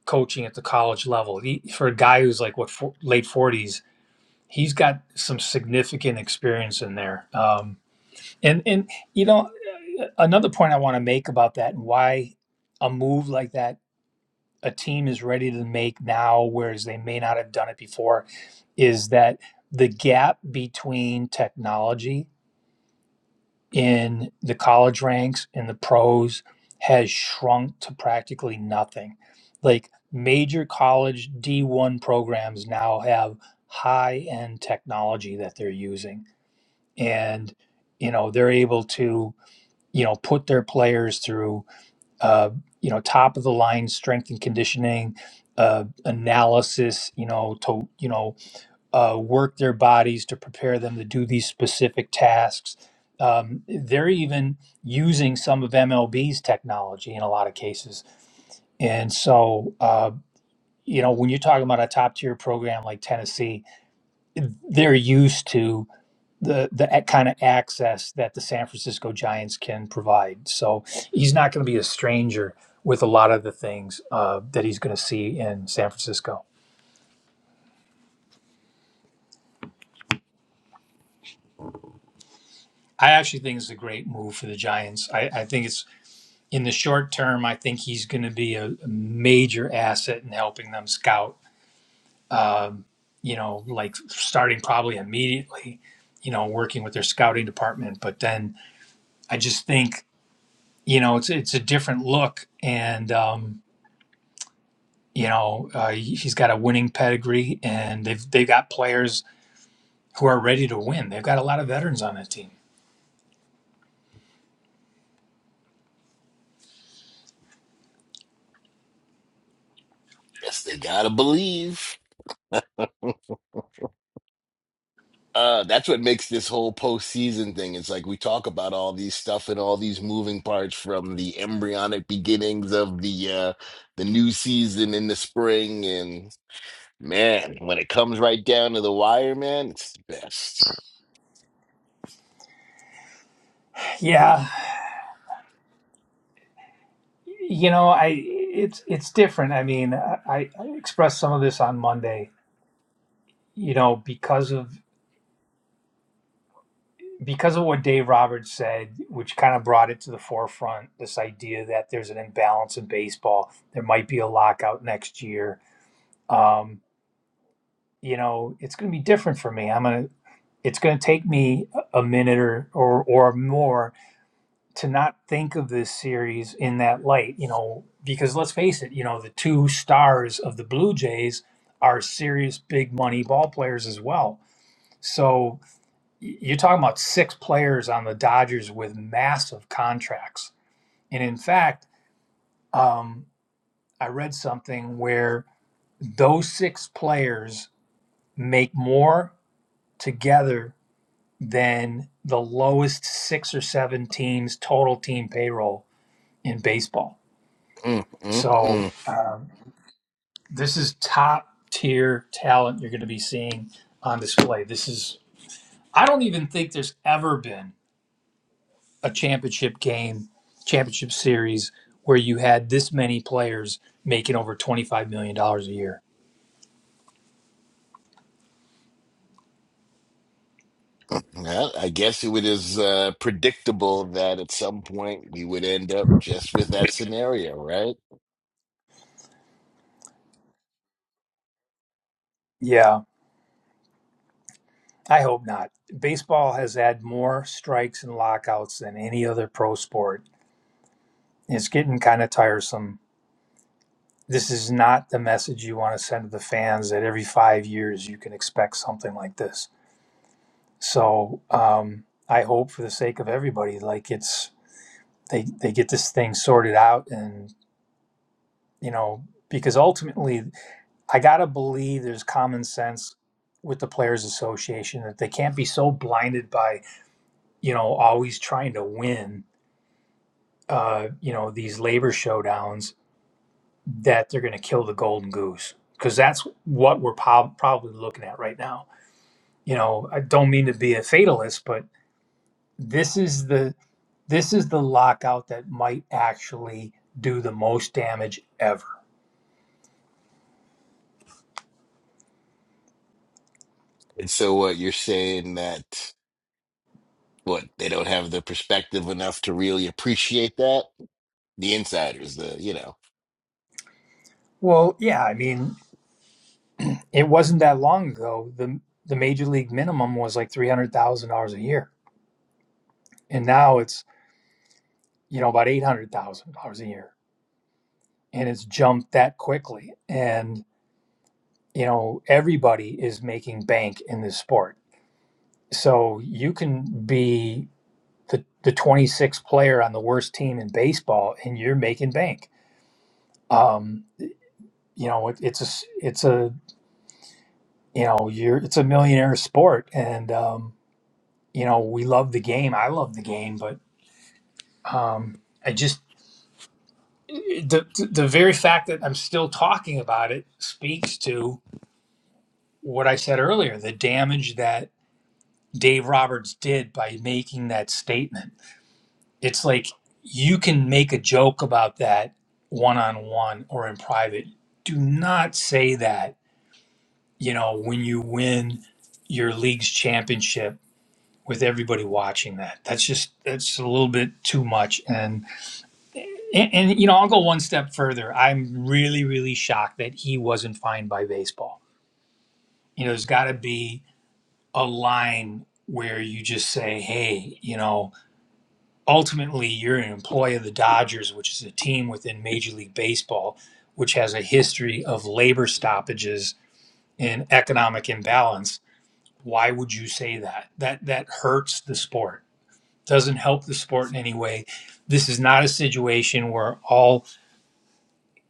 Speaker 1: coaching at the college level. He, for a guy who's like what for, late forties, he's got some significant experience in there. Um, and and you know, uh, another point I want to make about that and why a move like that a team is ready to make now, whereas they may not have done it before, is that the gap between technology in the college ranks in the pros has shrunk to practically nothing. Like major college D1 programs now have high end technology that they're using. And, you know, they're able to, you know, put their players through, uh, you know, top of the line strength and conditioning uh, analysis, you know, to, you know, uh, work their bodies to prepare them to do these specific tasks. Um, they're even using some of MLB's technology in a lot of cases. And so, uh, you know, when you're talking about a top tier program like Tennessee, they're used to the the a- kind of access that the San Francisco Giants can provide. So he's not going to be a stranger with a lot of the things uh, that he's going to see in San Francisco. I actually think it's a great move for the Giants. I, I think it's in the short term, I think he's going to be a, a major asset in helping them scout. Um, you know, like starting probably immediately. You know, working with their scouting department, but then I just think you know it's it's a different look, and um, you know uh, he- has got a winning pedigree, and they've they've got players who are ready to win. They've got a lot of veterans on that team.
Speaker 2: Guess they gotta believe. Uh, that's what makes this whole postseason thing. It's like we talk about all these stuff and all these moving parts from the embryonic beginnings of the uh the new season in the spring, and man, when it comes right down to the wire, man, it's the best.
Speaker 1: Yeah, you know, I it's it's different. I mean, I, I expressed some of this on Monday. You know, because of because of what Dave Roberts said, which kind of brought it to the forefront, this idea that there's an imbalance in baseball, there might be a lockout next year. Um, you know, it's going to be different for me. I'm gonna. It's going to take me a minute or, or or more to not think of this series in that light. You know, because let's face it, you know, the two stars of the Blue Jays are serious big money ball players as well. So you're talking about six players on the Dodgers with massive contracts. And in fact, um, I read something where those six players make more together than the lowest six or seven teams total team payroll in baseball.
Speaker 2: Mm, mm,
Speaker 1: So
Speaker 2: mm.
Speaker 1: um, this is top tier talent you're going to be seeing on display. This is I don't even think there's ever been a championship game, championship series where you had this many players making over $25 million dollars a year.
Speaker 2: mm. Well, I guess it was uh, predictable that at some point we would end up just with that scenario, right?
Speaker 1: Yeah, I hope not. Baseball has had more strikes and lockouts than any other pro sport. It's getting kind of tiresome. This is not the message you want to send to the fans that every five years you can expect something like this. So um, I hope for the sake of everybody, like it's they, they get this thing sorted out and, you know, because ultimately I gotta believe there's common sense with the players association that they can't be so blinded by you know always trying to win uh, you know these labor showdowns that they're going to kill the golden goose because that's what we're prob- probably looking at right now you know i don't mean to be a fatalist but this is the this is the lockout that might actually do the most damage ever
Speaker 2: And so, what you're saying that what they don't have the perspective enough to really appreciate that? the insiders the you know
Speaker 1: well yeah i mean It wasn't that long ago. The the major league minimum was like three hundred thousand dollars a year, and now it's you know about eight hundred thousand dollars a year, and it's jumped that quickly. And you know everybody is making bank in this sport, so you can be the the twenty sixth player on the worst team in baseball, and you're making bank. Um, you know it, it's a it's a you know you're it's a millionaire sport, and um, you know we love the game. I love the game, but Um, I just the the very fact that I'm still talking about it speaks to what I said earlier, the damage that Dave Roberts did by making that statement. It's like you can make a joke about that one on one or in private. Do not say that, you know, when you win your league's championship with everybody watching that. That's just that's a little bit too much and And, and you know, I'll go one step further. I'm really, really shocked that he wasn't fined by baseball. You know, there's got to be a line where you just say, "Hey, you know, ultimately you're an employee of the Dodgers, which is a team within Major League Baseball, which has a history of labor stoppages and economic imbalance. Why would you say that? That that hurts the sport. Doesn't help the sport in any way. This is not a situation where all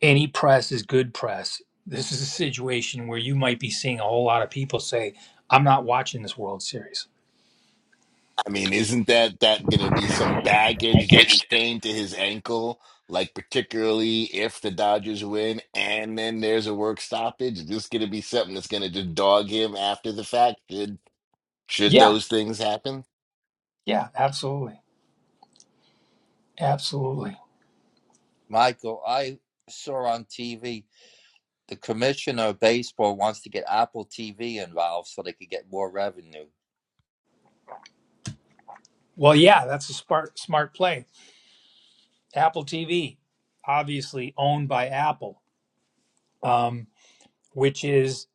Speaker 1: any press is good press. This is a situation where you might be seeing a whole lot of people say, I'm not watching this World Series.
Speaker 2: i mean isn't that that gonna be some baggage that's chained to his ankle like particularly if the dodgers win and then there's a work stoppage is this gonna be something that's gonna just dog him after the fact should should
Speaker 1: Yeah,
Speaker 2: those things happen
Speaker 1: yeah, absolutely. Absolutely.
Speaker 10: Michael, I saw on TV the commissioner of baseball wants to get Apple TV involved so they could get more revenue.
Speaker 1: Well, yeah, that's a smart smart play. Apple TV, obviously owned by Apple, um, which is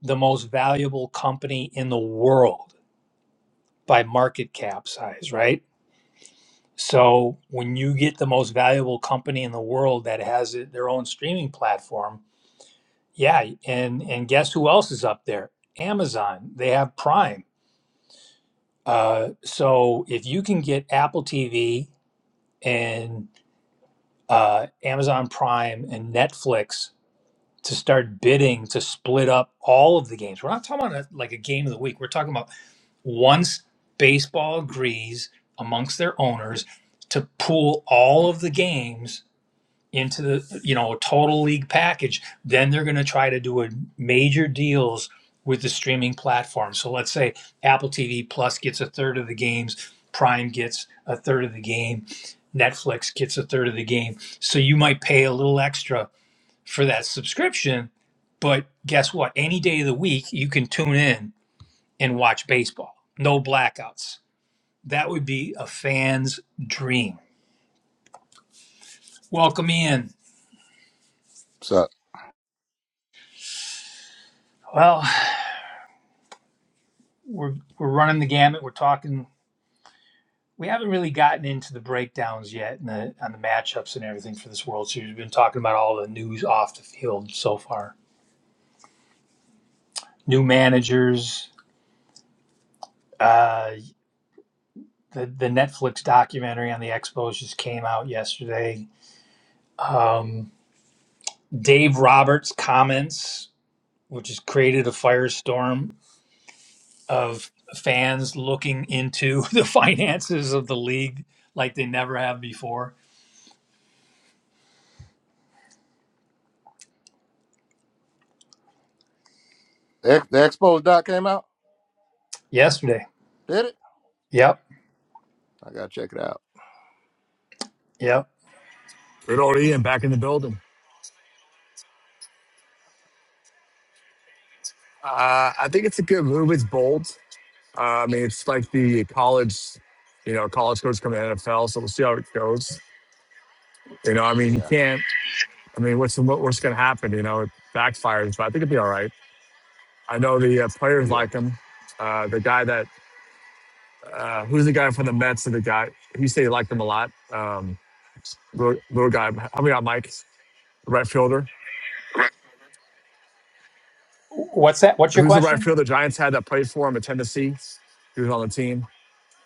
Speaker 1: the most valuable company in the world by market cap size, right? So when you get the most valuable company in the world that has it, their own streaming platform, Yeah, and and guess who else is up there? Amazon. They have Prime. Uh, so if you can get Apple TV and uh, Amazon Prime and Netflix to start bidding to split up all of the games, we're not talking about a, like a game of the week. We're talking about once baseball agrees amongst their owners to pool all of the games into the you know a total league package then they're going to try to do a major deals with the streaming platform so let's say apple tv plus gets a third of the games prime gets a third of the game netflix gets a third of the game so you might pay a little extra for that subscription but guess what any day of the week you can tune in and watch baseball no blackouts that would be a fan's dream welcome in
Speaker 11: So
Speaker 1: well we're we're running the gamut. We're talking. We haven't really gotten into the breakdowns yet and the on the matchups and everything for this World Series. We've been talking about all the news off the field so far. New managers. Uh, the the Netflix documentary on the Expos just came out yesterday. Um, Dave Roberts' comments, which has created a firestorm of fans looking into [LAUGHS] the finances of the league like they never have before.
Speaker 11: Ex- the Expos doc came out.
Speaker 1: Yesterday.
Speaker 11: Did it?
Speaker 1: Yep.
Speaker 11: I gotta check it out.
Speaker 1: Yep
Speaker 5: good old Ian back in the building. Uh, I think it's a good move. It's bold. Uh, I mean, it's like the college, you know, college coach coming to NFL. So we'll see how it goes. You know, I mean, you
Speaker 11: Yeah,
Speaker 5: can't. I mean, what's the mo- what's going to happen? You know, it backfires, but I think it would be all right. I know the uh, players
Speaker 11: yeah.
Speaker 5: like him. Uh, the guy that uh, who's the guy from the Mets? And the guy he said he liked him a lot. Um, little, little guy, help me out, Mike, the right fielder.
Speaker 1: What's that? What's your
Speaker 5: Who's the right
Speaker 1: question?
Speaker 5: fielder? The Giants had that played for him at Tennessee. He was on the team.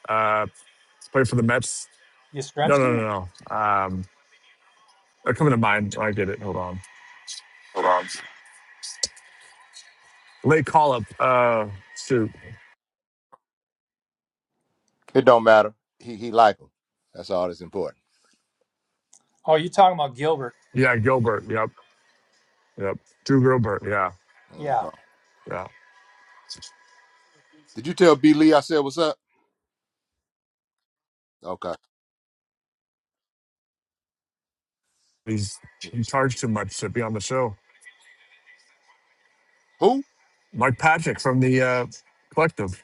Speaker 5: Uh, played for the Mets. No, no,
Speaker 1: Yastrzemski?
Speaker 5: no, no. Um, They're coming to mind. I get it. Hold on.
Speaker 11: Hold on.
Speaker 5: Late call up. Uh, shoot.
Speaker 11: It don't matter. He he like him. That's all that's important.
Speaker 1: Oh, you're talking about Gilbert.
Speaker 5: Yeah, Gilbert. Yep. Yep. Drew Gilbert. Yeah.
Speaker 11: Okay.
Speaker 1: Yeah,
Speaker 5: Yeah.
Speaker 11: Did you tell B Lee I said what's up? Okay.
Speaker 5: He's he charged too much to be on the show.
Speaker 11: Who?
Speaker 5: Mike Patrick from the uh, collective.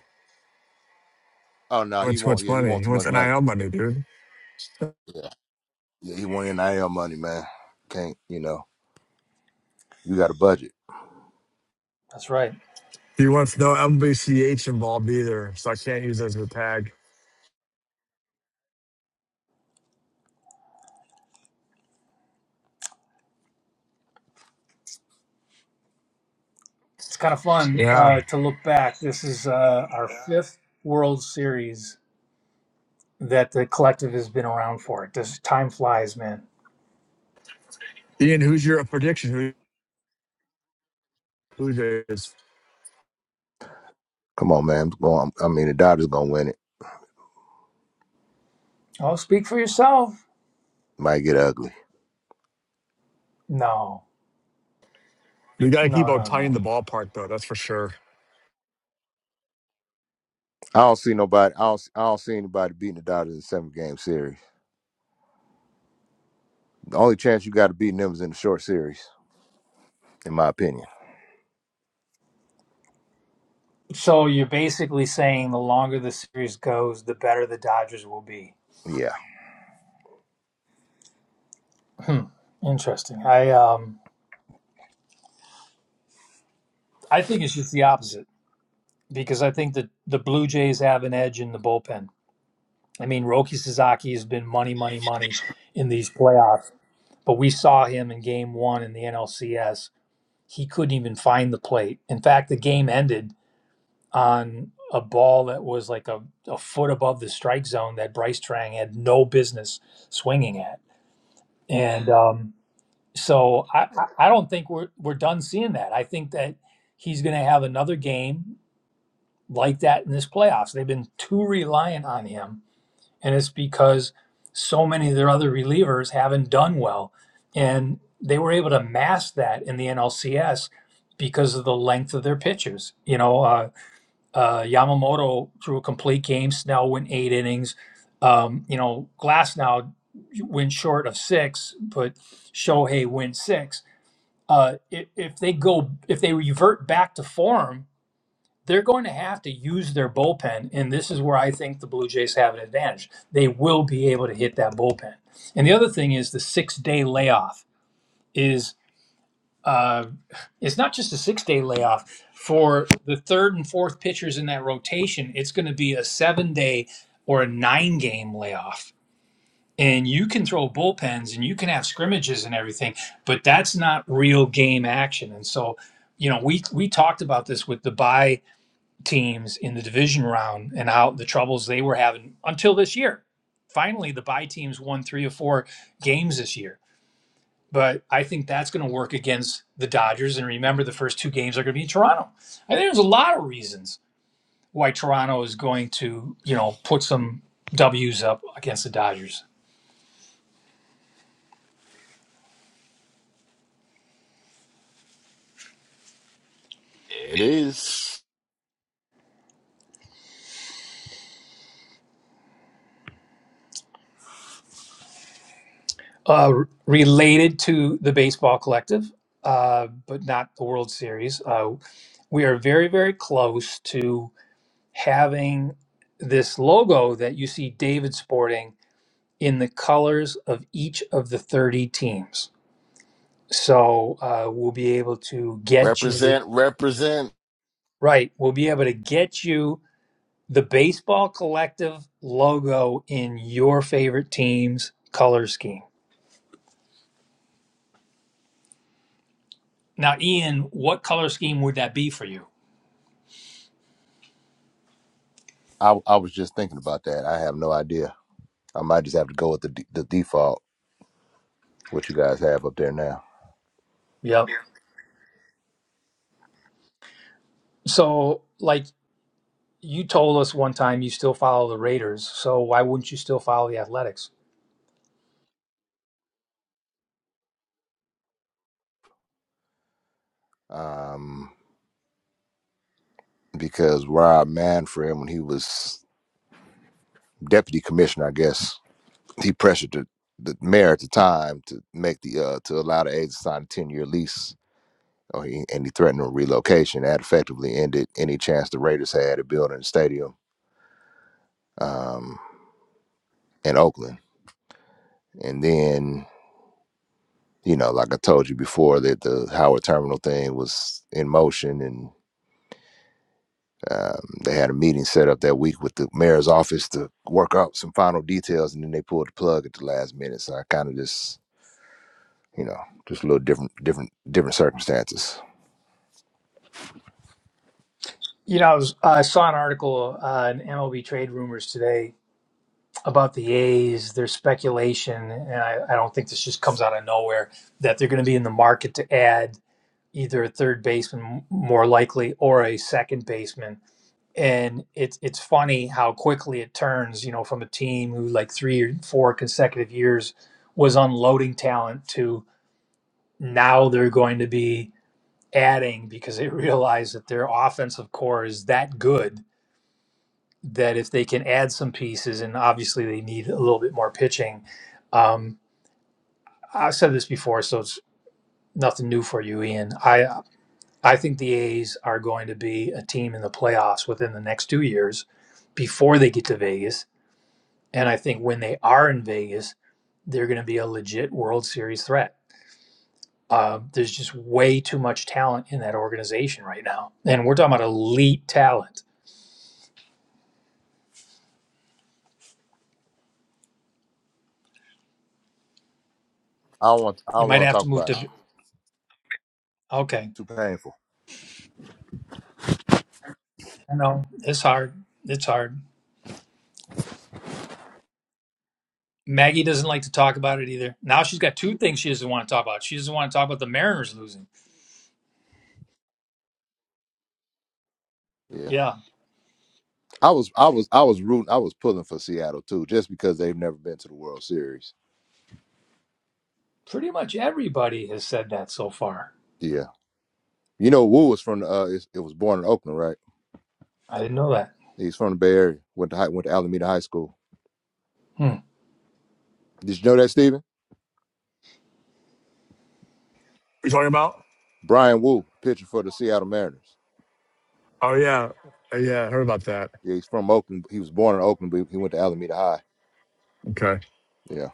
Speaker 11: Oh no,
Speaker 5: He
Speaker 11: he
Speaker 5: wants too
Speaker 11: want
Speaker 5: much
Speaker 11: yeah he
Speaker 5: money.
Speaker 11: want
Speaker 5: He
Speaker 11: too
Speaker 5: wants
Speaker 11: much money.
Speaker 5: NIL money, dude.
Speaker 11: Yeah, yeah. He want nil money, man. Can't you know? You got a budget.
Speaker 1: that's right.
Speaker 5: He wants no MBCH involved either, so I can't use that as a tag.
Speaker 1: It's kind of fun
Speaker 5: Yeah.
Speaker 1: uh, to look back. This is uh, our fifth World Series that the collective has been around for. This time flies, man.
Speaker 5: Ian, who's your prediction? Who who's yours?
Speaker 11: Come on, man. Go on. I mean, the Dodgers gonna win it.
Speaker 1: Oh, speak for yourself.
Speaker 11: Might get ugly.
Speaker 1: No,
Speaker 5: We gotta keep
Speaker 1: no,
Speaker 5: on
Speaker 1: no,
Speaker 5: tying the
Speaker 1: no.
Speaker 5: ballpark though, that's for sure.
Speaker 11: I don't see nobody. I don't. I don't see anybody beating the Dodgers in a seven game series. The only chance you got to beating them is in the short series, in my opinion.
Speaker 1: So you're basically saying the longer the series goes, the better the Dodgers will be.
Speaker 11: Yeah.
Speaker 1: Hmm. Interesting. I um, I think it's just the opposite because I think that the Blue Jays have an edge in the bullpen I mean, Roki Sasaki has been money, money, money in these playoffs, but we saw him in game one in the NLCS. He couldn't even find the plate. In fact, the game ended on a ball that was like a, a foot above the strike zone that Bryce Trang had no business swinging at. And um, so I, I I don't think we're, we're done seeing that. I think that he's going to have another game like that in this playoffs. They've been too reliant on him and it's because so many of their other relievers haven't done well. And they were able to mask that in the NLCS because of the length of their pitches. You know, uh, uh, Yamamoto threw a complete game. Snell went eight innings. Um, you know, Glass now went short of six, but Shohei went six. Uh, i- if they go, if they revert back to form, they're going to have to use their bullpen, and this is where I think the Blue Jays have an advantage. They will be able to hit that bullpen. And the other thing is the six day layoff is uh, it's not just a six day layoff for the third and fourth pitchers in that rotation. It's going to be a seven day or a nine game layoff. And you can throw bullpens and you can have scrimmages and everything, but that's not real game action. And so, you know, we we talked about this with the buy teams in the division round and how the troubles they were having until this year. Finally, the bye teams won three or four games this year. But I think that's going to work against the Dodgers. And remember, the first two games are going to be in Toronto. I think there's a lot of reasons why Toronto is going to, you know, put some W's up against the Dodgers.
Speaker 2: it is
Speaker 1: Uh, related to the baseball collective, uh, but not the World Series, uh, we are very, very close to having this logo that you see David sporting in the colors of each of the 30 teams. So uh, we'll be able to get you,
Speaker 2: represent represent
Speaker 1: right, we'll be able to get you the baseball collective logo in your favorite team's color scheme. Now, Ian, what color scheme would that be for you?
Speaker 11: I I was just thinking about that. I have no idea. I might just have to go with the d- the default what you guys have up there now.
Speaker 1: Yep. So, like you told us one time, you still follow the Raiders. So, why wouldn't you still follow the Athletics?
Speaker 11: Um, because Rob Manfred, when he was deputy commissioner, I guess he pressured the, the mayor at the time to make the uh to allow the aide to sign a ten year lease. Or he, and he threatened a relocation that effectively ended any chance the Raiders had of building a stadium um, in Oakland. And then you know, like I told you before, that the Howard Terminal thing was in motion, and um, they had a meeting set up that week with the mayor's office to work out some final details, and then they pulled the plug at the last minute. So I kind of just, you know, just a little different, different, different circumstances.
Speaker 1: You know, I was I saw an article uh, in MLB Trade Rumors today about the A's, their speculation, and I, I don't think this just comes out of nowhere that they're going to be in the market to add either a third baseman, m- more likely, or a second baseman. And it's it's funny how quickly it turns, you know, from a team who like three or four consecutive years was unloading talent to now they're going to be adding because they [LAUGHS] realize that their offensive core is that good that if they can add some pieces, and obviously they need a little bit more pitching. Um, I've said this before, so it's nothing new for you, Ian. I I think the A's are going to be a team in the playoffs within the next two years, before they get to Vegas, and I think when they are in Vegas, they're going to be a legit World Series threat. Uh, there's just way too much talent in that organization right now, and we're talking about elite talent.
Speaker 11: I don't want, I
Speaker 1: You
Speaker 11: don't
Speaker 1: might
Speaker 11: want to
Speaker 1: have to
Speaker 11: talk
Speaker 1: move
Speaker 11: about it.
Speaker 1: to. Okay,
Speaker 11: Too painful.
Speaker 1: I know it's hard. It's hard. Maggie doesn't like to talk about it either. Now she's got two things she doesn't want to talk about. She doesn't want to talk about the Mariners losing.
Speaker 11: Yeah,
Speaker 1: Yeah,
Speaker 11: I was, I was, I was rooting, I was pulling for Seattle too, just because they've never been to the World Series.
Speaker 1: pretty much everybody has said that so far.
Speaker 11: Yeah, you know, Wu was from, uh, it, it was born in Oakland, right?
Speaker 1: I didn't know that.
Speaker 11: He's from the Bay Area. Went to high, went to Alameda High School.
Speaker 1: Hmm.
Speaker 11: Did you know that, Steven?
Speaker 5: You talking about?
Speaker 11: Brian Wu, pitcher for the Seattle Mariners.
Speaker 5: Oh yeah. Uh, Yeah, I heard about that.
Speaker 11: Yeah, he's from Oakland. He was born in Oakland, but he went to Alameda High.
Speaker 5: Okay.
Speaker 11: Yeah.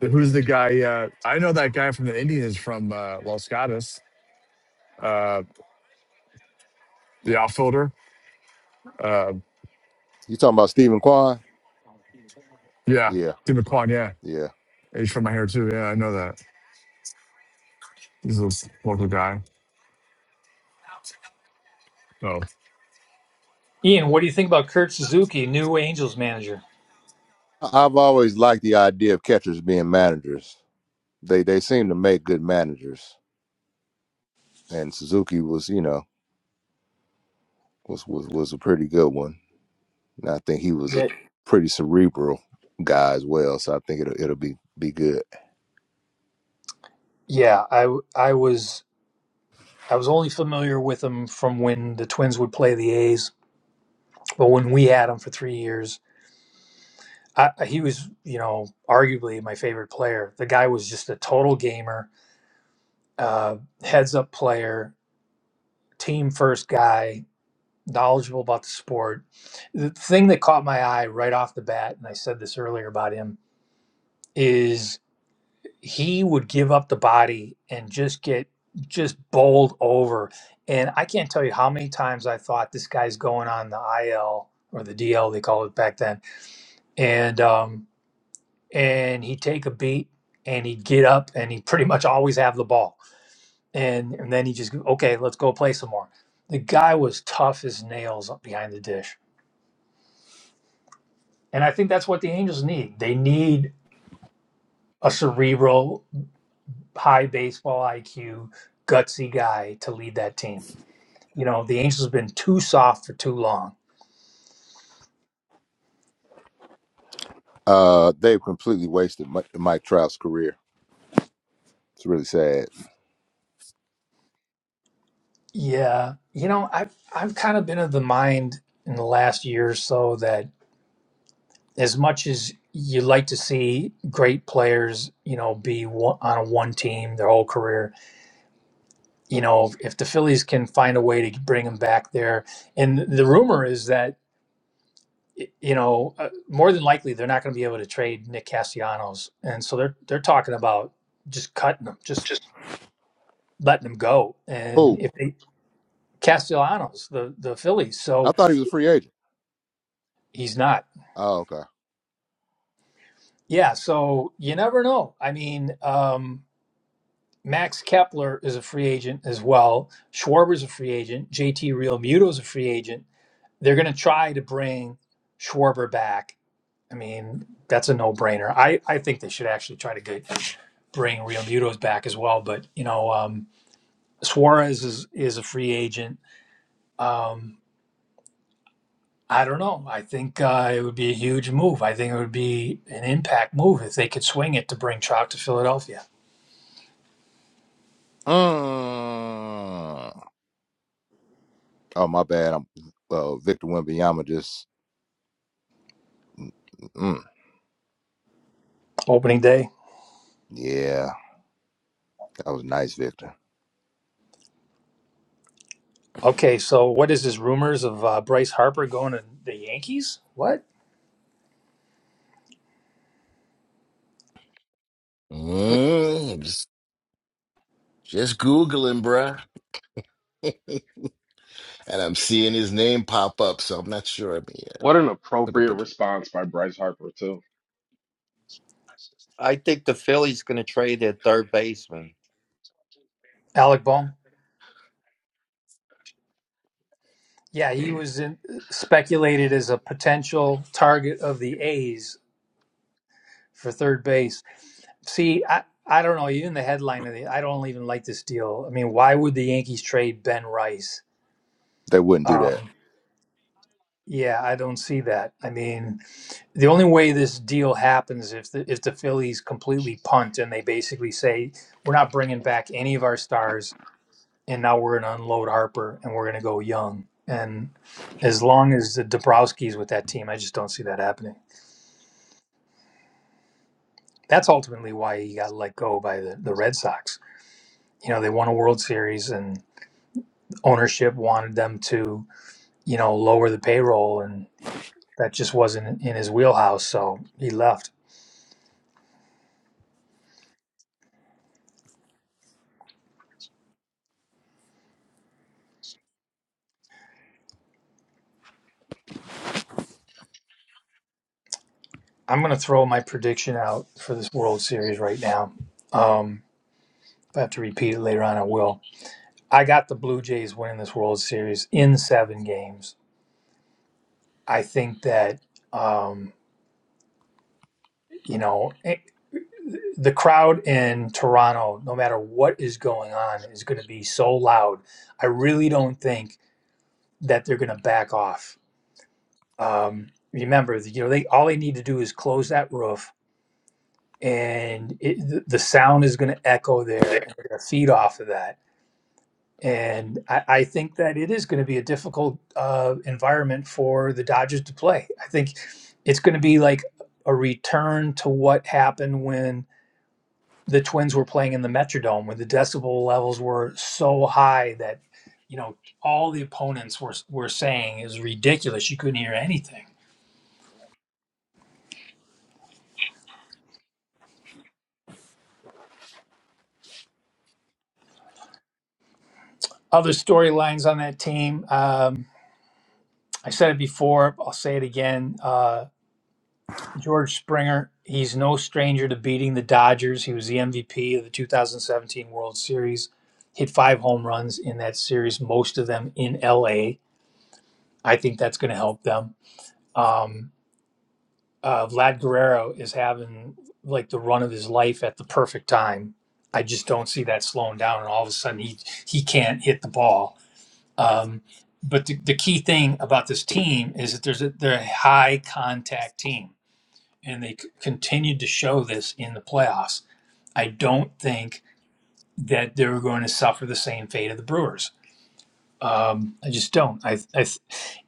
Speaker 5: The- Who's the guy? Uh, I know that guy from the Indians from uh, Los Gatos, uh, the outfielder. Uh,
Speaker 11: You talking about Stephen Kwan?
Speaker 5: yeah,
Speaker 11: Yeah,
Speaker 5: Tim McQuan. Yeah,
Speaker 11: yeah.
Speaker 5: he's from my hair too. Yeah, I know that. He's a local guy. So
Speaker 1: Ian, what do you think about Kurt Suzuki, new Angels manager?
Speaker 11: I- I've always liked the idea of catchers being managers. They they seem to make good managers. And Suzuki was, you know, was was, was a pretty good one. And I think he was a
Speaker 1: Yeah,
Speaker 11: pretty cerebral guy as well. So I think it'll it'll be be good.
Speaker 1: yeah. I I was I was only familiar with him from when the Twins would play the A's, but when we had him for three years, I, he was you know arguably my favorite player. The guy was just a total gamer, uh, heads up player, team first guy knowledgeable about the sport. The thing that caught my eye right off the bat, and I said this earlier about him, is he would give up the body and just get just bowled over. And I can't tell you how many times I thought this guy's going on the IL or the DL they called it back then, and um, and he'd take a beat and he'd get up and he'd pretty much always have the ball. And and then he just okay, let's go play some more. The guy was tough as nails behind the dish And I think that's what the Angels need. They need a cerebral, high baseball IQ, gutsy guy to lead that team. You know, the Angels have been too soft for too long.
Speaker 11: Uh, they've completely wasted Mike, Mike Trout's career. It's really sad.
Speaker 1: Yeah. You know, I've I've kind of been of the mind in the last year or so that as much as you like to see great players, you know, be one, on a one team their whole career, you know, if the Phillies can find a way to bring them back there, and the rumor is that you know, uh, more than likely they're not going to be able to trade Nick Castellanos, and so they're they're talking about just cutting them, just
Speaker 11: Just
Speaker 1: letting them go. And
Speaker 11: who?
Speaker 1: if they Castellanos, the the Phillies,
Speaker 11: I
Speaker 1: so
Speaker 11: thought he was a free agent.
Speaker 1: he's not.
Speaker 11: Oh, okay.
Speaker 1: Yeah, so you never know. I mean, um, Max Kepler is a free agent as well. Schwarber's a free agent. JT Realmuto's a free agent. They're going to try to bring Schwarber back I mean, that's a no brainer. I, I think they should actually try to get bring Real Mutos back as well. But you know, um, Suarez is is a free agent. Um, I don't know. I think uh, it would be a huge move. I think it would be an impact move if they could swing it to bring Trout to Philadelphia
Speaker 11: Mm. Oh, my bad. I'm uh, Victor Wembanyama. Just mm,
Speaker 1: opening day.
Speaker 11: yeah, that was nice, Victor.
Speaker 1: Okay, so what is this? Rumors of uh, Bryce Harper going to the Yankees? What?
Speaker 2: mm, just just googling bruh [LAUGHS] and i'm seeing his name pop up so i'm not sure i mean yeah.
Speaker 3: What an appropriate
Speaker 2: But-
Speaker 3: response by Bryce Harper too.
Speaker 10: I think the Phillies going to trade their third baseman.
Speaker 1: Alec Bohm? Yeah, he was in, speculated as a potential target of the A's for third base See, I, I don't know. Even the headline of the, I don't even like this deal. I mean, why would the Yankees trade Ben Rice?
Speaker 11: They wouldn't do that.
Speaker 1: Um, yeah, I don't see that. I mean, the only way this deal happens if the if the Phillies completely punt and they basically say we're not bringing back any of our stars, and now we're going to unload Harper and we're going to go young. And as long as the Dabrowski's with that team, I just don't see that happening. That's ultimately why he got let go by the, the Red Sox. You know, they won a World Series and. ownership wanted them to, you know, lower the payroll, and that just wasn't in his wheelhouse. So he left. I'm going to throw my prediction out for this World Series right now. Um, if I have to repeat it later on, I will. I got the Blue Jays winning this World Series in seven games. I think that, um, you know, eh, the crowd in Toronto, no matter what is going on, is going to be so loud. I really don't think that they're going to back off um, remember you know they all they need to do is close that roof and it, the the sound is going to echo there and they're going to feed off of that and I, I think that it is going to be a difficult uh, environment for the dodgers to play i think it's going to be like a return to what happened when the twins were playing in the metrodome when the decibel levels were so high that you know all the opponents were, were saying is ridiculous you couldn't hear anything Other storylines on that team. Um, I said it before. I'll say it again. Uh, George Springer. He's no stranger to beating the Dodgers. He was the MVP of the 2017 World Series. Hit five home runs in that series, most of them in LA. I think that's going to help them. Um, uh, Vlad Guerrero is having like the run of his life at the perfect time. I just don't see that slowing down, and all of a sudden he he can't hit the ball Um, but the, the key thing about this team is that there's a, they're a high contact team, and they c- continued to show this in the playoffs. I don't think that they're going to suffer the same fate of the Brewers. Um, I just don't. I, I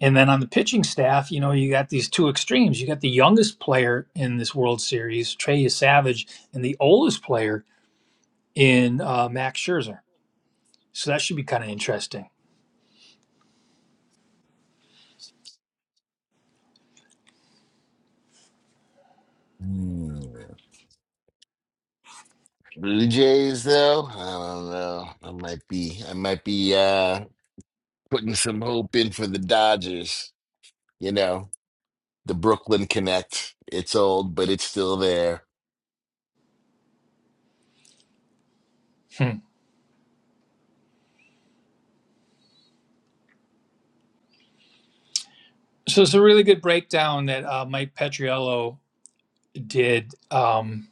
Speaker 1: and then on the pitching staff, you know, you got these two extremes. You got the youngest player in this World Series, Trey Savage, and the oldest player in uh, Max Scherzer. So that should be kind of interesting.
Speaker 2: but- Blue Jays, though, I don't know. I might be, I might be uh, putting some hope in for the Dodgers. You know, the Brooklyn Connect. It's old, but it's still there.
Speaker 1: Hmm. So it's a really good breakdown that uh, Mike Petriello did um,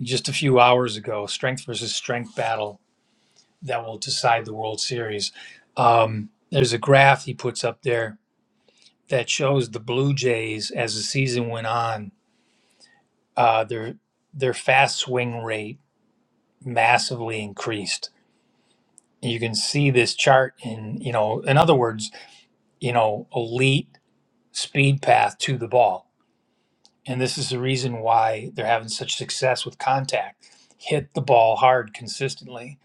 Speaker 1: just a few hours ago, strength versus strength battle that will decide the World Series. Um, there's a graph he puts up there that shows the Blue Jays as the season went on, uh, their their fast swing rate massively increased. You can see this chart in you know, in other words, you know, elite speed path to the ball, and this is the reason why they're having such success with contact. Hit the ball hard consistently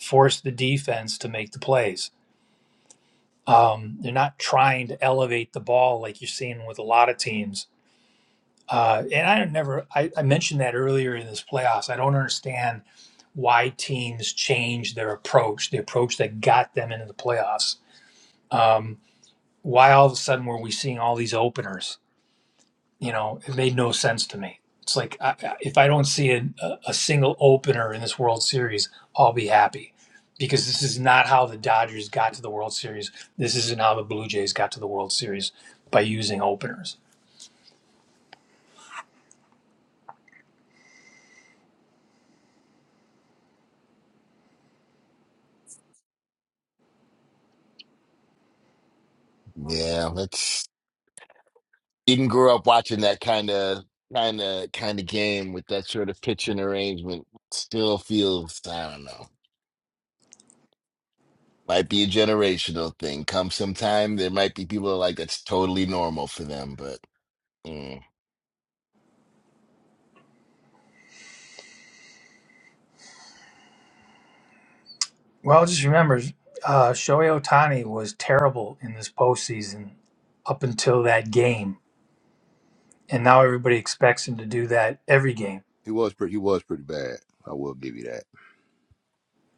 Speaker 1: force the defense to make the plays. Um, they're not trying to elevate the ball like you're seeing with a lot of teams. Uh, and I never, I, I mentioned that earlier in this playoffs. I don't understand why teams change their approach, the approach that got them into the playoffs. Um, why all of a sudden were we seeing all these openers? you know it made no sense to me it's like I, I- if i don't see a, a a single opener in this world series i'll be happy because this is not how the dodgers got to the world series this isn't how the blue jays got to the world series by using openers
Speaker 2: Yeah, that's didn't grow up watching that kind of, kind of, kind of game with that sort of pitching arrangement. Still feels, I don't know. Might be a generational thing. Come sometime, there might be people like that's totally normal for them, but mm,
Speaker 1: well just remember uh, shohei otani was terrible in this postseason up until that game and now everybody expects him to do that every game
Speaker 11: He was pretty. He was pretty bad. I will give you that.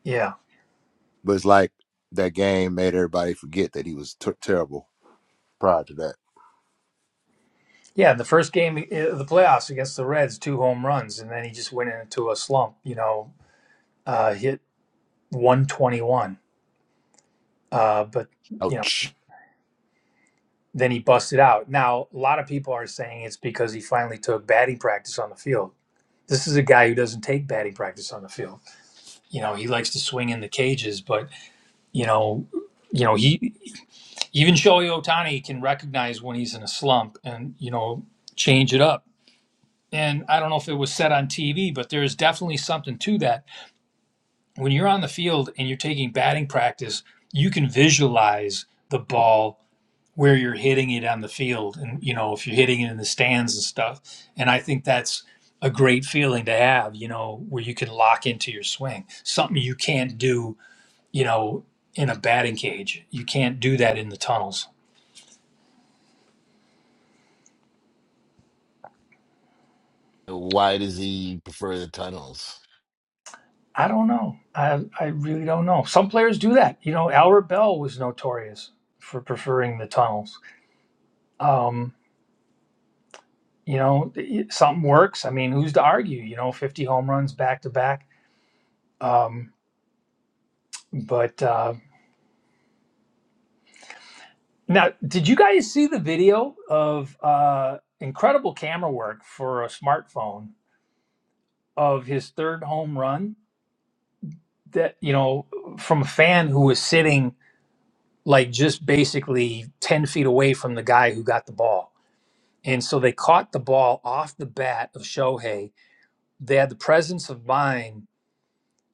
Speaker 1: yeah
Speaker 11: But it's like that game made everybody forget that he was ter- terrible prior to that.
Speaker 1: yeah the first game of the playoffs against the reds two home runs and then he just went into a slump you know uh, hit 121. Uh, but you know,
Speaker 2: ouch.
Speaker 1: then he busted out. Now a lot of people are saying it's because he finally took batting practice on the field. This is a guy who doesn't take batting practice on the field. You know, he likes to swing in the cages, but you know, you know, he even Shohei Ohtani can recognize when he's in a slump and you know change it up. And I don't know if it was said on TV, but there is definitely something to that. When you're on the field and you're taking batting practice, you can visualize the ball where you're hitting it on the field and you know if you're hitting it in the stands and stuff and i think that's a great feeling to have you know where you can lock into your swing something you can't do you know in a batting cage you can't do that in the tunnels
Speaker 2: Why does he prefer the tunnels?
Speaker 1: i don't know i i really don't know some players do that you know albert bell was notorious for preferring the tunnels um you know it- something works i mean who's to argue you know 50 home runs back to back um but uh, Now, did you guys see the video of uh, incredible camera work for a smartphone of his third home run? That you know, from a fan who was sitting like just basically ten feet away from the guy who got the ball, and so they caught the ball off the bat of Shohei. They had the presence of mind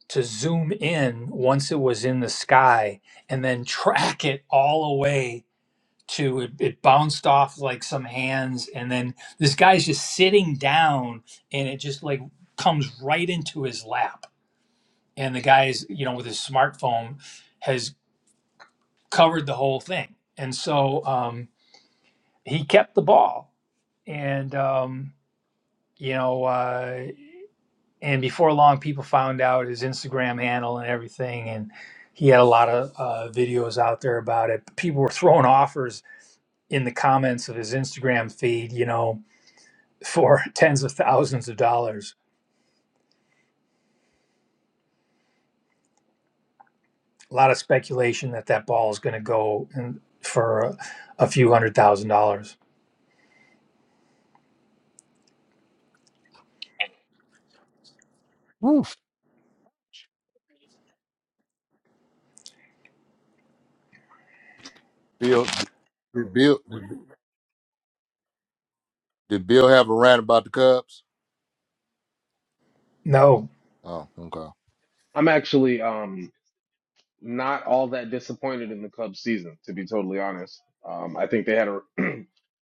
Speaker 1: to zoom in once it was in the sky, and then [LAUGHS] track it all the way to it, it bounced off like some hands and then this guy's just sitting down and it just like comes right into his lap and the guy's you know with his smartphone has covered the whole thing and so um, he kept the ball and um, you know uh, and before long people found out his instagram handle and everything and he had a lot of uh, videos out there about it people were throwing [LAUGHS] offers in the comments of his instagram feed you know for [LAUGHS] tens of thousands of dollars. A lot of speculation that that ball is going to go in for a, a few hundred thousand dollars.
Speaker 2: Oof.
Speaker 11: Bill, did Bill, did Bill have a rant about the Cubs?
Speaker 1: No,
Speaker 11: Oh, okay.
Speaker 3: I'm actually um not all that disappointed in the Cubs season, to be totally honest. Um, I think they had a, [CLEARS THROAT] I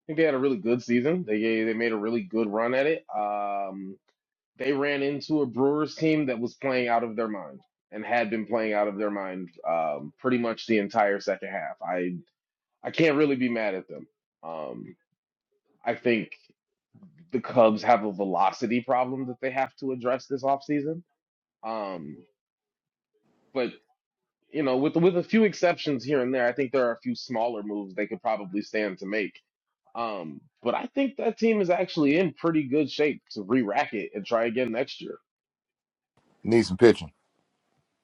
Speaker 3: think they had a really good season. They they made a really good run at it. Um, they ran into a Brewers team that was playing out of their mind and had been playing out of their mind um, pretty much the entire second half. I I can't really be mad at them. Um, I think the Cubs have a velocity problem that they have to address this offseason. Um, but you know, with with a few exceptions here and there, I think there are a few smaller moves they could probably stand to make. Um, but I think that team is actually in pretty good shape to re-rack it and try again next year.
Speaker 11: Need some pitching.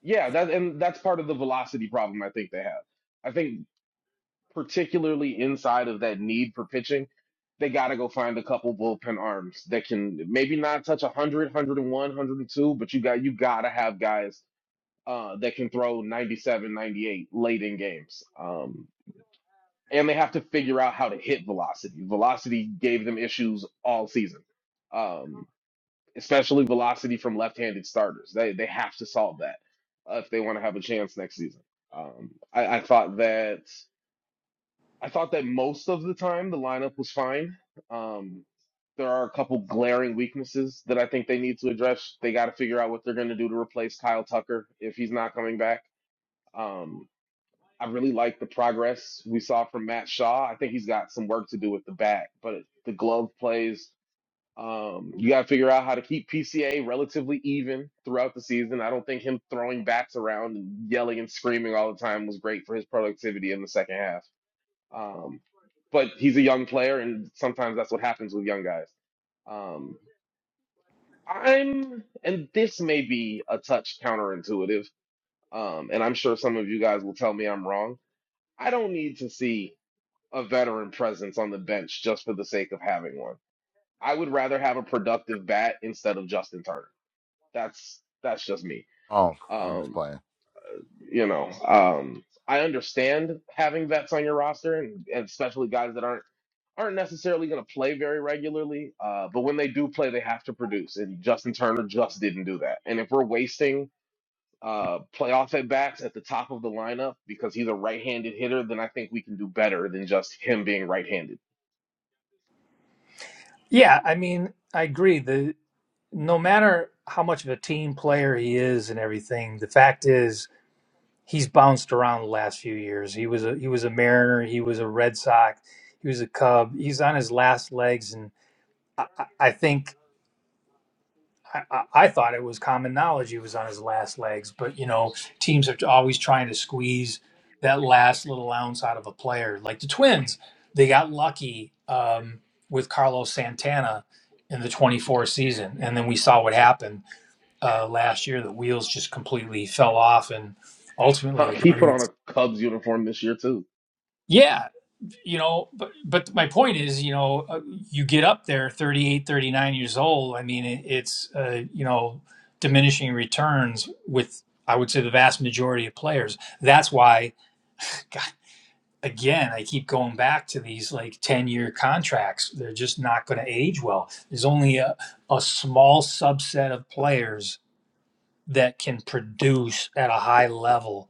Speaker 3: Yeah, that and that's part of the velocity problem I think they have. I think particularly inside of that need for pitching, they got to go find a couple bullpen arms that can maybe not touch 100, 101, 102, but you got you got to have guys uh, that can throw 97, 98 late in games. Um, and they have to figure out how to hit velocity. Velocity gave them issues all season, um, especially velocity from left-handed starters. They they have to solve that uh, if they want to have a chance next season. Um, I, I thought that I thought that most of the time the lineup was fine. Um, there are a couple glaring weaknesses that I think they need to address. They got to figure out what they're going to do to replace Kyle Tucker if he's not coming back. Um, I really like the progress we saw from Matt Shaw. I think he's got some work to do with the bat, but the glove plays. Um, you got to figure out how to keep PCA relatively even throughout the season. I don't think him throwing bats around and yelling and screaming all the time was great for his productivity in the second half. Um, but he's a young player, and sometimes that's what happens with young guys. Um, I'm, and this may be a touch counterintuitive, um, and I'm sure some of you guys will tell me I'm wrong. I don't need to see a veteran presence on the bench just for the sake of having one. I would rather have a productive bat instead of Justin Turner. That's that's just me.
Speaker 11: Oh, I'm just
Speaker 3: Um,
Speaker 11: playing.
Speaker 3: you know, um, I understand having vets on your roster and, and especially guys that aren't aren't necessarily going to play very regularly. Uh, but when they do play, they have to produce, and Justin Turner just didn't do that. And if we're wasting uh, playoff at bats at the top of the lineup because he's a right-handed hitter, then I think we can do better than just him being right-handed
Speaker 1: yeah, I mean, I agree. The no matter how much of a team player he is and everything, the fact is he's bounced around the last few years. He was a he was a Mariner, he was a Red Sox, he was a Cub. He's on his last legs, and I, I I think I, I thought it was common knowledge he was on his last legs, but you know, teams are always trying to squeeze that last little ounce out of a player. Like the Twins, they got lucky um, with Carlos Santana in the 24 season, and then we saw what happened uh, last year. The wheels just completely fell off, and ultimately
Speaker 3: Huh,
Speaker 1: the
Speaker 3: He put on
Speaker 1: Guardians.
Speaker 3: a Cubs uniform this year too.
Speaker 1: Yeah, you know but but my point is you know uh, you get up there 38, 39 years old i mean it, it's uh, you know diminishing returns with i would say the vast majority of players that's why God, again i keep going back to these like 10 year contracts they're just not going to age well there's only a, a small subset of players that can produce at a high level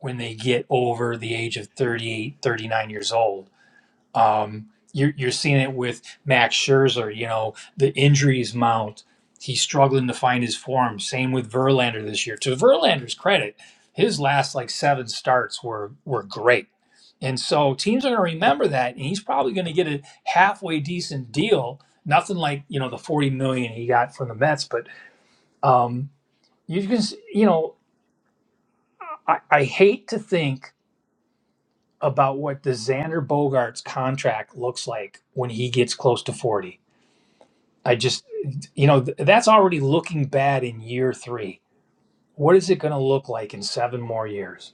Speaker 1: when they get over the age of 38, 39 years old um, you're, you're seeing it with Max Scherzer. You know, the injuries mount. He's struggling to find his form. Same with Verlander this year. To Verlander's credit, his last like seven starts were were great. And so teams are going to remember that, and he's probably going to get a halfway decent deal. Nothing like you know the forty million he got from the Mets, but um, you can s- you know I, I hate to think about what the Xander Bogarts contract looks like when he gets close to forty I just, you know, th- that's already looking bad in year three. What is it going to look like in seven more years?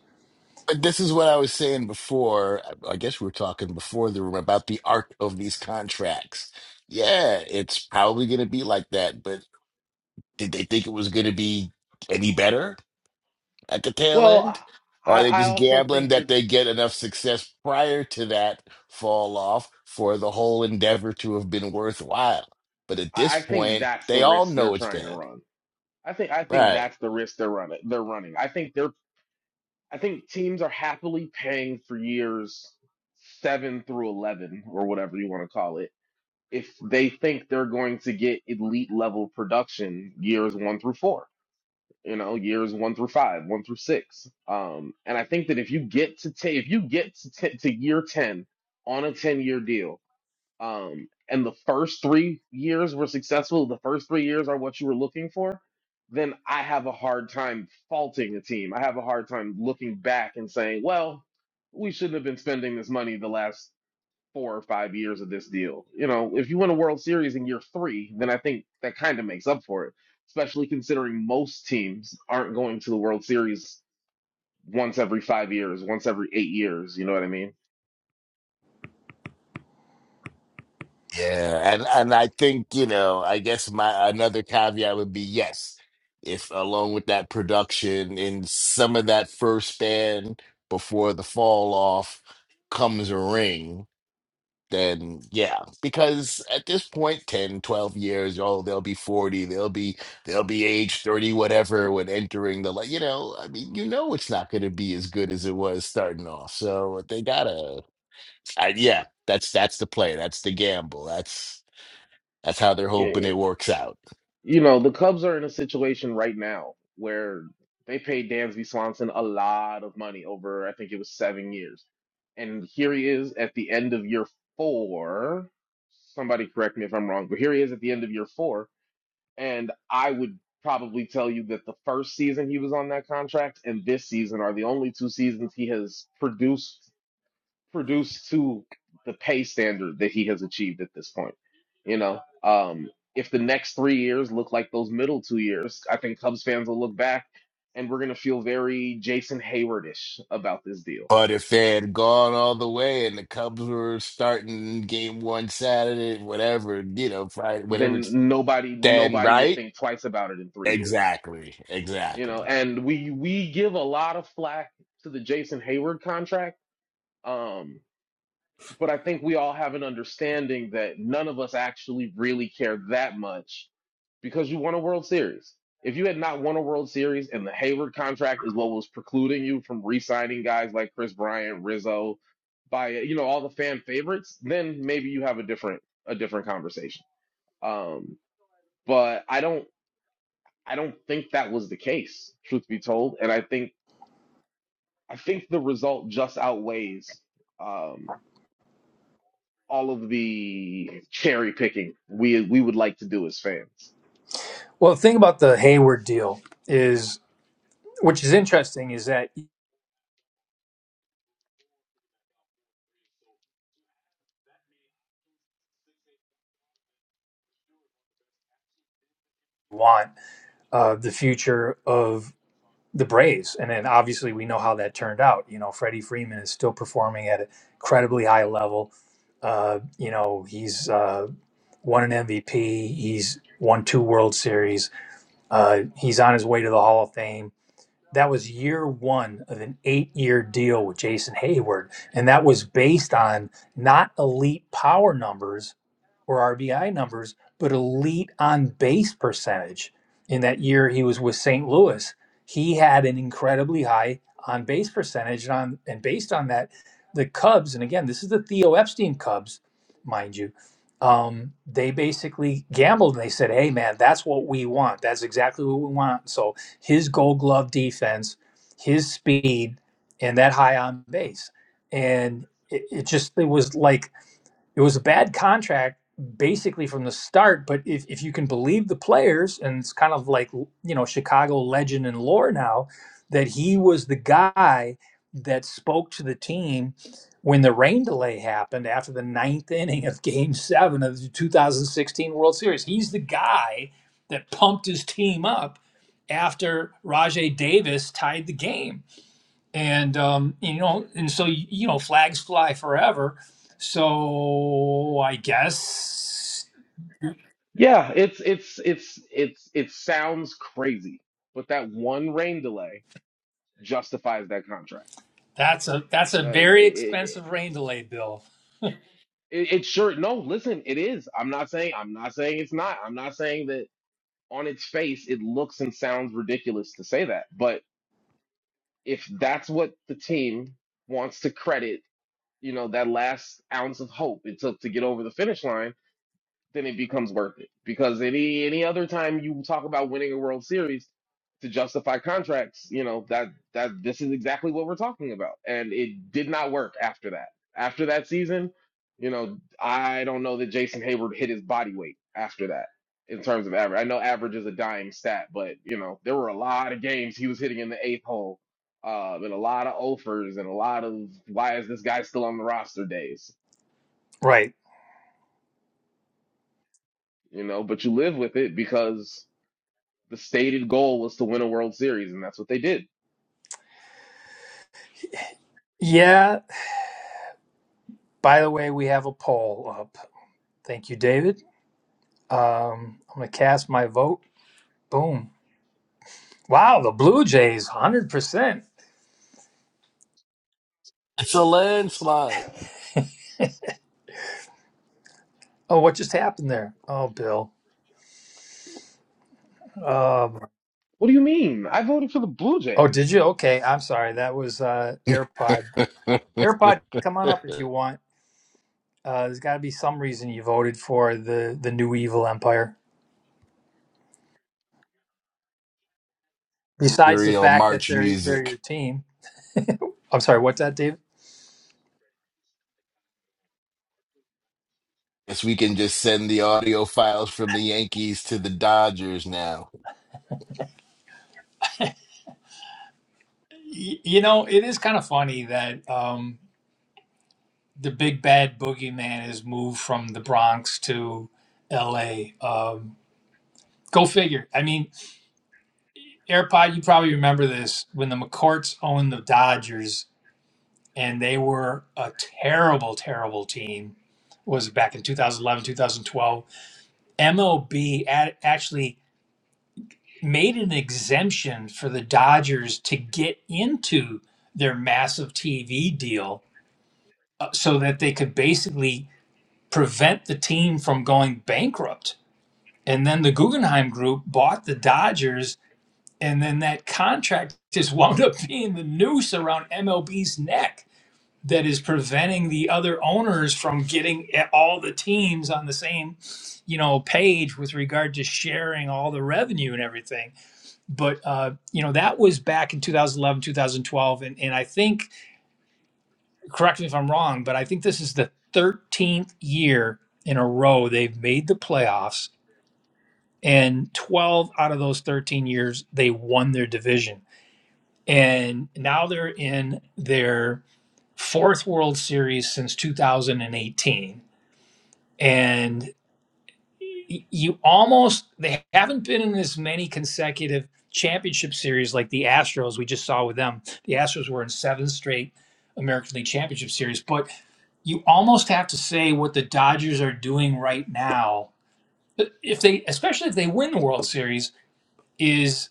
Speaker 2: But this is what I was saying before. I I guess we were talking before the room about the arc of these contracts. Yeah, it's probably going to be like that, but did they think it was going to be any better at the tail
Speaker 3: Well,
Speaker 2: end? Or
Speaker 3: I,
Speaker 2: are they
Speaker 3: I
Speaker 2: just
Speaker 3: also
Speaker 2: gambling
Speaker 3: think
Speaker 2: that
Speaker 3: that
Speaker 2: they get enough success prior to that fall off for the whole endeavor to have been worthwhile? But at this
Speaker 3: I I think
Speaker 2: point,
Speaker 3: that's the
Speaker 2: they all
Speaker 3: risk they're
Speaker 2: know it's
Speaker 3: trying to
Speaker 2: bad.
Speaker 3: run. I think I think
Speaker 2: Right.
Speaker 3: that's the risk they're running. They're running. I think they're I think teams are happily paying for years seven through eleven or whatever you want to call it if they think they're going to get elite level production years one through four. you know, years one through five, one through six. Um, and I think that if you get to t- if you get to, t- to year ten on a ten year deal, um, and the first three years were successful, the first three years are what you were looking for, then I have a hard time faulting the team. I have a hard time looking back and saying, well, we shouldn't have been spending this money the last four or five years of this deal. You know, if you win a World Series in year three, then I think that kind of makes up for it, especially considering most teams aren't going to the World Series once every five years, once every eight years. You know what I mean?
Speaker 2: Yeah, and and I think, you know, I guess my another caveat would be yes, if along with that production in some of that first band before the fall off comes a ring, then yeah, because at this point point, 10, 12 years, oh, they'll be 40, they'll be they'll be age 30 whatever when entering the li- you know, I mean, you know it's not going to be as good as it was starting off. So they gotta I, yeah, that's that's the play, that's the gamble. That's that's how they're hoping
Speaker 3: Eh,
Speaker 2: it works out.
Speaker 3: You know, the Cubs are in a situation right now where they paid Dansby Swanson a lot of money over, I think it was seven years. And here he is at the end of year four. Somebody correct me if I'm wrong, but here he is at the end of year four And I would probably tell you that the first season he was on that contract and this season are the only two seasons he has produced produced to the pay standard that he has achieved at this point. You know, um, if the next three years look like those middle two years, I think Cubs fans will look back and we're gonna feel very Jason Haywardish about this deal.
Speaker 2: But if they had gone all the way and the Cubs were starting game one Saturday, whatever, you know, Friday, whatever, it's
Speaker 3: Then nobody
Speaker 2: then
Speaker 3: nobody would
Speaker 2: right?
Speaker 3: think twice about it in three years.
Speaker 2: Exactly.
Speaker 3: You know,
Speaker 2: Exactly.
Speaker 3: and we we give a lot of flack to the Jason Hayward contract Um, but I think we all have an understanding that none of us actually really care that much because you won a World Series. If you had not won a World Series and the Hayward contract is what was precluding you from re-signing guys like Chris Bryant, Rizzo, by you know all the fan favorites, then maybe you have a different a different conversation. Um, but I don't I don't think that was the case, truth be told, and I think I think the result just outweighs. Um, all of the cherry picking we we would like to do as fans.
Speaker 1: Well, the thing about the Hayward deal is, which is interesting, is that you want uh, the future of the Braves. And then obviously we know how that turned out. You know, Freddie Freeman is still performing at an incredibly high level. Uh, you know, he's uh, won an MVP, he's won two World Series, uh, he's on his way to the Hall of Fame That was year one of an eight year deal with Jason Hayward. And that was based on not elite power numbers, or RBI numbers, but elite on base percentage. In that year he was with St. Louis, he had an incredibly high on base percentage. And, on, and based on that, the Cubs, and again, this is the Theo Epstein Cubs, mind you, um, they basically gambled and they said, hey, man, that's what we want. That's exactly what we want. So his gold glove defense, his speed, and that high on base. And it, it just, it was like, it was a bad contract basically from the start. But if, if you can believe the players, and it's kind of like, you know, Chicago legend and lore now, that he was the guy that spoke to the team when the rain delay happened after the ninth inning of game seven of the 2016 World Series. He's the guy that pumped his team up after Rajay Davis tied the game and um, you know, and so you know, flags fly forever. So I guess
Speaker 3: Yeah, it's it's it's it's it sounds crazy, but that one rain delay justifies that contract.
Speaker 1: that's a that's a
Speaker 3: Uh, it,
Speaker 1: very
Speaker 3: it,
Speaker 1: expensive rain delay bill.
Speaker 3: it, it sure no, listen, it is. I'm not saying I'm not saying it's not. I'm not saying that on its face it looks and sounds ridiculous to say that. But if that's what the team wants to credit, you know, that last ounce of hope it took to get over the finish line then it becomes worth it. Because any any other time you talk about winning a World Series to justify contracts, you know that that this is exactly what we're talking about, and it did not work after that. After that season, you know, I don't know that Jason Hayward hit his body weight after that in terms of average. I know average is a dying stat, but you know there were a lot of games he was hitting in the eighth hole. Uh, and a lot of offers and a lot of why is this guy still on the roster days,
Speaker 1: Right.
Speaker 3: you know, but you live with it because The stated goal was to win a World Series, and that's what they did.
Speaker 1: Yeah. By the way, we have a poll up. Thank you, David. Um, I'm gonna cast my vote. Boom. Wow, the Blue Jays, hundred percent.
Speaker 2: It's a landslide.
Speaker 1: Oh, what just happened there? Oh, Bill. Um,
Speaker 3: What do you mean? I voted for the Blue
Speaker 1: oh, did
Speaker 3: Jays.
Speaker 1: you? Okay, I'm sorry. That was uh, AirPod.
Speaker 2: [LAUGHS]
Speaker 1: AirPod, come on up if you want. Uh, there's got to be some reason you voted for the the new evil empire besides the
Speaker 2: Serial
Speaker 1: fact that
Speaker 2: March
Speaker 1: they're they're
Speaker 2: music.
Speaker 1: your team. I'm sorry, what's that, Dave?
Speaker 2: Guess we can just send the audio files from the Yankees to the Dodgers now.
Speaker 1: Y- You know, it is kind of funny that um, the big bad boogeyman has moved from the Bronx to L.A. Um, go figure. I mean, AirPod, you probably remember this when the McCourts owned the Dodgers, and they were a terrible, terrible team. What was it back in 2011, 2012? MLB ad- actually made an exemption for the Dodgers to get into their massive TV deal uh, so that they could basically prevent the team from going bankrupt. And then the Guggenheim Group bought the Dodgers, and then that contract [LAUGHS] just wound up being the noose around MLB's neck that is preventing the other owners from getting all the teams on the same, you know, page with regard to sharing all the revenue and everything but uh, you know that was back in 2011 2012 and, and i think correct me if i'm wrong but i think this is the 13th year in a row they've made the playoffs and 12 out of those 13 years they won their division and now they're in their fourth world series since 2018 and you almost they haven't been in as many consecutive championship series like the Astros we just saw with them. The Astros were in seven straight American League Championship series, but you almost have to say what the Dodgers are doing right now. If they especially if they win the World Series is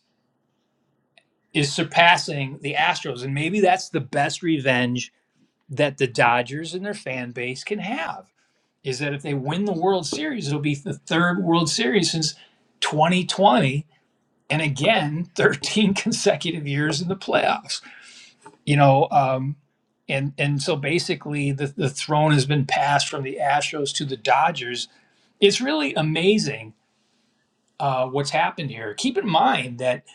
Speaker 1: is surpassing the Astros and maybe that's the best revenge that the Dodgers and their fan base can have is that if they win the World Series, it'll be the third World Series since 2020, and again, 13 [LAUGHS] consecutive years in the playoffs. You know, um, and and so basically, the the throne has been passed from the Astros to the Dodgers. It's really amazing uh, what's happened here. Keep in mind that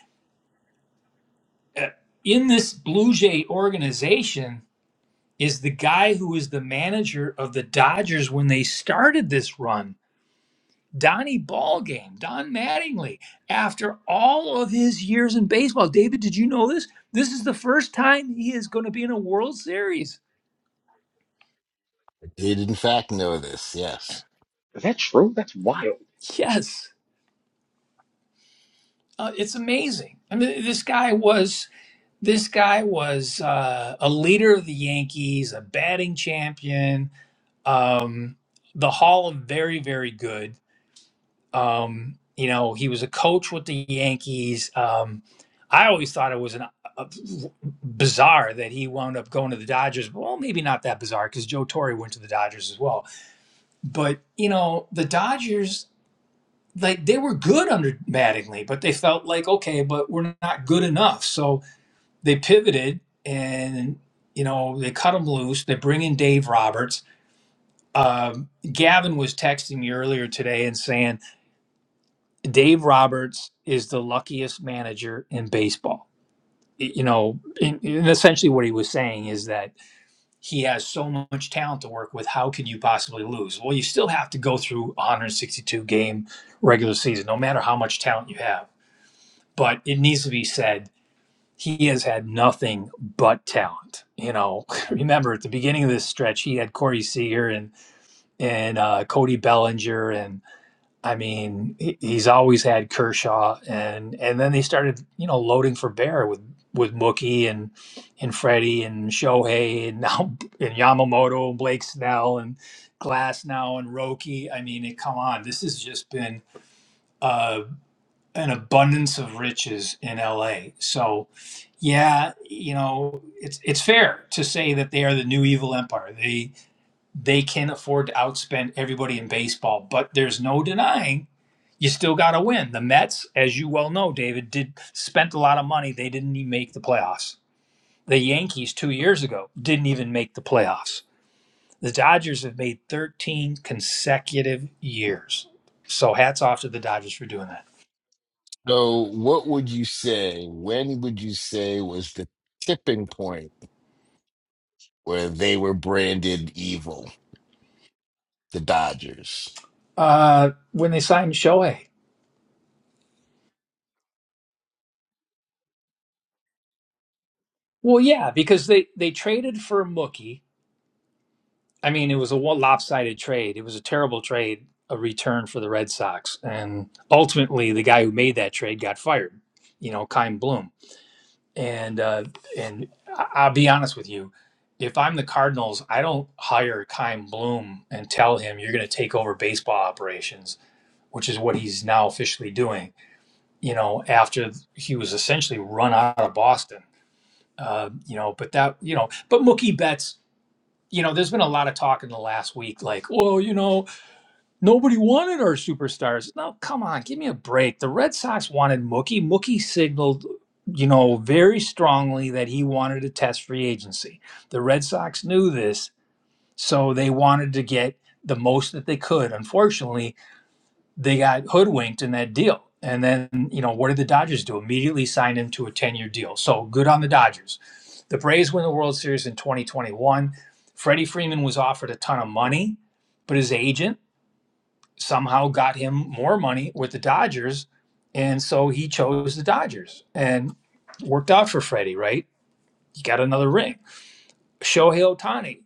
Speaker 1: uh, in this Blue Jay organization is the guy who was the manager of the Dodgers when they started this run Donnie Ballgame, Don Mattingly, after all of his years in baseball. David, did you know this? This is the first time he is going to be in a World Series.
Speaker 2: I did in fact know this, yes.
Speaker 3: Is that true? That's wild.
Speaker 1: Yes, uh, it's amazing. I mean, this guy was this guy was uh, a leader of the Yankees, a batting champion, um, the Hall of Very Very Good Um, you know, he was a coach with the Yankees. Um, I always thought it was an uh, bizarre that he wound up going to the Dodgers. Well, maybe not that bizarre because Joe Torre went to the Dodgers as well. But you know, the Dodgers like they were good under Mattingly, but they felt like okay, but we're not good enough. So they pivoted and you know they cut him loose. They bring in Dave Roberts. Um, Gavin was texting me earlier today and saying Dave Roberts is the luckiest manager in baseball. You know, in, in essentially what he was saying is that he has so much talent to work with. How can you possibly lose? Well, you still have to go through 162 game regular season, no matter how much talent you have. But it needs to be said, he has had nothing but talent. You know, [LAUGHS] remember at the beginning of this stretch, he had Corey Seager and and uh, Cody Bellinger, and. I mean, he, he's always had Kershaw, and and then they started, you know, loading for Bear with with Mookie and and Freddie and Shohei and now [LAUGHS] and Yamamoto and Blake Snell and Glass now and Roki. I mean, it, come on, this has just been uh, an abundance of riches in LA. So, yeah, you know, it's it's fair to say that they are the new evil empire. They they can afford to outspend everybody in baseball, but there's no denying you still got to win. The Mets, as you well know, David, did spent a lot of money. They didn't even make the playoffs. The Yankees two years ago didn't even make the playoffs. The Dodgers have made 13 consecutive years. So hats off to the Dodgers for doing that.
Speaker 2: So what would you say? When would you say was the tipping point? where they were branded evil, the Dodgers.
Speaker 1: Uh, when they signed Shohei, well, yeah, because they they traded for Mookie. I mean, it was a lopsided trade. It was a terrible trade, a return for the Red Sox, and ultimately the guy who made that trade got fired. You know, Kyle Bloom And uh, and I- I'll be honest with you, if I'm the Cardinals, I don't hire Kym Bloom and tell him you're going to take over baseball operations, which is what he's now officially doing. You know, after he was essentially run out of Boston. Uh, you know, but that you know, but Mookie Betts. You know, there's been a lot of talk in the last week, like, well, you know, Nobody wanted our superstars. No, come on, give me a break. The Red Sox wanted Mookie. Mookie signaled, you know, very strongly that he wanted to test free agency. The Red Sox knew this, so they wanted to get the most that they could. Unfortunately, they got hoodwinked in that deal. And then, you know, what did the Dodgers do? Immediately signed him to a 10 year deal. So good on the Dodgers. The Braves win the World Series in 2021. Freddie Freeman was offered a ton of money, but his agent, somehow got him more money with the Dodgers. And so he chose the Dodgers and worked out for Freddie, right? He got another ring. Shohei Otani.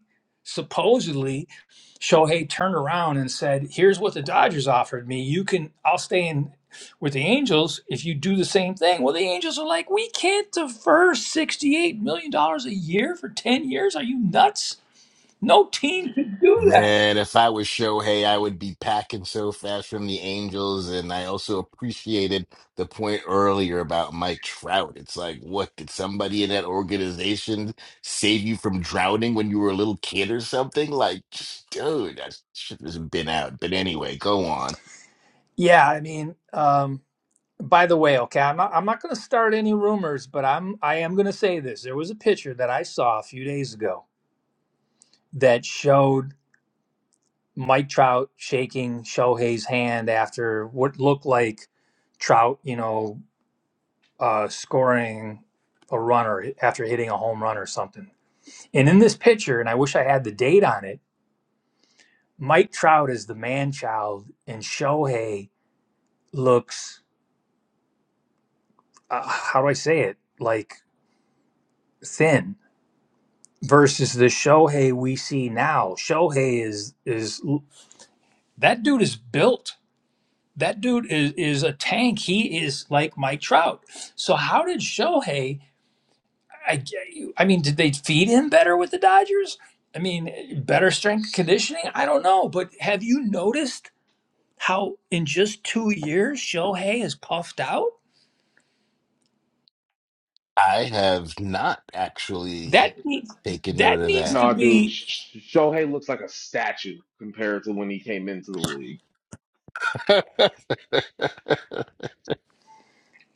Speaker 1: Supposedly, Shohei turned around and said, Here's what the Dodgers offered me. You can, I'll stay in with the Angels if you do the same thing. Well, the Angels are like, We can't defer $68 million dollars a year for 10 years. Are you nuts? No team could do that.
Speaker 2: Man, if I was Shohei, I would be packing so fast from the Angels. And I also appreciated the point earlier about Mike Trout. It's like, what, did somebody in that organization save you from drowning when you were a little kid or something? Like, just, dude, that shit has been out. But anyway, go on.
Speaker 1: Yeah, I mean, um, By the way, okay, I'm not, I'm not going to start any rumors, but I'm I am going to say this. There was a picture that I saw a few days ago that showed Mike Trout shaking Shohei's hand after what looked like Trout, you know, uh, scoring a runner after hitting a home run or something. And in this picture, and I wish I had the date on it, Mike Trout is the man child, and Shohei looks, uh, how do I say it, like thin versus the Shohei we see now. Shohei is is that dude is built. That dude is is a tank. He is like Mike Trout. So how did Shohei? I I mean, did they feed him better with the Dodgers? I mean, better strength conditioning. I don't know, but have you noticed how in just two years Shohei is puffed out?
Speaker 2: I have not actually
Speaker 1: That needs
Speaker 2: taken note
Speaker 1: that
Speaker 2: of
Speaker 1: needs
Speaker 2: that.
Speaker 1: to
Speaker 3: No, dude,
Speaker 1: be.
Speaker 3: Sh- Sh- Shohei looks like a statue compared to when he came into the league.
Speaker 2: [LAUGHS]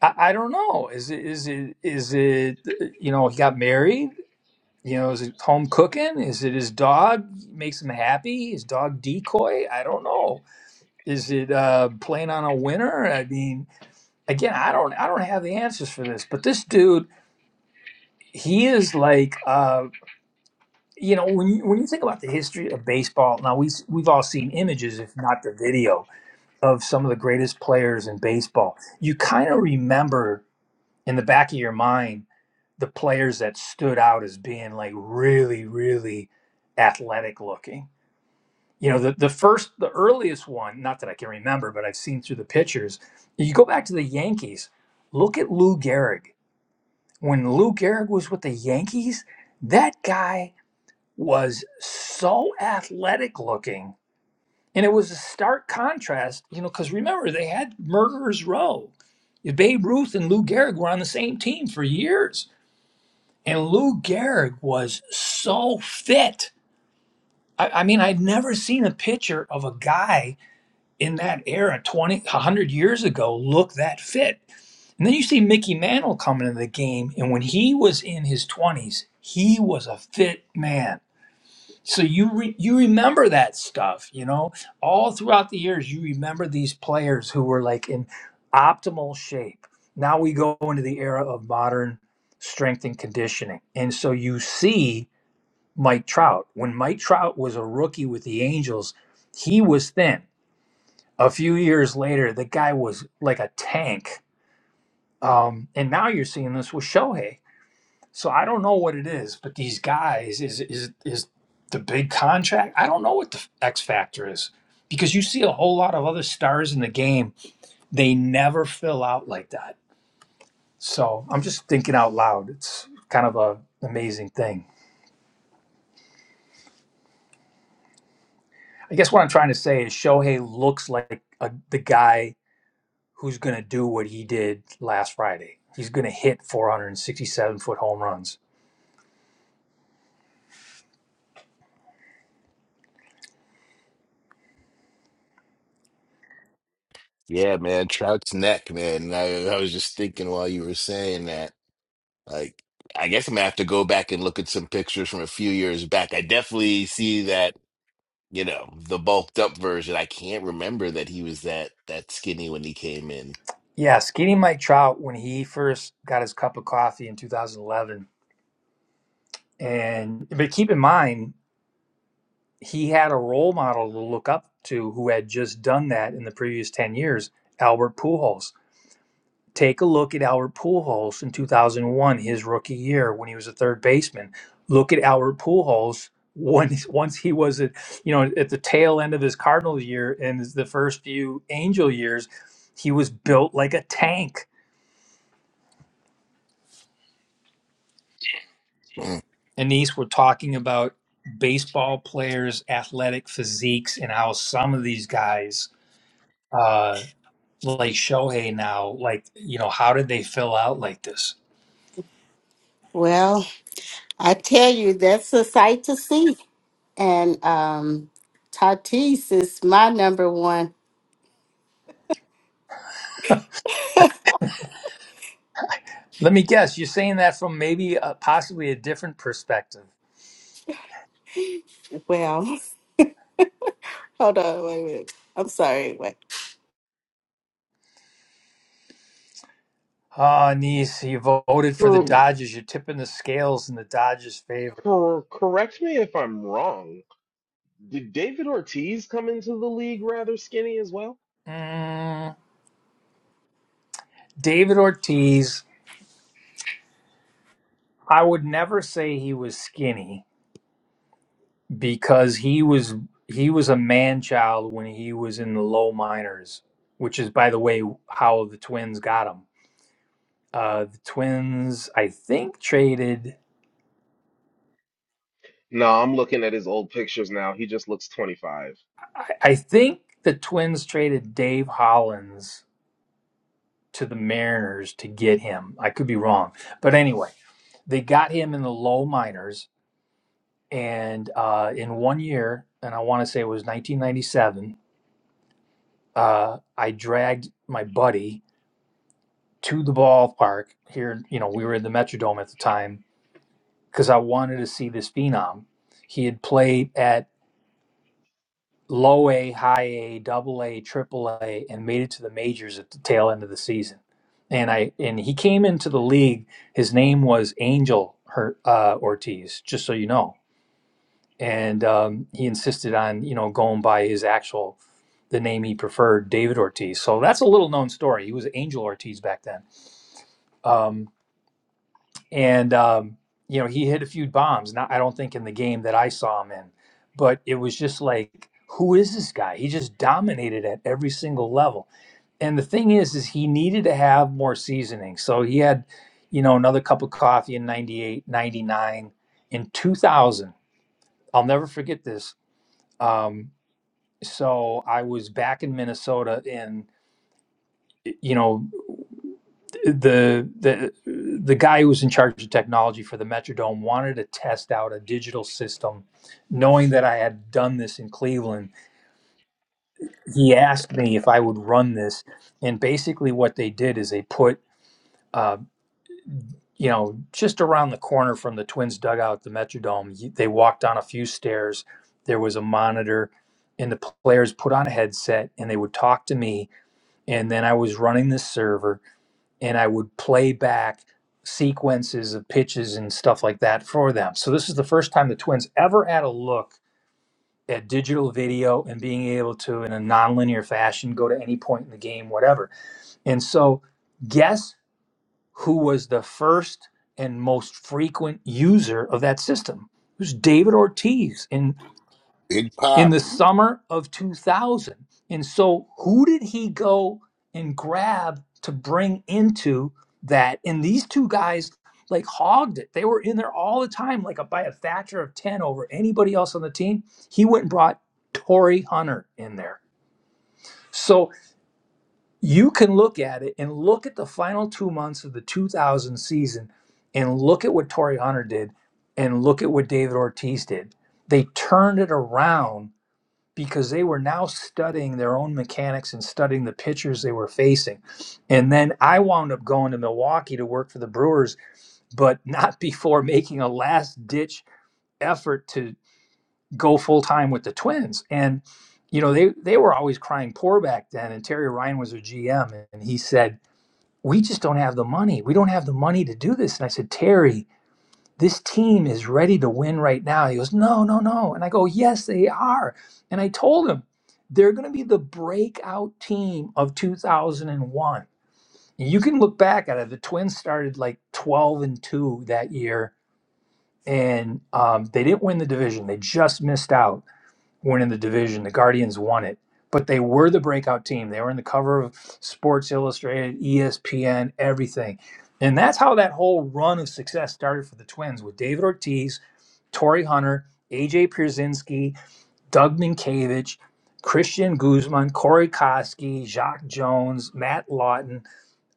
Speaker 1: I, I don't know. Is it is it is it? You know, he got married You know, is it home cooking? Is it his dog makes him happy? His dog decoy? I don't know. Is it uh, playing on a winner? I mean, again, I don't, I don't have the answers for this. But this dude, he is like, uh, you know, when you when you think about the history of baseball, now we we've all seen images, if not the video, of some of the greatest players in baseball. You kind of remember in the back of your mind the players that stood out as being like really, really athletic looking you know the, the first the earliest one not that i can remember but i've seen through the pictures you go back to the yankees look at lou gehrig when lou gehrig was with the yankees that guy was so athletic looking and it was a stark contrast you know because remember they had murderers row babe ruth and lou gehrig were on the same team for years and lou gehrig was so fit I, I mean i'd never seen a picture of a guy in that era 20 100 years ago look that fit and then you see mickey mantle coming into the game and when he was in his 20s he was a fit man so you re- you remember that stuff you know all throughout the years you remember these players who were like in optimal shape now we go into the era of modern strength and conditioning and so you see mike trout when mike trout was a rookie with the angels he was thin a few years later, the guy was like a tank. Um, and now you're seeing this with Shohei. So I don't know what it is, but these guys is is is the big contract. I don't know what the X factor is because you see a whole lot of other stars in the game. They never fill out like that. So I'm just thinking out loud. It's kind of a amazing thing. I guess what I'm trying to say is Shohei looks like a, the guy who's going to do what he did last Friday. He's going to hit 467 foot home runs.
Speaker 2: Yeah, man, Trout's neck, man. And I, I was just thinking while you were saying that, like, I guess I'm gonna have to go back and look at some pictures from a few years back. I definitely see that, you know, the bulked up version. I can't remember that he was that that skinny when he came in.
Speaker 1: Yeah, Skinny Mike Trout, when he first got his cup of coffee in 2011, and but keep in mind, he had a role model to look up to who had just done that in the previous 10 years, Albert Pujols Take a look at Albert Pujols in 2001, his rookie year when he was a third baseman. Look at Albert Pujols when [LAUGHS] once he was at you know at the tail end of his Cardinals year and the first few Angel years, he was built like a tank.
Speaker 2: Mm.
Speaker 1: Anise, we're talking about baseball players' athletic physiques and how some of these guys, uh, like Shohei now, like you know, how did they fill out like this?
Speaker 7: Well, I tell you, that's a sight to see. And um Tatis is my number one.
Speaker 1: Let me guess, you're saying that from maybe uh possibly a different perspective.
Speaker 7: Well, [LAUGHS] hold on, wait a minute. I'm sorry, wait.
Speaker 1: Ah, niece, you voted for the
Speaker 3: Cor-
Speaker 1: Dodgers. You're tipping the scales in the Dodgers' favor.
Speaker 3: cor- correct me if I'm wrong. Did David Ortiz come into the league rather skinny as well?
Speaker 1: Mm, David Ortiz, I would never say he was skinny because he was he was a man child when he was in the low minors, which is, by the way, how the Twins got him. Uh, the Twins, I think, traded.
Speaker 3: No, I'm looking at his old pictures now. He just looks 25.
Speaker 1: I, I think the Twins traded Dave Hollins to the Mariners to get him. I could be wrong, but anyway, they got him in the low minors, and uh, in one year, and I want to say it was 1997. Uh, I dragged my buddy to the ballpark here. You know, we were in the Metrodome at the time because I wanted to see this phenom. He had played at low A, high A, double A, triple A, and made it to the majors at the tail end of the season. And I and he came into the league. His name was Angel Her, uh, Ortiz, just so you know. And um, he insisted on you know going by his actual the name he preferred, David Ortiz. So that's a little known story. He was Angel Ortiz back then. Um, and um, you know he hit a few bombs. Not I don't think in the game that I saw him in, but it was just like, who is this guy? He just dominated at every single level. And the thing is, is he needed to have more seasoning. So he had, you know, another cup of coffee in 98, 99, In 2000, I'll never forget this. Um, so I was back in Minnesota in you know the the the guy who was in charge of technology for the Metrodome wanted to test out a digital system, knowing that I had done this in Cleveland. He asked me if I would run this, and basically what they did is they put. Uh, you know, just around the corner from the Twins dugout, the Metrodome, you- they walked down a few stairs. There was a monitor, and the players put on a headset and they would talk to me. And then I was running this server, and I would play back sequences of pitches and stuff like that for them. So this is the first time the Twins ever had a look at digital video and being able to, in a nonlinear fashion, go to any point in the game, whatever. And so, guess who was the first and most frequent user of that system? It was David Ortiz in
Speaker 2: Big
Speaker 1: in
Speaker 2: pop.
Speaker 1: the summer of 2000. And so, who did he go and grab to bring into that? And these two guys like hogged it. They were in there all the time, like a, by a factor of 10 over anybody else on the team. He went and brought Torrey Hunter in there. So, you can look at it and look at the final two months of the 2000 season and look at what Torrey Hunter did and look at what David Ortiz did. They turned it around because they were now studying their own mechanics and studying the pitchers they were facing. And then I wound up going to Milwaukee to work for the Brewers, but [LAUGHS] not before making a last ditch effort to go full time with the Twins. And you know, they they were always crying poor back then and Terry Ryan was their GM and he said, "We just don't have the money. We don't have the money to do this." And I said, "Terry, this team is ready to win right now. He goes, No, no, no. And I go, Yes, they are. And I told him, They're going to be the breakout team of 2001. you can look back at it. The Twins started like 12 and 2 that year, and um, they didn't win the division. They just missed out winning the division. The Guardians won it, but they were the breakout team. They were in the cover of Sports Illustrated, ESPN, everything. And that's how that whole run of success started for the Twins with David Ortiz, Torrey Hunter, AJ Pierzynski, Doug Minkiewicz, Christian Guzman, Corey Koski, Jacques Jones, Matt Lawton,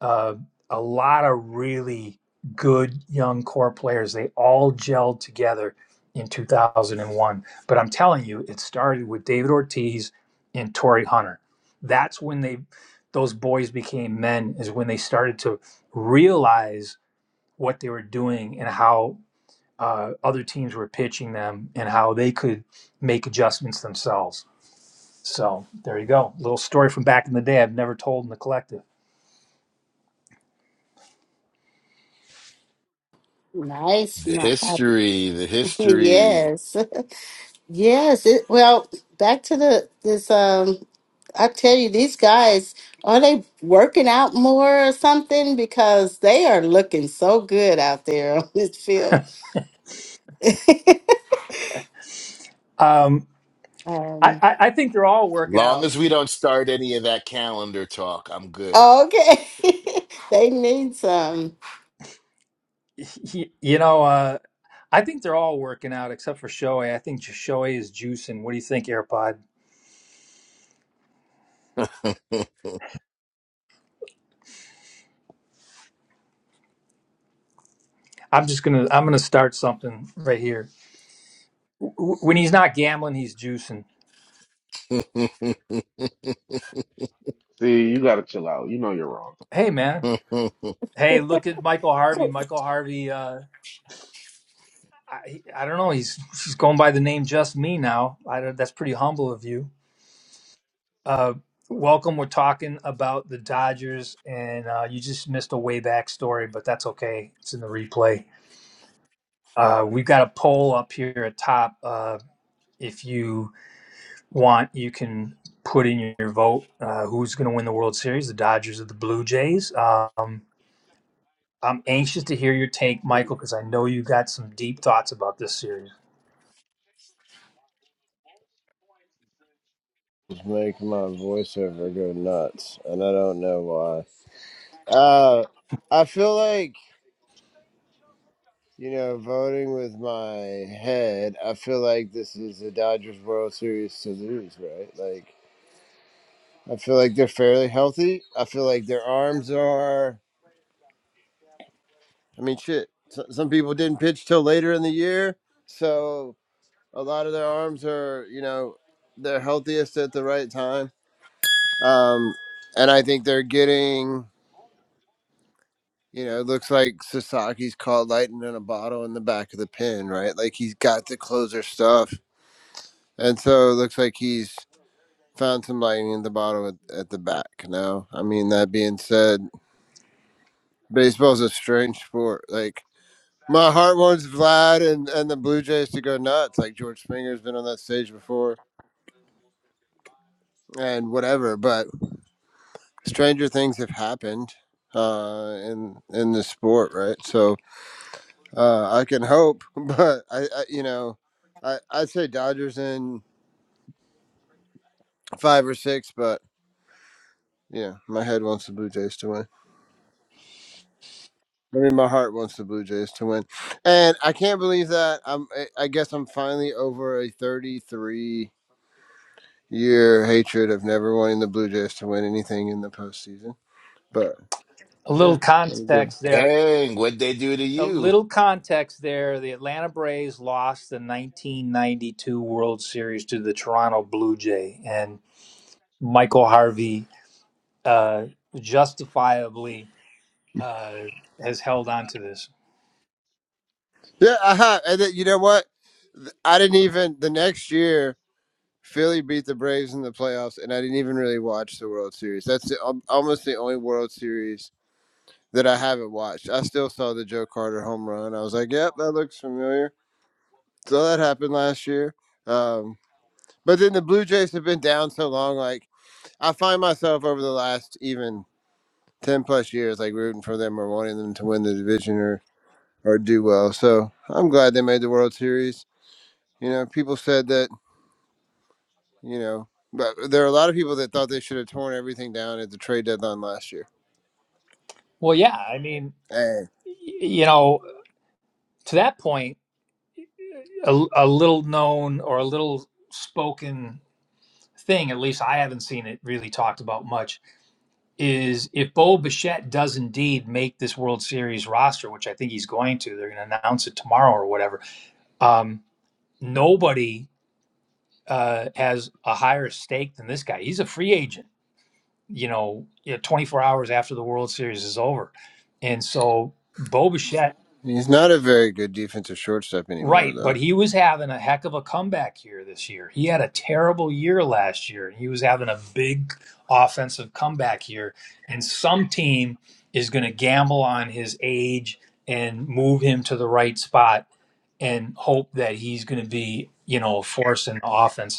Speaker 1: uh, a lot of really good young core players. They all gelled together in 2001. But I'm telling you, it started with David Ortiz and Torrey Hunter. That's when they, those boys became men, is when they started to realize what they were doing and how uh, other teams were pitching them and how they could make adjustments themselves. So there you go. Little story from back in the day I've never told in the collective.
Speaker 7: Nice,
Speaker 2: The
Speaker 7: my [LAUGHS]
Speaker 2: history, the history.
Speaker 7: yes. [LAUGHS] Yes. It, well, back to the this um I tell you, these guys, are they working out more or something? Because they are looking so good out there on this field. [LAUGHS]
Speaker 1: Um, I,
Speaker 7: um
Speaker 1: I, I think they're all working
Speaker 2: Long
Speaker 1: out.
Speaker 2: as we don't start any of that calendar talk, I'm good.
Speaker 7: Okay. [LAUGHS] they need some.
Speaker 1: [LAUGHS] You know, uh, I think they're all working out except for Shohei. I think Shohei is juicing. What do you think, AirPod? I'm just gonna I'm gonna start something right here. W- When he's not gambling, he's juicing.
Speaker 3: See, you gotta chill out. You know you're wrong.
Speaker 1: Hey man. Hey, look at Michael Harvey. Michael Harvey. Uh, I, I don't know. He's he's going by the name Just Me now. I don't, that's pretty humble of you. Uh, welcome. We're talking about the Dodgers, and uh, you just missed a way back story, but that's okay. It's in the replay. Uh, we've got a poll up here at top. Uh, if you want, you can put in your vote. Uh, who's going to win the World Series? The Dodgers or the Blue Jays? Um, I'm anxious to hear your take, Michael, because I know you got some deep thoughts about this series
Speaker 12: Just make my voiceover go nuts, and I don't know why. Uh, I feel like you know, voting with my head. I feel like this is the Dodgers World Series to lose, right? Like, I feel like they're fairly healthy. I feel like their arms are. I mean, shit. so- Some people didn't pitch till later in the year, so a lot of their arms are, you know, they're healthiest at the right time. Um, and I think they're getting You know, it looks like Sasaki's caught lightning in a bottle in the back of the pin, right? Like he's got the closer stuff. And so it looks like he's found some lightning in the bottle at, at the back now. I mean, that being said, baseball's a strange sport. Like, my heart wants Vlad and, and the Blue Jays to go nuts. Like, George Springer's been on that stage before and whatever, but stranger things have happened uh, in, in the sport, right? So Uh, I can hope, [LAUGHS] but I, I you know, I I'd say Dodgers in five or six, but yeah, my head wants the Blue Jays to win. I mean, my heart wants the Blue Jays to win, and I can't believe that. I'm I I guess I'm finally over a 33 year hatred of never wanting the Blue Jays to win anything in the postseason. But
Speaker 1: a
Speaker 12: yeah,
Speaker 1: little
Speaker 12: I'm good.
Speaker 1: context
Speaker 2: [LAUGHS]
Speaker 1: there.
Speaker 2: Dang, what'd they do to
Speaker 1: a
Speaker 2: you?
Speaker 1: little context there the Atlanta Braves lost the 1992 World Series to the Toronto Blue Jay, and Michael Harvey uh, justifiably uh, has held on to this.
Speaker 12: Yeah, I have. And then, you know what? Th- I didn't even the next year. Philly beat the Braves in the playoffs, and I didn't even really watch the World Series. That's the, almost the only World Series that I haven't watched. I still saw the Joe Carter home run. I was like, "Yep, that looks familiar." So that happened last year. Um, but then the Blue Jays have been down so long. Like I find myself over the last even ten plus years, like rooting for them or wanting them to win the division or or do well. So I'm glad they made the World Series. You know, people said that you know. But there are a lot of people that thought they should have torn everything down at the trade deadline last year.
Speaker 1: Well, yeah, I mean,
Speaker 12: Hey,
Speaker 1: y- you know, to that point, a, a little known or a little spoken thing, at least I haven't seen it really talked about much, is if Bo Bichette does indeed make this World Series roster, which I think he's going to, they're going to announce it tomorrow or whatever. Um, nobody uh, has a higher stake than this guy. He's a free agent, you know, you know, 24 hours after the World Series is over. And so Bo Bichette
Speaker 12: he's not a very good defensive shortstop anymore,
Speaker 1: Right,
Speaker 12: though.
Speaker 1: but he was having a heck of a comeback here this year. He had a terrible year last year, and he was having a big offensive comeback here. And some team is going to gamble on his age and move him to the right spot and hope that he's going to be, you know, a force in the offense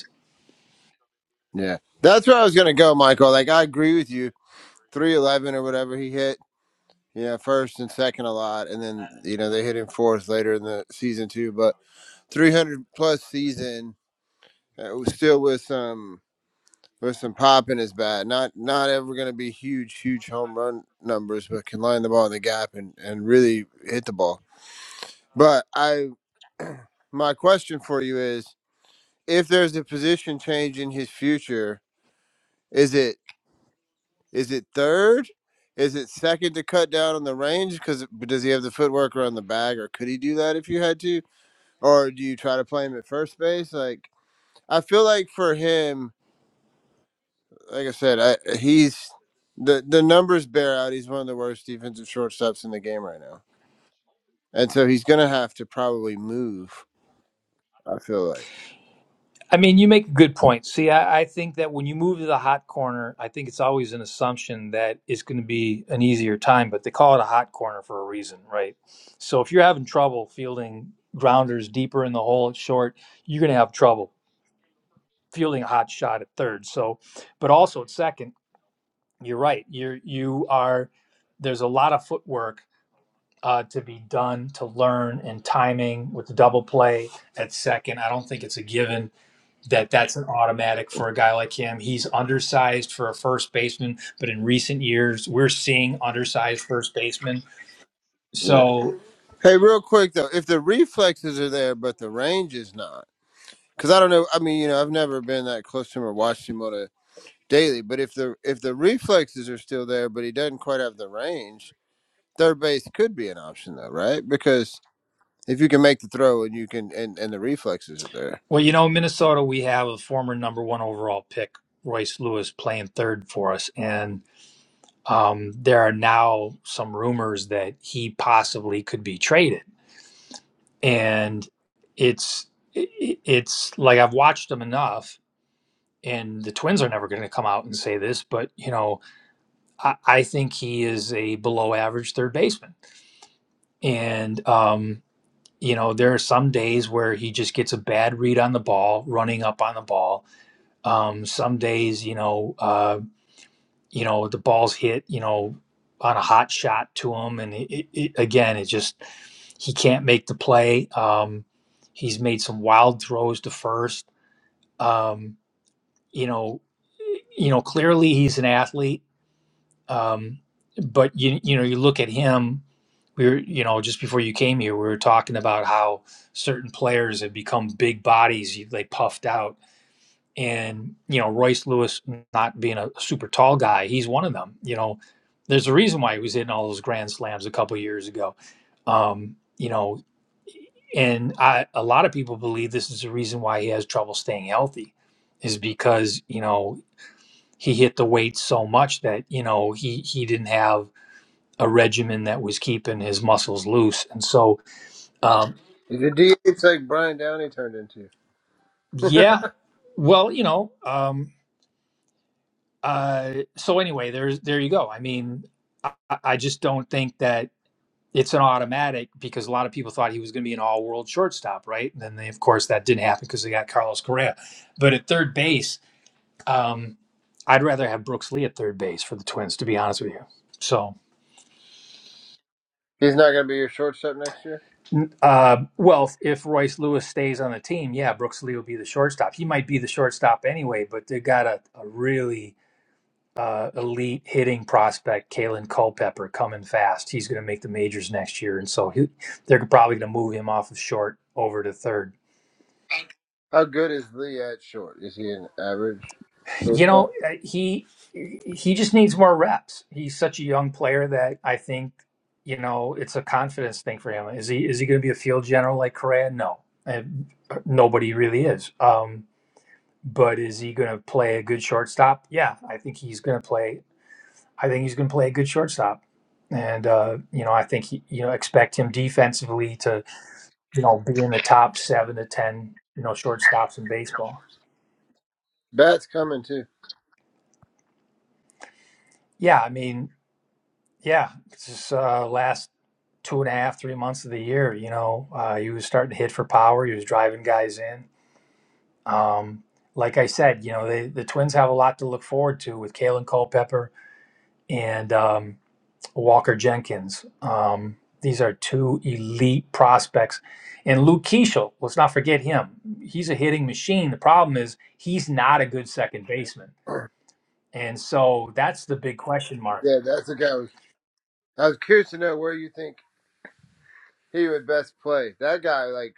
Speaker 12: Yeah, that's where I was gonna go, Michael. Like I agree with you. Three eleven or whatever he hit, you know, first and second a lot, and then you know they hit him fourth later in the season too. But three hundred plus season, uh, was still with some with some pop in his bat. Not not ever gonna be huge, huge home run numbers, but can line the ball in the gap and and really hit the ball. But I, [CLEARS THROAT] my question for you is: If there's a position change in his future, is it is it third? Is it second to cut down on the range? Because does he have the footwork around the bag, or could he do that if you had to? Or do you try to play him at first base? Like I feel like for him, like I said, I, he's the the numbers bear out. He's one of the worst defensive shortstops in the game right now, and so he's gonna have to probably move. I feel like.
Speaker 1: I mean, you make a good point. See, I, I think that when you move to the hot corner, I think it's always an assumption that it's going to be an easier time, but they call it a hot corner for a reason, right? So if you're having trouble fielding grounders deeper in the hole at short, you're going to have trouble fielding a hot shot at third. So, but also at second, you're right. You're, you are, there's a lot of footwork uh, to be done to learn and timing with the double play at second. I don't think it's a given that that's an automatic for a guy like him. He's undersized for a first baseman, but in recent years, we're seeing undersized first basemen.
Speaker 12: Yeah.
Speaker 1: So,
Speaker 12: Hey, real quick though, if the reflexes are there but the range is not, because I don't know. I mean, you know, I've never been that close to him or watched him on a daily. But if the if the reflexes are still there, but he doesn't quite have the range, third base could be an option though, right? Because if you can make the throw and you can and and the reflexes are there,
Speaker 1: well, you know, Minnesota, we have a former number one overall pick, Royce Lewis, playing third for us. And um, there are now some rumors that he possibly could be traded. And it's, it's like I've watched him enough, and the Twins are never going to come out and say this, but, you know, I, I think he is a below average third baseman. And, um, you know, there are some days where he just gets a bad read on the ball, running up on the ball. Um, some days, you know, uh, you know, the ball's hit, you know, on a hot shot to him. And it, it, it, again, it just, he can't make the play. Um, he's made some wild throws to first. Um, you know, you know, clearly he's an athlete um, but you you know you look at him we were you know just before you came here we were talking about how certain players have become big bodies you- they puffed out and you know Royce Lewis not being a super tall guy he's one of them you know there's a reason why he was hitting all those grand slams a couple years ago um, you know and I, a lot of people believe this is the reason why he has trouble staying healthy is because you know he hit the weight so much that you know he he didn't have a regimen that was keeping his muscles loose. And so, um,
Speaker 12: it D? It's like Brian Downey turned into.
Speaker 1: yeah, well, you know, um, uh, so anyway, there's there you go. I mean, I, I just don't think that it's an automatic because a lot of people thought he was going to be an all world shortstop, right? And then, they, of course, that didn't happen because they got Carlos Correa. But at third base, um, I'd rather have Brooks Lee at third base for the Twins, to be honest with you. So,
Speaker 12: He's not going to be your shortstop next year.
Speaker 1: Uh, well, if Royce Lewis stays on the team, yeah, Brooks Lee will be the shortstop. He might be the shortstop anyway, but they got a, a really uh, elite hitting prospect, Kalen Culpepper, coming fast. He's going to make the majors next year, and so he, they're probably going to move him off of short over to third.
Speaker 12: How good is Lee at short? Is he an average
Speaker 1: You
Speaker 12: shortstop?
Speaker 1: know, uh, he he just needs more reps. He's such a young player that I think you know it's a confidence thing for him. Is he is he going to be a field general like Correa? No, Uh, nobody really is. Um, But is he going to play a good shortstop? Yeah, I think he's going to play. I think he's going to play a good shortstop, and uh, you know, I think he, you know expect him defensively to you know be in the top seven to ten you know shortstops in baseball.
Speaker 12: Bat's coming too.
Speaker 1: Yeah, I mean, yeah, it's just uh, last two and a half, three months of the year. You know, uh, he was starting to hit for power. He was driving guys in. Um, like I said, you know, they, the Twins have a lot to look forward to with Kalen Culpepper and um, Walker Jenkins. Um, these are two elite prospects. And Luke Keeschel, let's not forget him. He's a hitting machine. The problem is he's not a good second baseman. And so that's the big question mark.
Speaker 12: Yeah, that's the guy. I was, I was curious to know where you think. he would best play. That guy like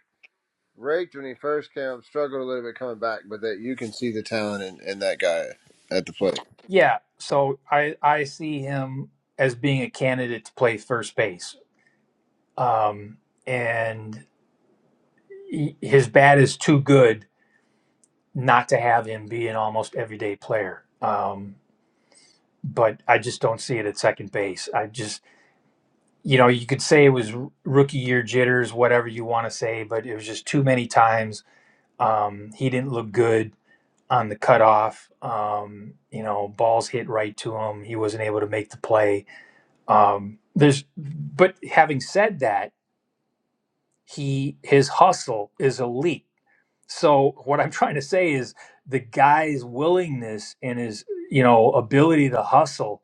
Speaker 12: raked when he first came, struggled a little bit coming back, but that you can see the talent in, in that guy at the plate.
Speaker 1: Yeah. So I, I see him as being a candidate to play first base. Um, and he, his bat is too good not to have him be an almost everyday player. Um, but I just don't see it at second base. I just you know, you could say it was r- rookie year jitters, whatever you want to say, but it was just too many times. Um, he didn't look good on the cutoff. Um, you know, balls hit right to him. He wasn't able to make the play. Um, there's, but having said that, he his hustle is elite. So what I'm [LAUGHS] trying to say is the guy's willingness and his you know ability to hustle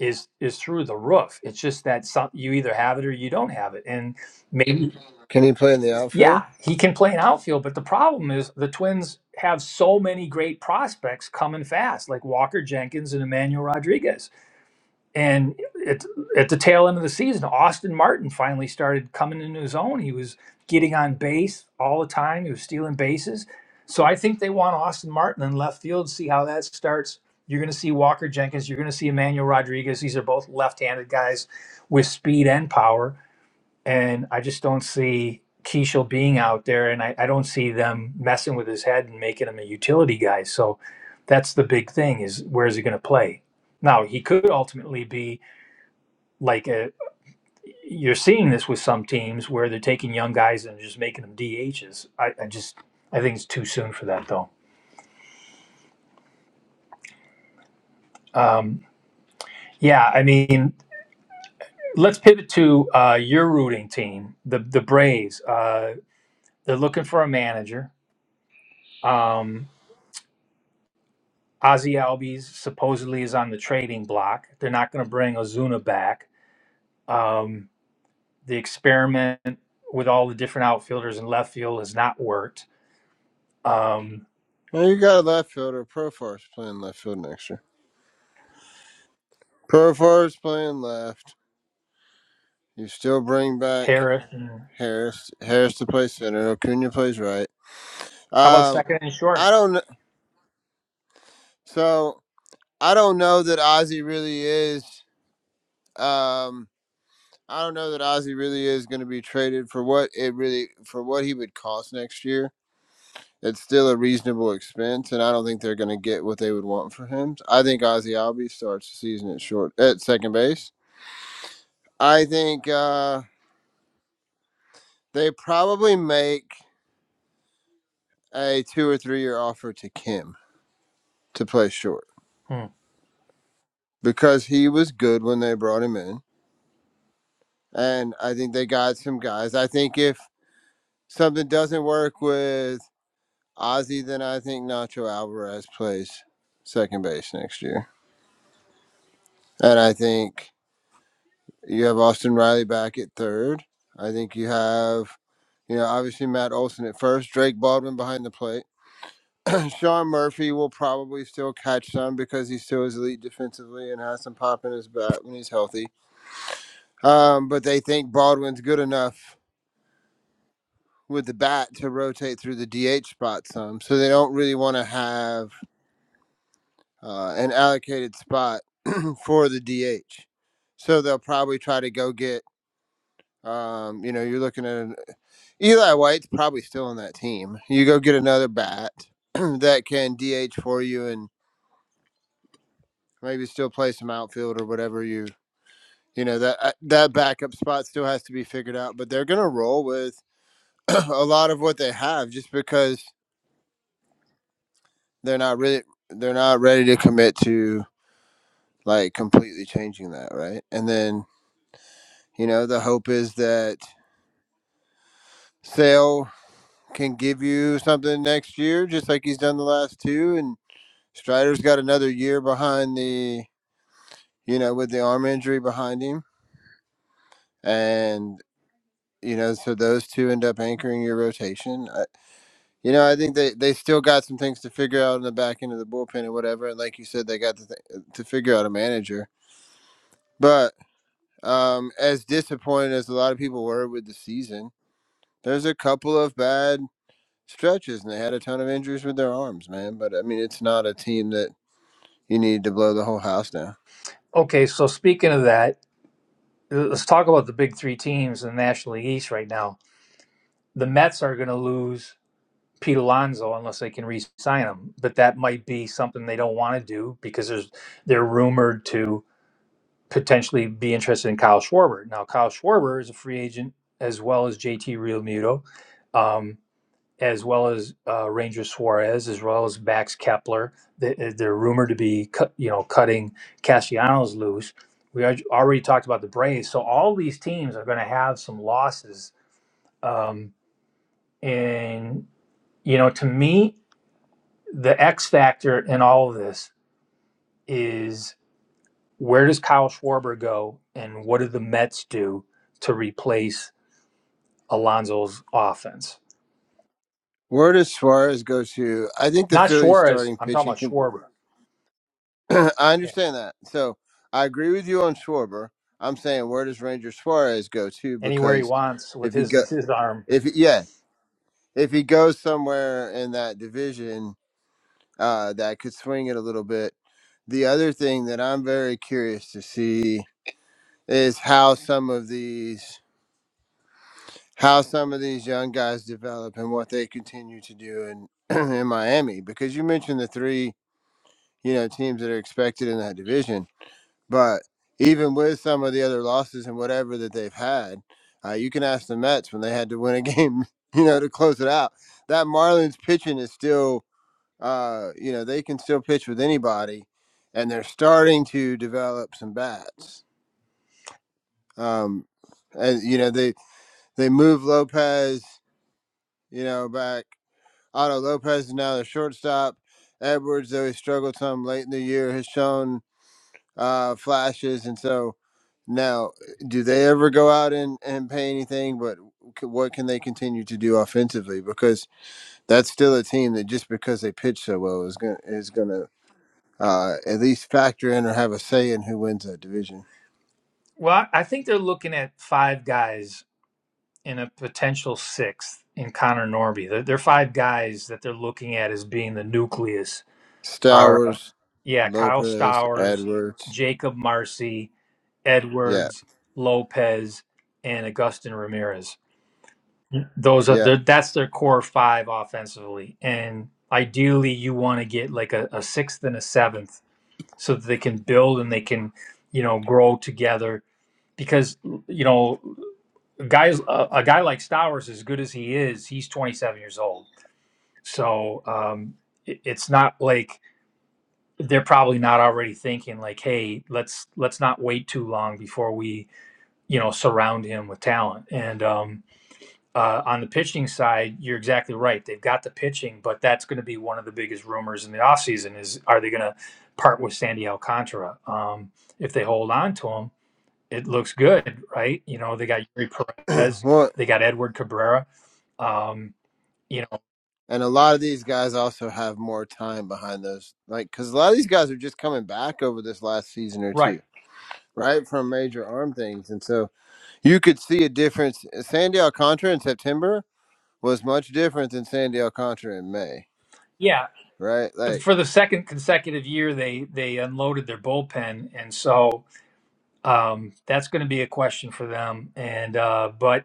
Speaker 1: is is through the roof. It's just that some, you either have it or you don't have it, and maybe.
Speaker 12: Can he play in the outfield?
Speaker 1: Yeah, he can play an outfield, but the problem is the Twins have so many great prospects coming fast, like Walker Jenkins and Emmanuel Rodriguez. And it, at the tail end of the season, Austin Martin finally started coming into his own. He was getting on base all the time, he was stealing bases. So I think they want Austin Martin in left field, see how that starts. You're going to see Walker Jenkins, you're going to see Emmanuel Rodriguez. These are both left handed guys with speed and power and I just don't see Keishel being out there, and I, I don't see them messing with his head and making him a utility guy. So that's the big thing: is where is he going to play? Now he could ultimately be like a, you're seeing this with some teams where they're taking young guys and just making them DHs. I, I just I think it's too soon for that though. Um, yeah, I mean, let's pivot to uh, your rooting team, the the Braves. Uh, they're looking for a manager. Um, Ozzy Albies supposedly is on the trading block. They're not going to bring Ozuna back. Um, the experiment with all the different outfielders in left field has not worked. Um,
Speaker 12: Well, you got a left fielder. Profar's playing left field next year. Profar's playing left. You still bring back
Speaker 1: Harris, and-
Speaker 12: Harris Harris to play center. Acuna plays right.
Speaker 1: how about
Speaker 12: Um,
Speaker 1: second and
Speaker 12: I
Speaker 1: short?
Speaker 12: don't. kn- So I don't know that Ozzy really is. Um, I don't know that Ozzy really is going to be traded for what it really for what he would cost next year. It's still a reasonable expense, and I don't think they're going to get what they would want for him. I think Ozzy Albies starts the season at short at second base. I think uh, they probably make a two or three year offer to Kim to play short.
Speaker 1: Hmm.
Speaker 12: because he was good when they brought him in. And I think they got some guys. I think if something doesn't work with Ozzy, then I think Nacho Alvarez plays second base next year. And I think you have Austin Riley back at third. I think you have, you know, obviously Matt Olson at first, Drake Baldwin behind the plate. [CLEARS THROAT] Sean Murphy will probably still catch some because he still is elite defensively and has some pop in his bat when he's healthy. Um, but they think Baldwin's good enough with the bat to rotate through the DH spot some. So they don't really want to have uh, an allocated spot [CLEARS THROAT] for the DH. So they'll probably try to go get, um, you know, you're looking at an, Eli White's probably still on that team. You go get another bat [CLEARS THROAT] that can DH for you and maybe still play some outfield or whatever you. You know that uh, that backup spot still has to be figured out, but they're gonna roll with [CLEARS THROAT] a lot of what they have just because they're not really they're not ready to commit to like completely changing that, right? And then, you know, the hope is that Sale can give you something next year, just like he's done the last two. And Strider's got another year behind the, you know, with the arm injury behind him. And, you know, so those two end up anchoring your rotation. I, you know, I think they, they still got some things to figure out in the back end of the bullpen and whatever. And like you said, they got to, th- to figure out a manager. But um, as disappointed as a lot of people were with the season, There's a couple of bad stretches, and they had a ton of injuries with their arms, man. But I mean, it's not a team that you need to blow the whole house down.
Speaker 1: Okay, so speaking of that, let's talk about the big three teams in the National League East right now. The Mets are going to lose Pete Alonso unless they can re-sign him, but that might be something they don't want to do because there's they're rumored to. potentially be interested in Kyle Schwarber. Now, Kyle Schwarber is a free agent as well as JT Realmuto, um, as well as uh, Ranger Suarez, as well as Max Kepler. They, uh, they're rumored to be, cut, you know, cutting Castellanos loose. We al- already talked about the Braves, so all these teams are going to have some losses. Um, and you know, to me, the X factor in all of this is. Where does Kyle Schwarber go, and what do the Mets do to replace Alonso's offense?
Speaker 12: Where does Suarez go to? I think the
Speaker 1: Not
Speaker 12: Phillies
Speaker 1: Suarez.
Speaker 12: starting
Speaker 1: I'm talking
Speaker 12: pitching
Speaker 1: about
Speaker 12: can.
Speaker 1: Schwarber.
Speaker 12: [CLEARS THROAT] I
Speaker 1: Yeah.
Speaker 12: understand that. So I agree with you on Schwarber. I'm saying where does Ranger Suarez go to?
Speaker 1: Anywhere he
Speaker 12: Because
Speaker 1: wants with
Speaker 12: if he
Speaker 1: his
Speaker 12: go,
Speaker 1: [LAUGHS] his arm.
Speaker 12: if he- yeah, if he goes somewhere in that division, uh, that could swing it a little bit. The other thing that I'm very curious to see is how some of these how some of these young guys develop and what they continue to do in [CLEARS THROAT] in Miami because you mentioned the three you know teams that are expected in that division but even with some of the other losses and whatever that they've had uh, you can ask the Mets when they had to win a game [LAUGHS] you know to close it out that Marlins pitching is still uh you know they can still pitch with anybody and they're starting to develop some bats um and you know they They moved Lopez, you know, back. Otto Lopez is now the shortstop. Edwards, though he struggled some late in the year, has shown uh, flashes. And so now, do they ever go out and, and pay anything? But c- what can they continue to do offensively? Because that's still a team that just because they pitch so well is going is going to uh, at least factor in or have a say in who wins that division.
Speaker 1: Well, I think they're looking at five guys in a potential sixth in Connor Norby. There are are five guys that they're looking at as being the nucleus. Are uh,
Speaker 12: Stowers,
Speaker 1: yeah, Kyle
Speaker 12: Lopez,
Speaker 1: Stowers,
Speaker 12: Edwards.
Speaker 1: Jacob Marcy,
Speaker 12: Yeah,
Speaker 1: Edwards, Lopez, and Augustin Ramirez. Those are
Speaker 12: yeah.
Speaker 1: the that's their core five offensively, and ideally you want to get like a, a sixth and a seventh so that they can build and they can you know grow together because you know guys a, a guy like Stowers as good as he is he's 27 years old so um it, it's not like they're probably not already thinking like hey let's let's not wait too long before we you know surround him with talent and um uh, on the pitching side, you're exactly right. They've got the pitching, but that's going to be one of the biggest rumors in the offseason is are they going to part with Sandy Alcantara? Um, if they hold on to him, it looks good, right? You know, they got Yuri
Speaker 12: [CLEARS THROAT]
Speaker 1: Perez,
Speaker 12: well,
Speaker 1: they got Edward Cabrera. Um, you know,
Speaker 12: And a lot of these guys also have more time behind those, like because a lot of these guys are just coming back over this last season or two,
Speaker 1: right.
Speaker 12: right, from major arm things, and so you could see a difference. uh, Sandy Alcantara in September was much different than Sandy Alcantara in May,
Speaker 1: Yeah.
Speaker 12: right?
Speaker 1: But
Speaker 12: Like,
Speaker 1: for the second consecutive year, they they unloaded their bullpen, and so um, that's going to be a question for them. And uh, but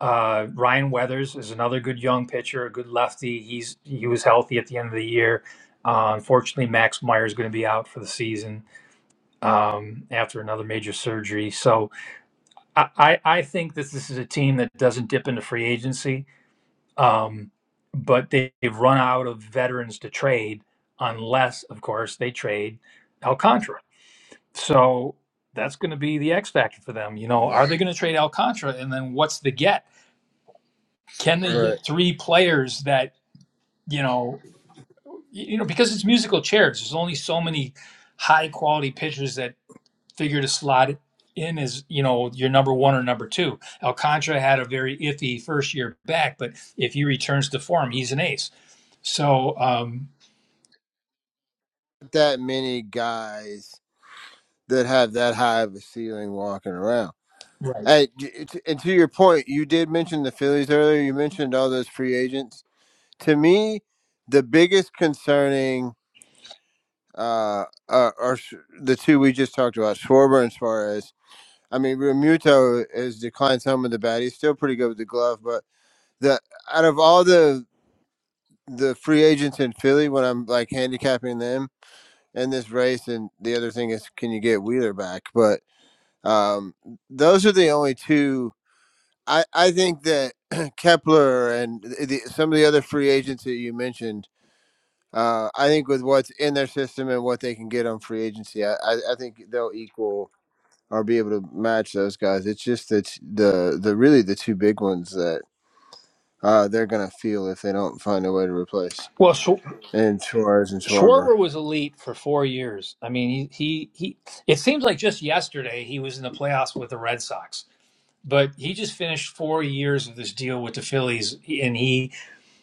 Speaker 1: Uh, Ryan Weathers is another good young pitcher, a good lefty. He's he was healthy at the end of the year. Uh, unfortunately, Max Meyer is going to be out for the season um, after another major surgery. So I, I, I think that this is a team that doesn't dip into free agency, um, but they, they've run out of veterans to trade unless, of course, they trade Alcantara. So that's going to be the X factor for them. You know,
Speaker 12: right.
Speaker 1: are they going to trade Alcantara, and then what's the get? can they
Speaker 12: right.
Speaker 1: get three players that you know you know because it's musical chairs there's only so many high quality pitchers that figure to slot it in as you know your number one or number two alcantara had a very iffy first year back but if he returns to form he's an ace so um
Speaker 12: That many guys that have that high of a ceiling walking around.
Speaker 1: right
Speaker 12: Hey, j- t- and to your point, you did mention the Phillies earlier. You mentioned all those free agents. To me, the biggest concerning uh, are, are the two we just talked about, Schwarber and Suarez. I mean, Remuto has declined some of the bat. He's still pretty good with the glove, but the out of all the the free agents in Philly, when I'm like handicapping them in this race, and the other thing is, can you get Wheeler back? But um, those are the only two. I I think that [CLEARS THROAT] Kepler and the- some of the other free agents that you mentioned Uh, I think with what's in their system and what they can get on free agency, I, I, I think they'll equal or be able to match those guys. It's just that the the really the two big ones that uh, they're gonna feel if they don't find a way to replace
Speaker 1: well Sch-
Speaker 12: and Suarez and Schwarber.
Speaker 1: Schwarber was elite for four years i mean he, he he it seems like just yesterday he was in the playoffs with the red sox but he just finished four years of this deal with the Phillies, and he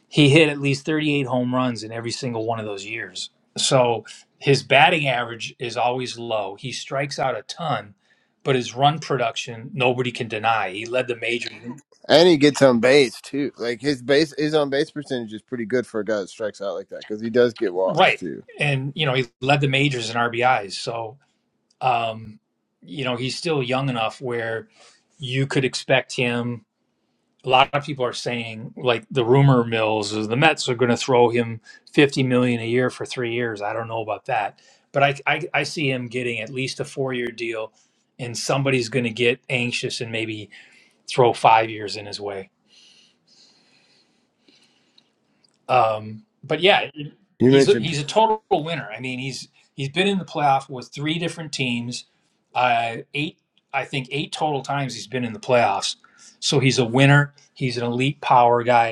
Speaker 1: he hit at least 38 home runs in every single one of those years. So his batting average is always low. He strikes out a ton, but his run production, nobody can deny. He led the major,
Speaker 12: And he gets on base too. Like his base, his on base percentage is pretty good for a guy that strikes out like that because he does get
Speaker 1: [LAUGHS]
Speaker 12: walks
Speaker 1: right?
Speaker 12: too.
Speaker 1: And you know he led the majors in RBIs. So um, you know he's still young enough where you could expect him. a lot of people are saying like the rumor mills is the Mets are going to throw him 50 million a year for 3 years. I don't know about that. But I I, I see him getting at least a 4-year deal and somebody's going to get anxious and maybe throw 5 years in his way. Um but yeah,
Speaker 12: You
Speaker 1: he's a,
Speaker 12: mentioned,
Speaker 1: he's a total winner. I mean, he's he's been in the playoff with three different teams. Uh eight I think eight total times he's been in the playoffs. So he's a winner. He's an elite power guy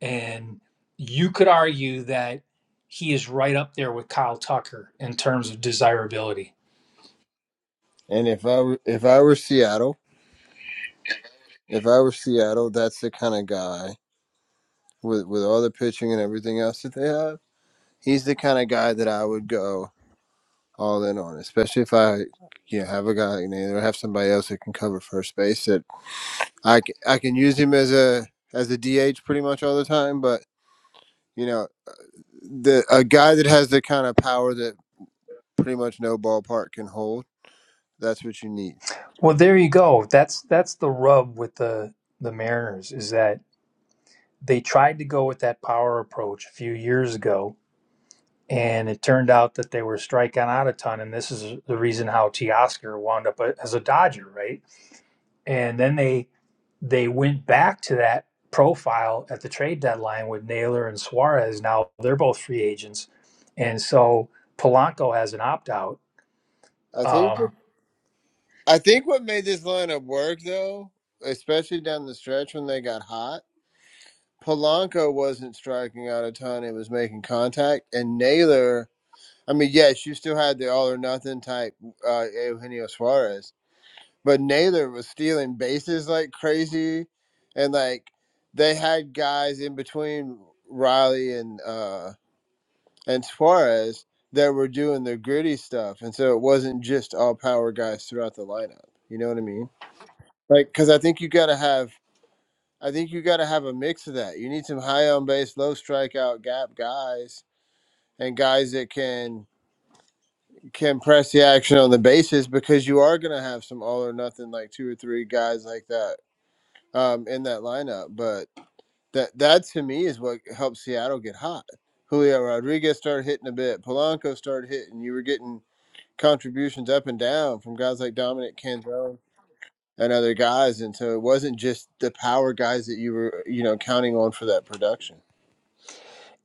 Speaker 1: And you could argue that he is right up there with Kyle Tucker in terms of desirability.
Speaker 12: and if I were, if I were Seattle, if I were Seattle, that's the kind of guy with with all the pitching and everything else that they have he's the kind of guy that I would go all in on, especially if I you know have a guy like Naylor or have somebody else that can cover first base that I I can use him as a as a DH pretty much all the time, but you know the a guy that has the kind of power that pretty much no ballpark can hold. That's what you need.
Speaker 1: Well, there you go. That's that's the rub with the the Mariners is that they tried to go with that power approach a few years ago, and it turned out that they were striking out a ton. And this is the reason how Teoscar wound up a- as a Dodger, right? and then they they went back to that profile at the trade deadline with Naylor and Suarez. Now they're both free agents, and so Polanco has an opt out.
Speaker 12: I think
Speaker 1: Um,
Speaker 12: I think what made this lineup work though, especially down the stretch when they got hot, Polanco wasn't striking out a ton; it was making contact, and Naylor I mean, yes, you still had the all or nothing type uh, Eugenio Suarez, but Naylor was stealing bases like crazy, and like they had guys in between Riley and uh, and Suarez that were doing the gritty stuff, and so it wasn't just all power guys throughout the lineup. You know what I mean? Like, because I think you got to have, I think you got to have a mix of that. You need some high on base, low strikeout gap guys, and guys that can can press the action on the bases because you are going to have some all or nothing like two or three guys like that um, in that lineup. But that that to me is what helped Seattle get hot. Julio Rodriguez started hitting a bit. Polanco started hitting. You were getting contributions up and down from guys like Dominic Canzone and other guys, and so it wasn't just the power guys that you were you know counting on for that production.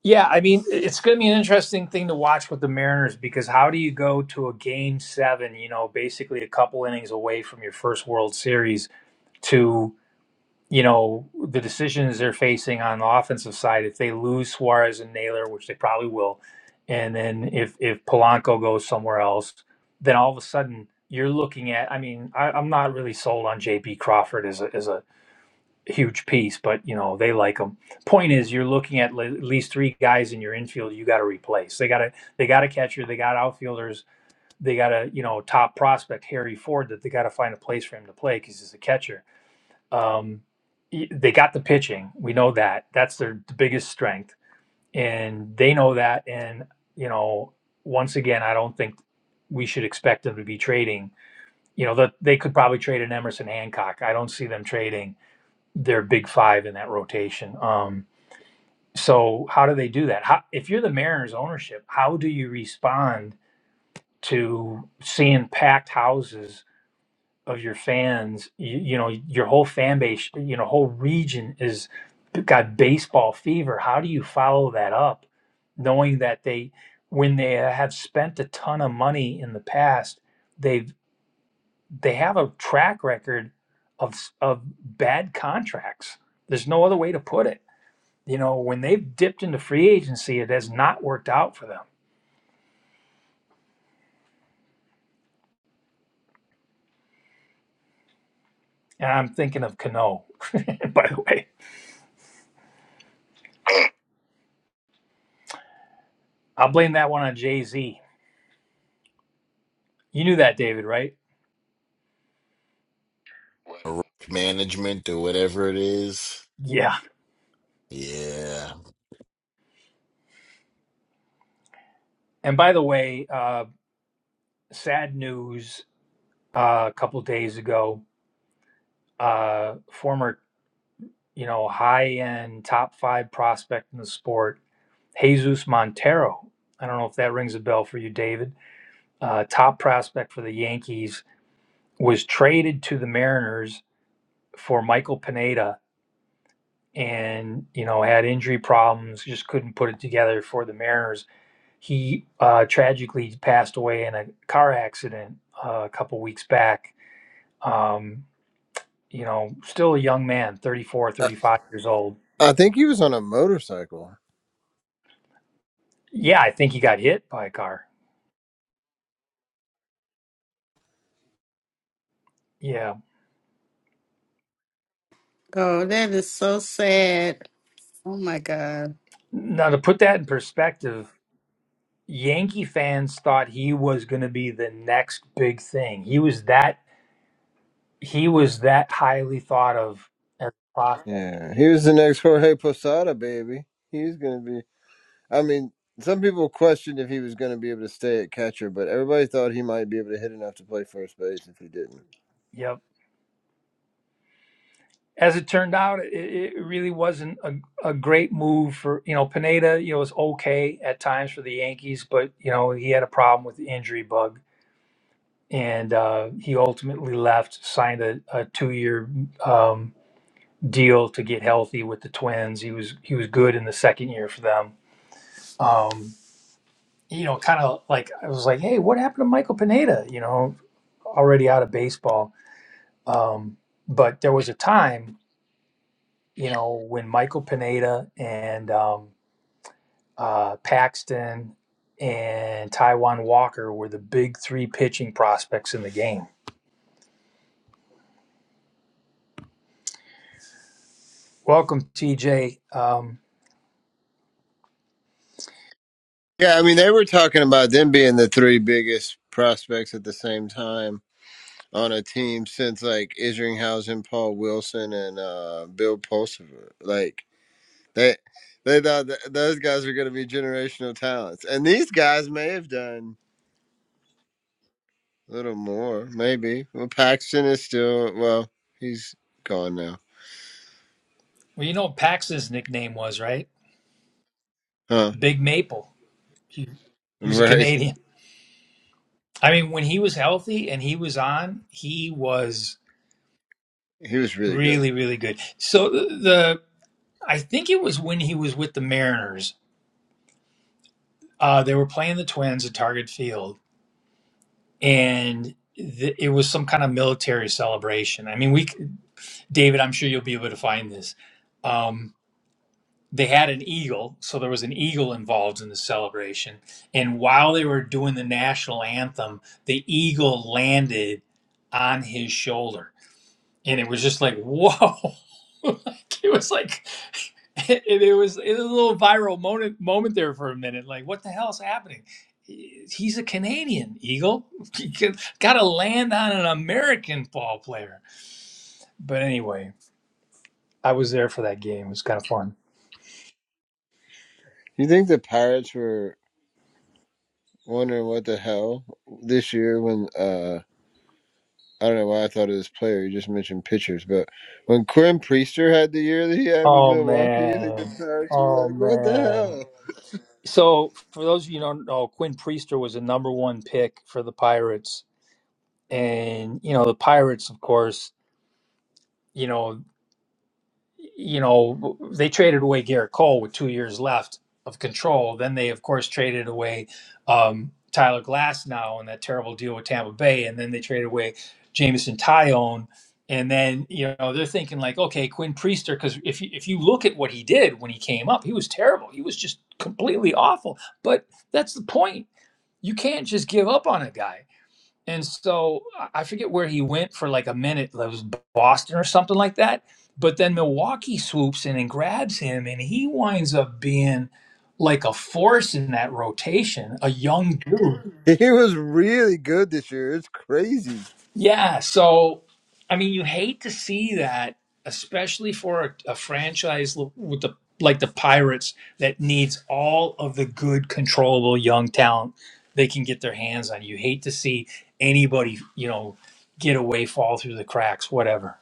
Speaker 1: yeah, I mean it's going to be an interesting thing to watch with the Mariners because how do you go to a game seven? You know, basically a couple innings away from your first World Series to you know, the decisions they're facing on the offensive side, if they lose Suarez and Naylor, which they probably will, and then if if Polanco goes somewhere else, then all of a sudden you're looking at. I mean, I, I'm not really sold on J.P. Crawford as a as a huge piece, but you know they like him. Point is, you're looking at le- at least three guys in your infield you got to replace. They got to they got a catcher, they got outfielders, they got a you know top prospect Harry Ford that they got to find a place for him to play because he's a catcher um, e- they got the pitching. We know that. That's their biggest strength, and they know that. And you know, once again, I don't think we should expect them to be trading. You know, that they could probably trade an Emerson Hancock. I don't see them trading their big five in that rotation. Um, so how do they do that? How, if you're the Mariners ownership, how do you respond to seeing packed houses of your fans, you, you know, your whole fan base, you know, whole region is got baseball fever. How do you follow that up, knowing that they, when they have spent a ton of money in the past, they've they have a track record of of bad contracts. There's no other way to put it. You know, when they've dipped into free agency, it has not worked out for them. And I'm thinking of Cano, [LAUGHS] by the way. I'll blame that one on Jay Z. You knew that, David, right?
Speaker 2: risk management or whatever it is.
Speaker 1: Yeah.
Speaker 2: Yeah.
Speaker 1: And by the way, uh, sad news uh, a couple days ago. Uh, former, you know, high-end top five prospect in the sport, Jesus Montero. I don't know if that rings a bell for you, David. Uh, top prospect for the Yankees was traded to the Mariners for Michael Pineda, and you know had injury problems, just couldn't put it together for the Mariners. He uh, tragically passed away in a car accident uh, a couple weeks back. Um, you know, still a young man, 34,
Speaker 12: Uh,
Speaker 1: 35 years old.
Speaker 12: I think he was on a motorcycle.
Speaker 1: Yeah, I think he got hit by a car. Yeah.
Speaker 7: Oh, that is so sad. Oh my God.
Speaker 1: Now, to put that in perspective, Yankee fans thought he was going to be the next big thing. He was that he was that highly thought of as a prospect.
Speaker 12: Yeah, he was the next Jorge Posada, baby. He's gonna be I mean, some people questioned if he was going to be able to stay at catcher, but everybody thought he might be able to hit enough to play first base if he didn't.
Speaker 1: Yep. As it turned out, it, it really wasn't a, a great move for you know Pineda. You know was okay at times for the Yankees, but you know he had a problem with the injury bug and uh, he ultimately left, signed a, a two-year um, deal to get healthy with the Twins. He was he was good in the second year for them. Um, you know, kind of like I was like, hey, what happened to Michael Pineda? You know, already out of baseball. Um, but there was a time, you know, when Michael Pineda and um, uh, Paxton and Taiwan Walker were the big three pitching prospects in the game. Welcome, TJ. Um,
Speaker 12: Yeah, I mean, they were talking about them being the three biggest prospects at the same time on a team since like Isringhausen, Paul Wilson, and uh, Bill Pulsifer. Like they, they thought that those guys were going to be generational talents, and these guys may have done a little more, maybe. Well, Paxton is still well, he's gone now,
Speaker 1: Well, you know what Pax's nickname was, right?
Speaker 12: huh?
Speaker 1: Big Maple. He,
Speaker 12: [LAUGHS]
Speaker 1: he was a
Speaker 12: Right.
Speaker 1: Canadian. I mean, when he was healthy and he was on, he was
Speaker 12: He was really good.
Speaker 1: really, really good. So the the I think it was when he was with the Mariners. Uh, they were playing the Twins at Target Field, and th- it was some kind of military celebration. I mean, we, c- David, I'm sure you'll be able to find this. Um, they had an eagle, so there was an eagle involved in the celebration. And while they were doing the national anthem, the eagle landed on his shoulder, and it was just like, whoa. [LAUGHS] Like, it was like it, it was it was a little viral moment moment there for a minute. Like, what the hell is happening? He's a Canadian eagle. [LAUGHS] Got to land on an American ball player. But anyway, I was there for that game. It was kind of fun.
Speaker 12: You think the Pirates were wondering what the hell this year when uh I don't know why I thought of this player. You just mentioned pitchers, but when Quinn Priester had the year that he had with
Speaker 1: Oh
Speaker 12: Milwaukee, you think the
Speaker 1: man.
Speaker 12: Pirates were
Speaker 1: Oh
Speaker 12: like, "What the
Speaker 1: man.
Speaker 12: hell?"
Speaker 1: So for those of you who don't know, Quinn Priester was a number one pick for the Pirates. And, you know, the Pirates, of course, you know, you know, they traded away Garrett Cole with two years left of control. Then they, of course, traded away um, Tyler Glass now in that terrible deal with Tampa Bay. And then they traded away Jameson Tyone. And then, you know, they're thinking like, okay, Quinn Priester, because if you, if you look at what he did when he came up, he was terrible. He was just completely awful. But that's the point. You can't just give up on a guy and so I forget where he went for like a minute, like it was Boston or something like that. But then Milwaukee swoops in and grabs him, and he winds up being like a force in that rotation, a young dude.
Speaker 12: [LAUGHS] He was really good this year. It's crazy.
Speaker 1: Yeah, so I mean, you hate to see that, especially for a, a franchise l- with the like the Pirates that needs all of the good, controllable young talent they can get their hands on. You hate to see anybody, you know, get away, fall through the cracks, whatever.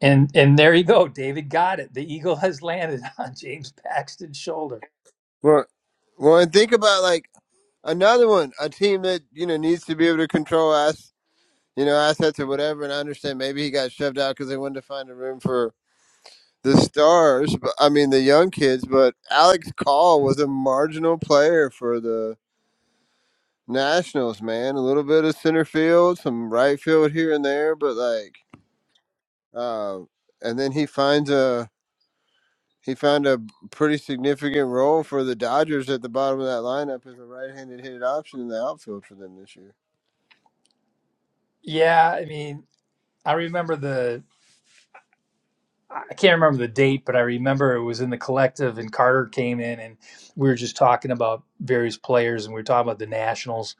Speaker 1: And and there you go, David got it. The eagle has landed [LAUGHS] on James Paxton's shoulder.
Speaker 12: Well, well, and think about like another one, a team that you know needs to be able to control ass, you know, assets or whatever. And I understand maybe he got shoved out because they wanted to find a room for the stars, but I mean the young kids, but Alex Call was a marginal player for the Nationals, man. A little bit of center field, some right field here and there, but like uh, and then he finds a he found a pretty significant role for the Dodgers at the bottom of that lineup as a right-handed hitted option in the outfield for them this year.
Speaker 1: Yeah, I mean, I remember the I can't remember the date, but I remember it was in the collective, and Carter came in, and we were just talking about various players, and we were talking about the Nationals,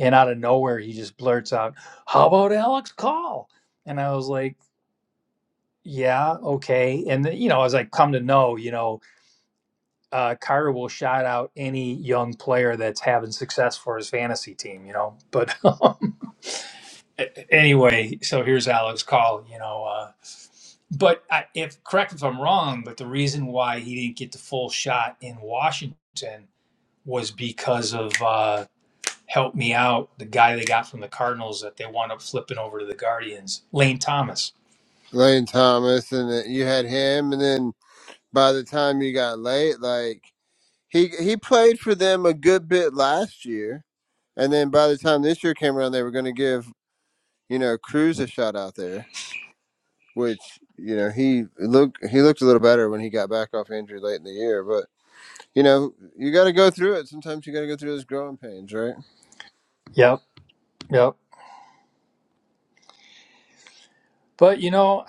Speaker 1: and out of nowhere, he just blurts out, "How about Alex Call?" And I was like, "Yeah, okay." And then, you know, as I come to know, you know, uh, Carter will shout out any young player that's having success for his fantasy team, you know. But [LAUGHS] anyway, so here's Alex Call, you know. uh, But I, if correct if I'm wrong, but the reason why he didn't get the full shot in Washington was because of uh, help me out the guy they got from the Cardinals that they wound up flipping over to the Guardians, Lane Thomas.
Speaker 12: Lane Thomas, and then you had him, and then by the time you got late, like He he played for them a good bit last year, and then by the time this year came around, they were going to give you know Cruz a shot out there, which you know he looked he looked a little better when he got back off injury late in the year. But you know you got to go through it. Sometimes you got to go through those growing pains, right?
Speaker 1: Yep, yep. But you know,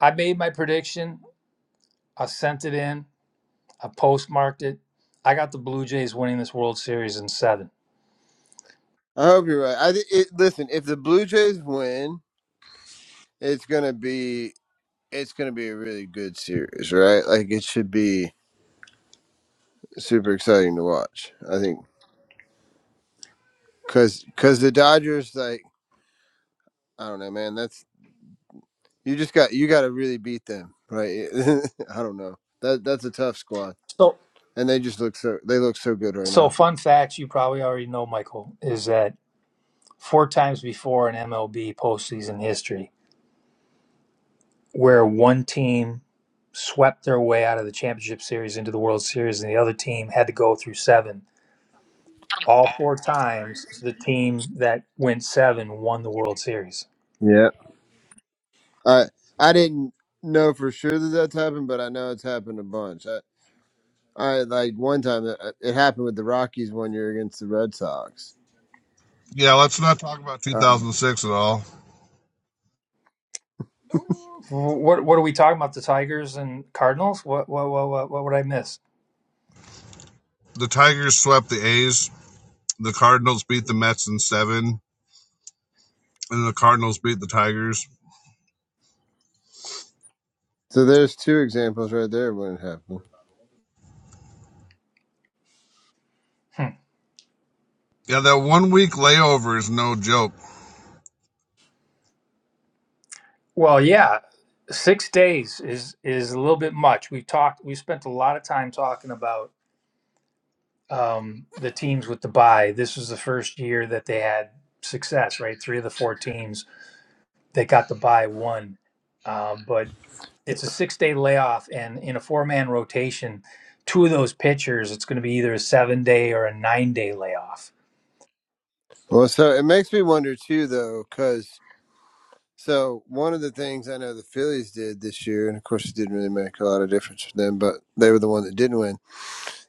Speaker 1: I made my prediction. I sent it in. I postmarked it. I got the Blue Jays winning this World Series in seven.
Speaker 12: I hope you're right. I thi- it, listen. If the Blue Jays win, it's gonna be it's gonna be a really good series, right? Like it should be super exciting to watch. I think because because the Dodgers like. I don't know, man. That's you just got you got to really beat them, right? [LAUGHS] I don't know. That that's a tough squad,
Speaker 1: So,
Speaker 12: and they just look so they look so good right
Speaker 1: so
Speaker 12: now.
Speaker 1: fun facts you probably already know, Michael, is that four times before in MLB postseason history. where one team swept their way out of the championship series into the World Series and the other team had to go through seven. All four times the team that went seven won the World Series.
Speaker 12: Yeah, I I didn't know for sure that that's happened, but I know it's happened a bunch. I, I like one time it, it happened with the Rockies one year against the Red Sox.
Speaker 13: Yeah, let's not talk about
Speaker 12: Uh,
Speaker 13: 2006 at all.
Speaker 1: What what are we talking about? The Tigers and Cardinals? What what what what, what would I miss?
Speaker 13: The Tigers swept the A's. The Cardinals beat the Mets in seven, and the Cardinals beat the Tigers.
Speaker 12: so there's two examples right there when it happened.
Speaker 1: Hmm.
Speaker 13: Yeah, that one week layover is no joke.
Speaker 1: Well, yeah, six days is is a little bit much. We've talked. We spent a lot of time talking about um, the teams with the bye. This was the first year that they had success. Right, three of the four teams that got to buy one. Um, but it's a six day layoff, and in a four man rotation, two of those pitchers, it's going to be either a seven day or a nine day layoff.
Speaker 12: Well, so it makes me wonder too, though, because. So one of the things I know the Phillies did this year, and of course it didn't really make a lot of difference for them, but they were the one that didn't win.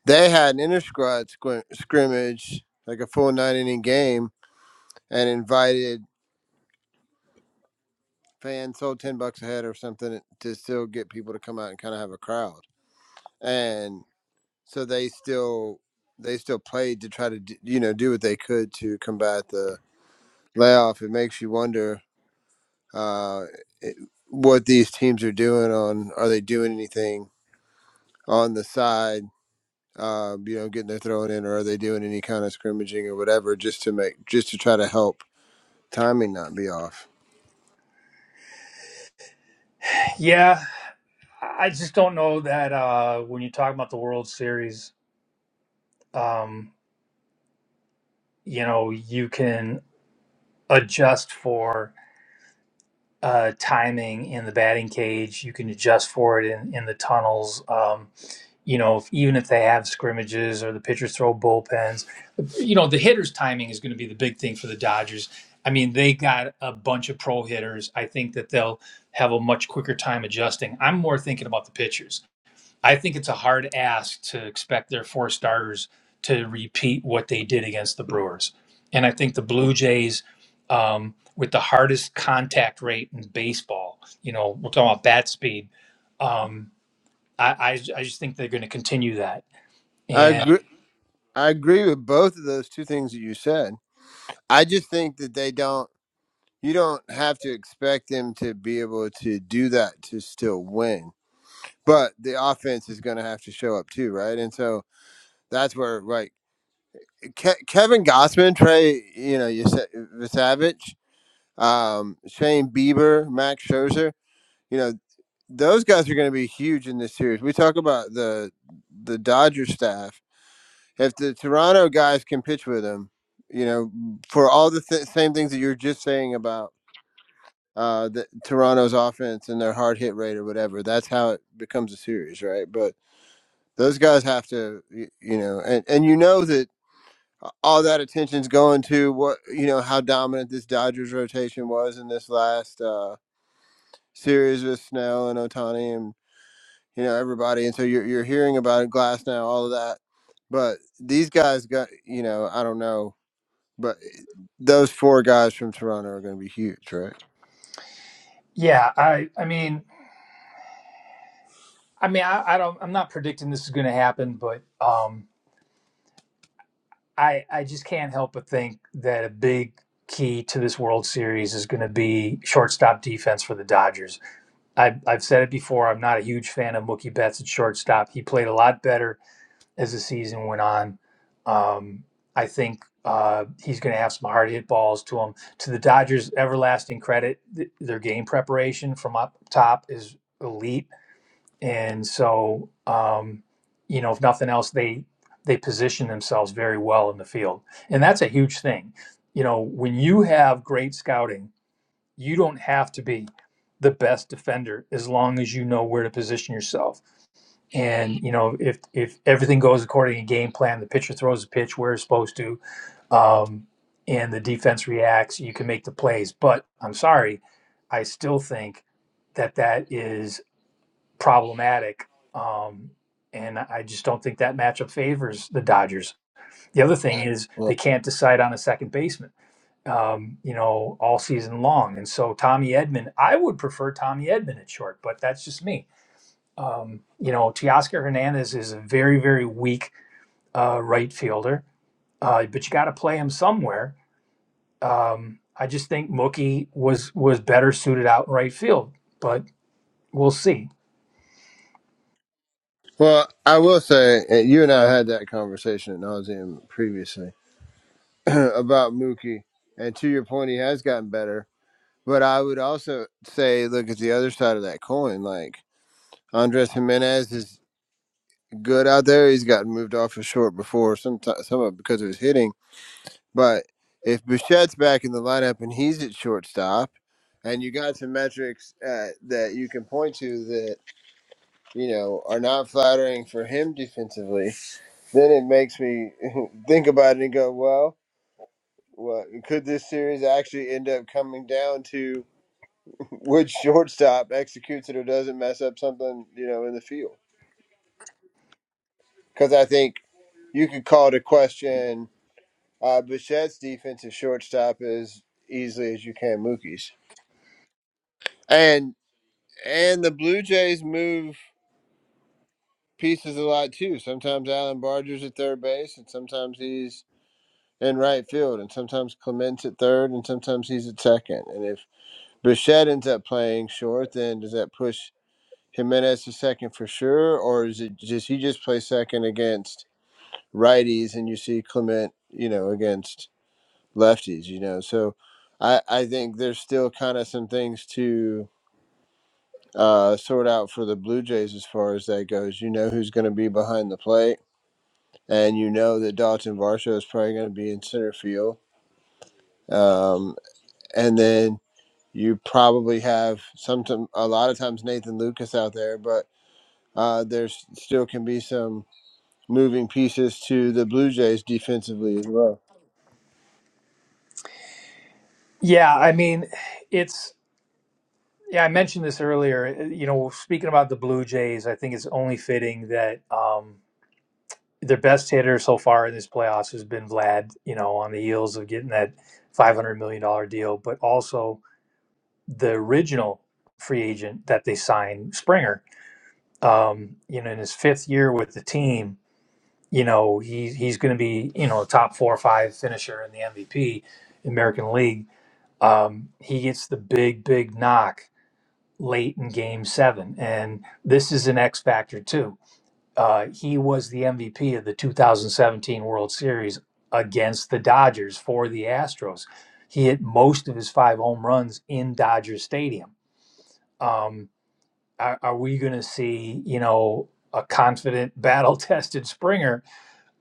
Speaker 12: They had an inter squad squ- scrimmage, like a full nine inning game, and invited fans, sold ten bucks a head or something, to still get people to come out and kind of have a crowd. And so they still they still played to try to d- you know do what they could to combat the layoff. It makes you wonder uh, it- what these teams are doing on are they doing anything on the side, um, you know, getting their thrown in, or are they doing any kind of scrimmaging or whatever, just to make, just to try to help timing not be off?
Speaker 1: Yeah, I just don't know that uh, when you talk about the World Series, um, you know, you can adjust for uh, timing in the batting cage, you can adjust for it in, in the tunnels. Um, you know, if, even if they have scrimmages or the pitchers throw bullpens, you know, the hitters' timing is going to be the big thing for the Dodgers. I mean, they got a bunch of pro hitters. I think that they'll have a much quicker time adjusting. I'm more thinking about the pitchers. I think it's a hard ask to expect their four starters to repeat what they did against the Brewers. And I think the Blue Jays, um, with the hardest contact rate in baseball, you know, we're talking about bat speed. Um, I, I, I just think they're going to continue that
Speaker 12: I
Speaker 1: and
Speaker 12: agree. I agree with both of those two things that you said. I just think that they don't. You don't have to expect them to be able to do that to still win, but the offense is going to have to show up too, right? And so that's where like Ke- Kevin Gossman, Trey, you know, you said Savage, um, Shane Bieber, Max Scherzer. You know. those guys are going to be huge in this series. We talk about the the Dodger staff. If the Toronto guys can pitch with them, you know, for all the th- same things that you were just saying about uh, the, Toronto's offense and their hard hit rate or whatever, that's how it becomes a series, right? But those guys have to, y- you know, and, and you know that all that attention's going to what, you know, how dominant this Dodgers rotation was in this last uh, series with Snell and Otani you know everybody and so you're, you're hearing about glass now all of that but these guys got you know i don't know but eh, those four guys from toronto are going to be huge right
Speaker 1: yeah, I I mean I mean I, I don't I'm not predicting this is gonna happen, but um I I just can't help but think that a big key to this World Series is gonna be shortstop defense for the Dodgers. I I've said it before, I'm not a huge fan of Mookie Betts at shortstop. He played a lot better as the season went on. Um I think uh, he's going to have some hard hit balls to him. To the Dodgers' everlasting credit, th- their game preparation from up top is elite and so um, you know if nothing else they they position themselves very well in the field and that's a huge thing you know when you have great scouting you don't have to be the best defender as long as you know where to position yourself and you know if if everything goes according to game plan the pitcher throws the pitch where it's supposed to um, and the defense reacts you can make the plays but i'm sorry i still think that that is problematic. Um, and I just don't think that matchup favors the Dodgers. The other thing is
Speaker 12: well
Speaker 1: they can't decide on a second baseman, um, you know, all season long. And so Tommy Edmond, I would prefer Tommy Edmond at short, but that's just me. Um, you know, Teoscar Hernandez is a very, very weak uh, right fielder, uh, but you got to play him somewhere. Um, I just think Mookie was was better suited out in right field, but we'll see.
Speaker 12: well i will say uh, you and i had that conversation at nauseum previously [CLEARS THROAT] about mookie and to your point he has gotten better but i would also say look at the other side of that coin like andres jimenez is good out there he's gotten moved off of short before sometimes some of it because of his hitting But if Bouchette's back in the lineup and he's at shortstop, and you got some metrics uh, that you can point to that you know are not flattering for him defensively, then it makes me [LAUGHS] think about it and go, well, well, could this series actually end up coming down to [LAUGHS] which shortstop executes it or doesn't mess up something you know in the field? Because I think you could call to question uh, Bouchette's defensive shortstop as easily as you can Mookie's. and. And the Blue Jays move pieces a lot too. Sometimes Alan Barger's at third base, and sometimes he's in right field, and sometimes Clement's at third, and sometimes he's at second. And if Bichette ends up playing short, then does that push Jimenez to second for sure, or is it just he just plays second against righties, and you see Clement, you know, against lefties, you know? So I I think there's still kind of some things to uh, sort out for the Blue Jays as far as that goes. You know who's going to be behind the plate, and you know that Dalton Varsho is probably going to be in center field. Um, and then you probably have some, a lot of times Nathan Lucas out there, but uh, there's still can be some moving pieces to the Blue Jays defensively as well.
Speaker 1: Yeah, I mean, it's Yeah, I mentioned this earlier. uh, You know, speaking about the Blue Jays, I think it's only fitting that um, their best hitter so far in this playoffs has been Vlad. You know, on the heels of getting that five hundred million dollar deal, but also the original free agent that they signed, Springer. Um, you know, in his fifth year with the team, you know he he's going to be you know a top four or five finisher in the MVP American League. Um, he gets the big big knock late in game seven. And this is an X factor, too. Uh, he was the MVP of the 2017 World Series against the Dodgers for the Astros. He hit most of his five home runs in Dodger Stadium. Um, are, are we going to see, you know, a confident, [LAUGHS] battle tested Springer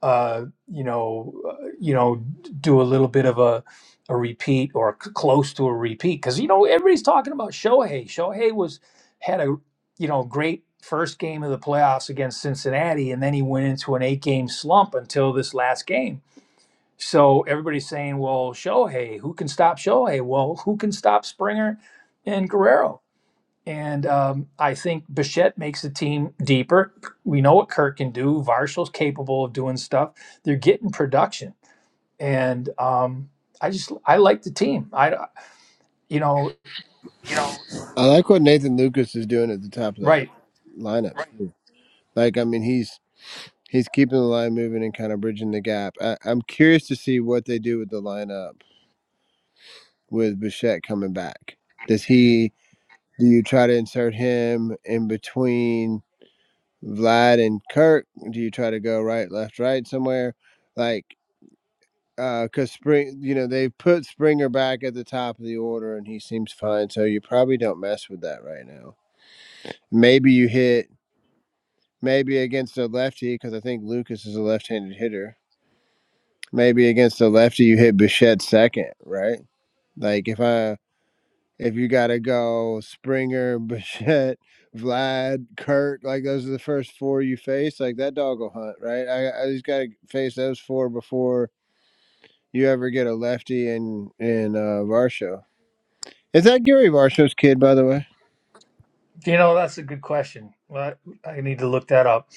Speaker 1: uh, you know, uh, you know, do a little bit of a a repeat or c- close to a repeat because you know everybody's talking about Shohei. Shohei was had a you know great first game of the playoffs against Cincinnati, and then he went into an eight game slump until this last game. So everybody's saying, well, Shohei, who can stop Shohei? Well, who can stop Springer and Guerrero? And um, I think Bichette makes the team deeper. We know what Kirk can do. Varshall's capable of doing stuff. They're getting production, and um, I just I like the team. I you know
Speaker 12: I like what Nathan Lucas is doing at the top of that
Speaker 1: right.
Speaker 12: lineup. Right. Like, I mean, he's He's keeping the line moving and kind of bridging the gap. I, I'm curious to see what they do with the lineup with Bichette coming back. Does he? Do you try to insert him in between Vlad and Kirk? Do you try to go right, left, right somewhere? Like, because uh, Spring, you know, they put Springer back at the top of the order and he seems fine. So you probably don't mess with that right now. Maybe you hit maybe against a lefty because I think Lucas is a left-handed hitter maybe against the lefty you hit Bichette second, right? Like if I if you gotta go Springer, [LAUGHS] Bichette, Vlad, Kurt, like those are the first four you face, like that dog will hunt, right? I, I just gotta face those four before you ever get a lefty in in uh Varsho. Is that Gary Varsho's kid, by the way?
Speaker 1: You know that's a good question. Well, I need to look that up.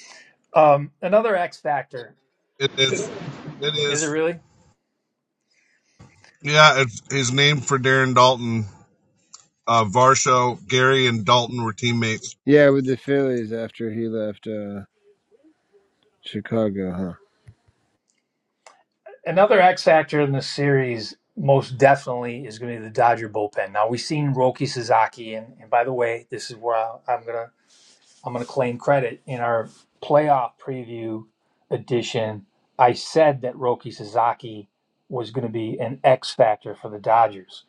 Speaker 1: Um, another X factor
Speaker 13: It is. It
Speaker 1: is it
Speaker 13: is.
Speaker 1: really
Speaker 13: Yeah, it's, he's named for Darren Dalton. Uh, Varsho, Gary, and Dalton were teammates.
Speaker 12: Yeah, with the Phillies after he left uh Chicago, huh?
Speaker 1: another X factor in the series? Most definitely is going to be the Dodger bullpen. Now we've seen Roki Sasaki, and, and by the way, this is where I, am going to I'm going to claim credit in our playoff preview edition. I said that Roki Sasaki was going to be an X factor for the Dodgers.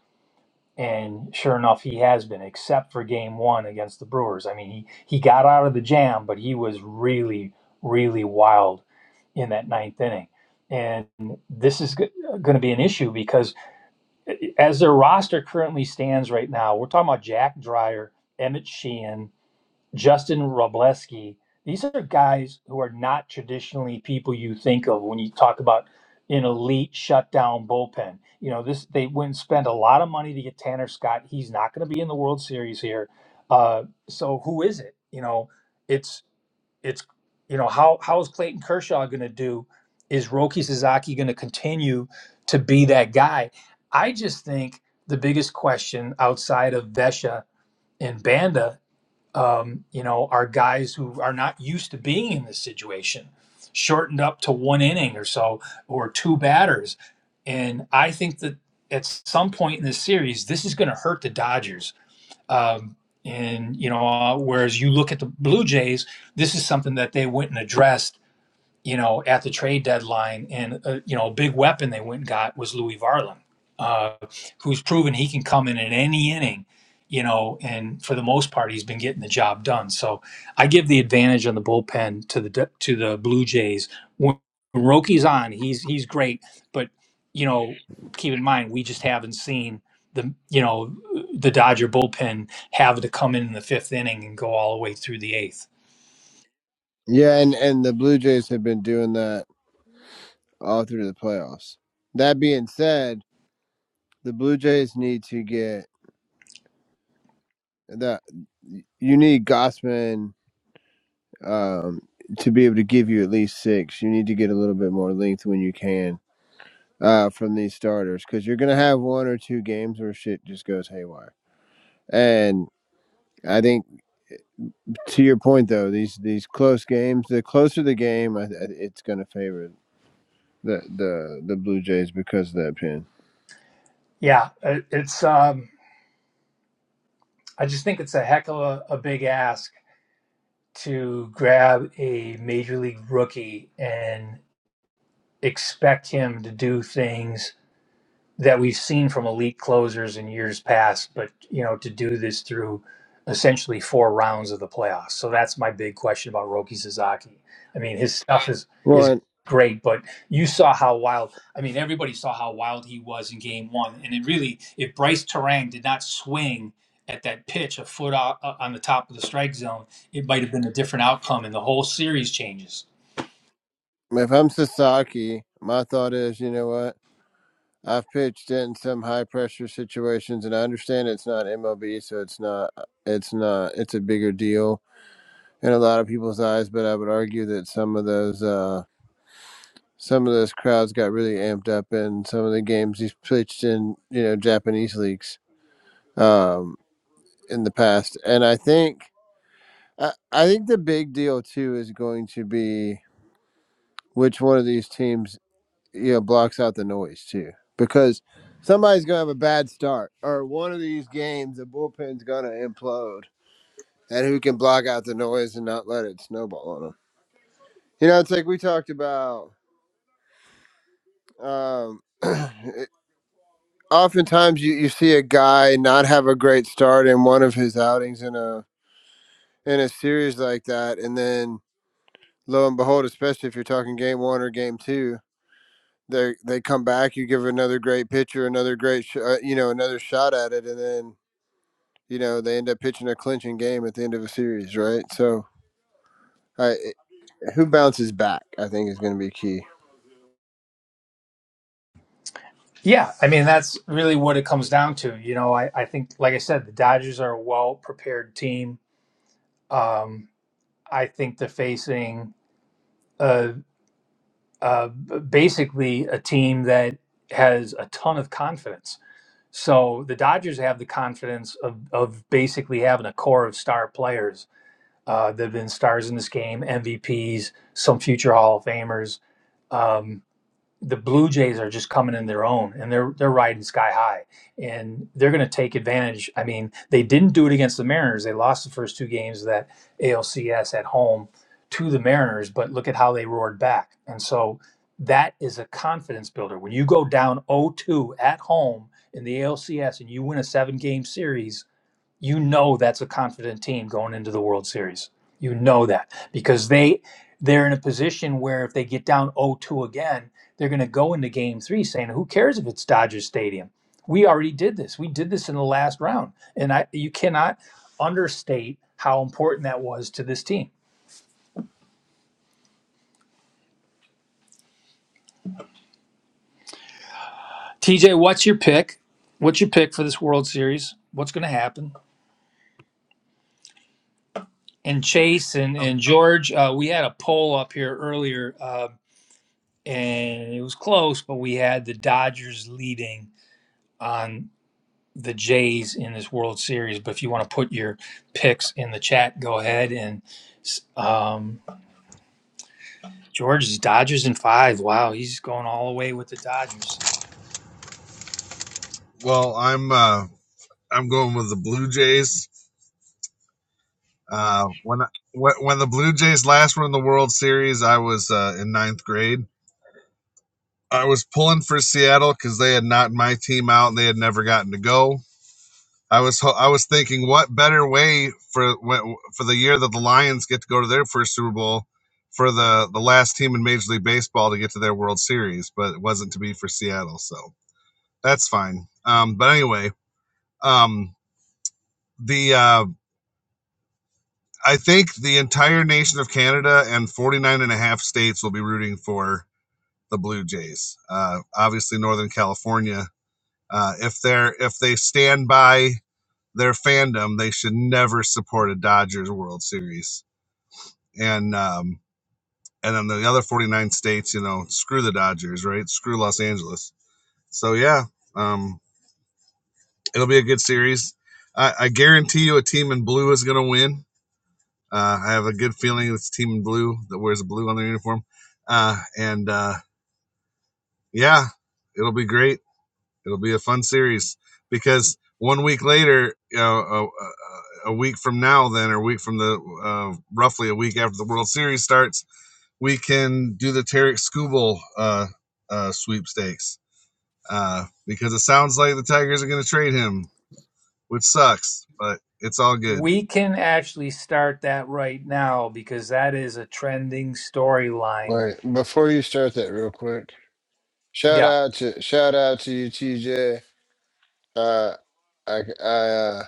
Speaker 1: And sure enough, he has been, except for game one against the Brewers. I mean, he, he got out of the jam, but he was really, really wild in that ninth inning. And this is g- going to be an issue because eh, as their roster currently stands right now, we're talking about Jack Dreyer, Emmett Sheehan, Justin Robleski. These are guys who are not traditionally people you think of when you talk about an elite shutdown bullpen. You know, this they went and spent a lot of money to get Tanner Scott. He's not going to be in the World Series here. Uh, so who is it? You know, it's it's you know how how is Clayton Kershaw going to do? Is Roki Sasaki going to continue to be that guy? I just think the biggest question outside of Vesha and Banda um, you know, our guys who are not used to being in this situation, shortened up to one inning or so, or two batters. And I think that at some point in this series, this is going to hurt the Dodgers. Um, and, you know, uh, whereas you look at the Blue Jays, this is something that they went and addressed you know, at the trade deadline. And, uh, you know, a big weapon they went and got was Louis Varland, uh, who's proven he can come in in any inning, you know, and for the most part, he's been getting the job done. So I give the advantage on the bullpen to the to the Blue Jays. When Rocky's on, he's he's great. But, you know, keep in mind, we just haven't seen the, you know, the Dodger bullpen have to come in in the fifth inning and go all the way through the eighth.
Speaker 12: Yeah, and and the Blue Jays have been doing that all through the playoffs. That being said, the Blue Jays need to get that. You need Gossman um, to be able to give you at least six. You need to get a little bit more length when you can uh, from these starters because you're going to have one or two games where shit just goes haywire. And I think to your point though, these these close games, the closer the game, I, I- it's going to favor the the the Blue Jays because of that pin.
Speaker 1: Yeah, uh, it's um, I just think it's a heck of a, a big ask to grab a major league rookie and expect him to do things that we've seen from elite closers in years past, but you know, to do this through essentially four rounds of the playoffs. So that's my big question about Roki Sasaki. I mean, his stuff is is
Speaker 12: Well,
Speaker 1: great, but you saw how wild. I mean, everybody saw how wild he was in Game One, and it really, if Bryce Terang did not swing at that pitch a foot out, uh, on the top of the strike zone, it might have been a different outcome, and the whole series changes.
Speaker 12: if I'm Sasaki, my thought is, you know what? I've pitched it in some high pressure situations, and I understand it's not MLB, so it's not it's not it's a bigger deal in a lot of people's eyes. But I would argue that some of those uh, some of those crowds got really amped up in some of the games he's pitched in, you know, Japanese leagues um, in the past. And I think I, I think the big deal too is going to be which one of these teams yeah blocks out the noise too because somebody's gonna have a bad start or one of these games the bullpen's gonna implode and who can block out the noise and not let it snowball on them you know it's like we talked about um [CLEARS THROAT] it- oftentimes you, you see a guy not have a great start in one of his outings in a in a series like that and then lo and behold especially if you're talking game one or game two they they come back you give another great pitcher another great sh- uh, you know another shot at it and then you know they end up pitching a clinching game at the end of a series, right? So, I, who bounces back, I think, is going to be key.
Speaker 1: Yeah, I mean that's really what it comes down to. You know, I, I think, like I said, the Dodgers are a well prepared team. Um, I think they're facing uh, uh, basically a team that has a ton of confidence. So the Dodgers have the confidence of, of basically having a core of star players uh, that have been stars in this game, MVPs, some future Hall of Famers. Um, the Blue Jays are just coming in their own and they're they're riding sky high and they're going to take advantage. I mean, they didn't do it against the Mariners. They lost the first two games of that ALCS at home to the Mariners, but look at how they roared back. And so that is a confidence builder. When you go down 0-2 at home in the ALCS and you win a seven-game series, you know that's a confident team going into the World Series. You know that because they they're in a position where if they get down 0-2 again, they're going to go into game 3 saying, "Who cares if it's Dodger Stadium? We already did this. We did this in the last round." And I you cannot understate how important that was to this team. TJ, what's your pick? What's your pick for this World Series? What's going to happen? And Chase and,
Speaker 13: Um,
Speaker 1: and George, uh, we had a poll up here earlier. Um, and it was close, but we had the Dodgers leading on the Jays in this World Series. But if you want to put your picks in the chat, go ahead and s- um, George's Dodgers in five. Wow, he's going all the way with the Dodgers.
Speaker 13: well, I'm uh, I'm going with the Blue Jays. Uh, when I, when when the Blue Jays last won the World Series, I was uh, in ninth grade I was pulling for Seattle because they had knocked my team out and they had never gotten to go. I was I was thinking, what better way for for the year that the Lions get to go to their first Super Bowl for the the last team in Major League Baseball to get to their World Series, but it wasn't to be for Seattle, so that's fine. Um, but anyway, um, the uh, I think the entire nation of Canada and 49 and a half states will be rooting for the Blue Jays. Uh, obviously, Northern California Uh, if they're if they stand by their fandom, they should never support a Dodgers World Series. And um, and then the other 49 states, you know, screw the Dodgers, right? Screw Los Angeles. So yeah, um, it'll be a good series. I, I guarantee you, a team in blue is going to win. Uh, I have a good feeling it's a team in blue that wears blue on their uniform. Uh, and uh, yeah, it'll be great It'll be a fun series because one week later, you know, a, a, week from now, then, or a week from the uh, roughly a week after the World Series starts, we can do the Tarek Skubal uh, uh, sweepstakes uh, because it sounds like the Tigers are going to trade him, which sucks, but it's all good.
Speaker 1: We can actually start that right now because that is a trending storyline.
Speaker 12: Right. before you start that real quick, shout
Speaker 1: Yeah,
Speaker 12: out to shout out to you, TJ. Uh, I I uh,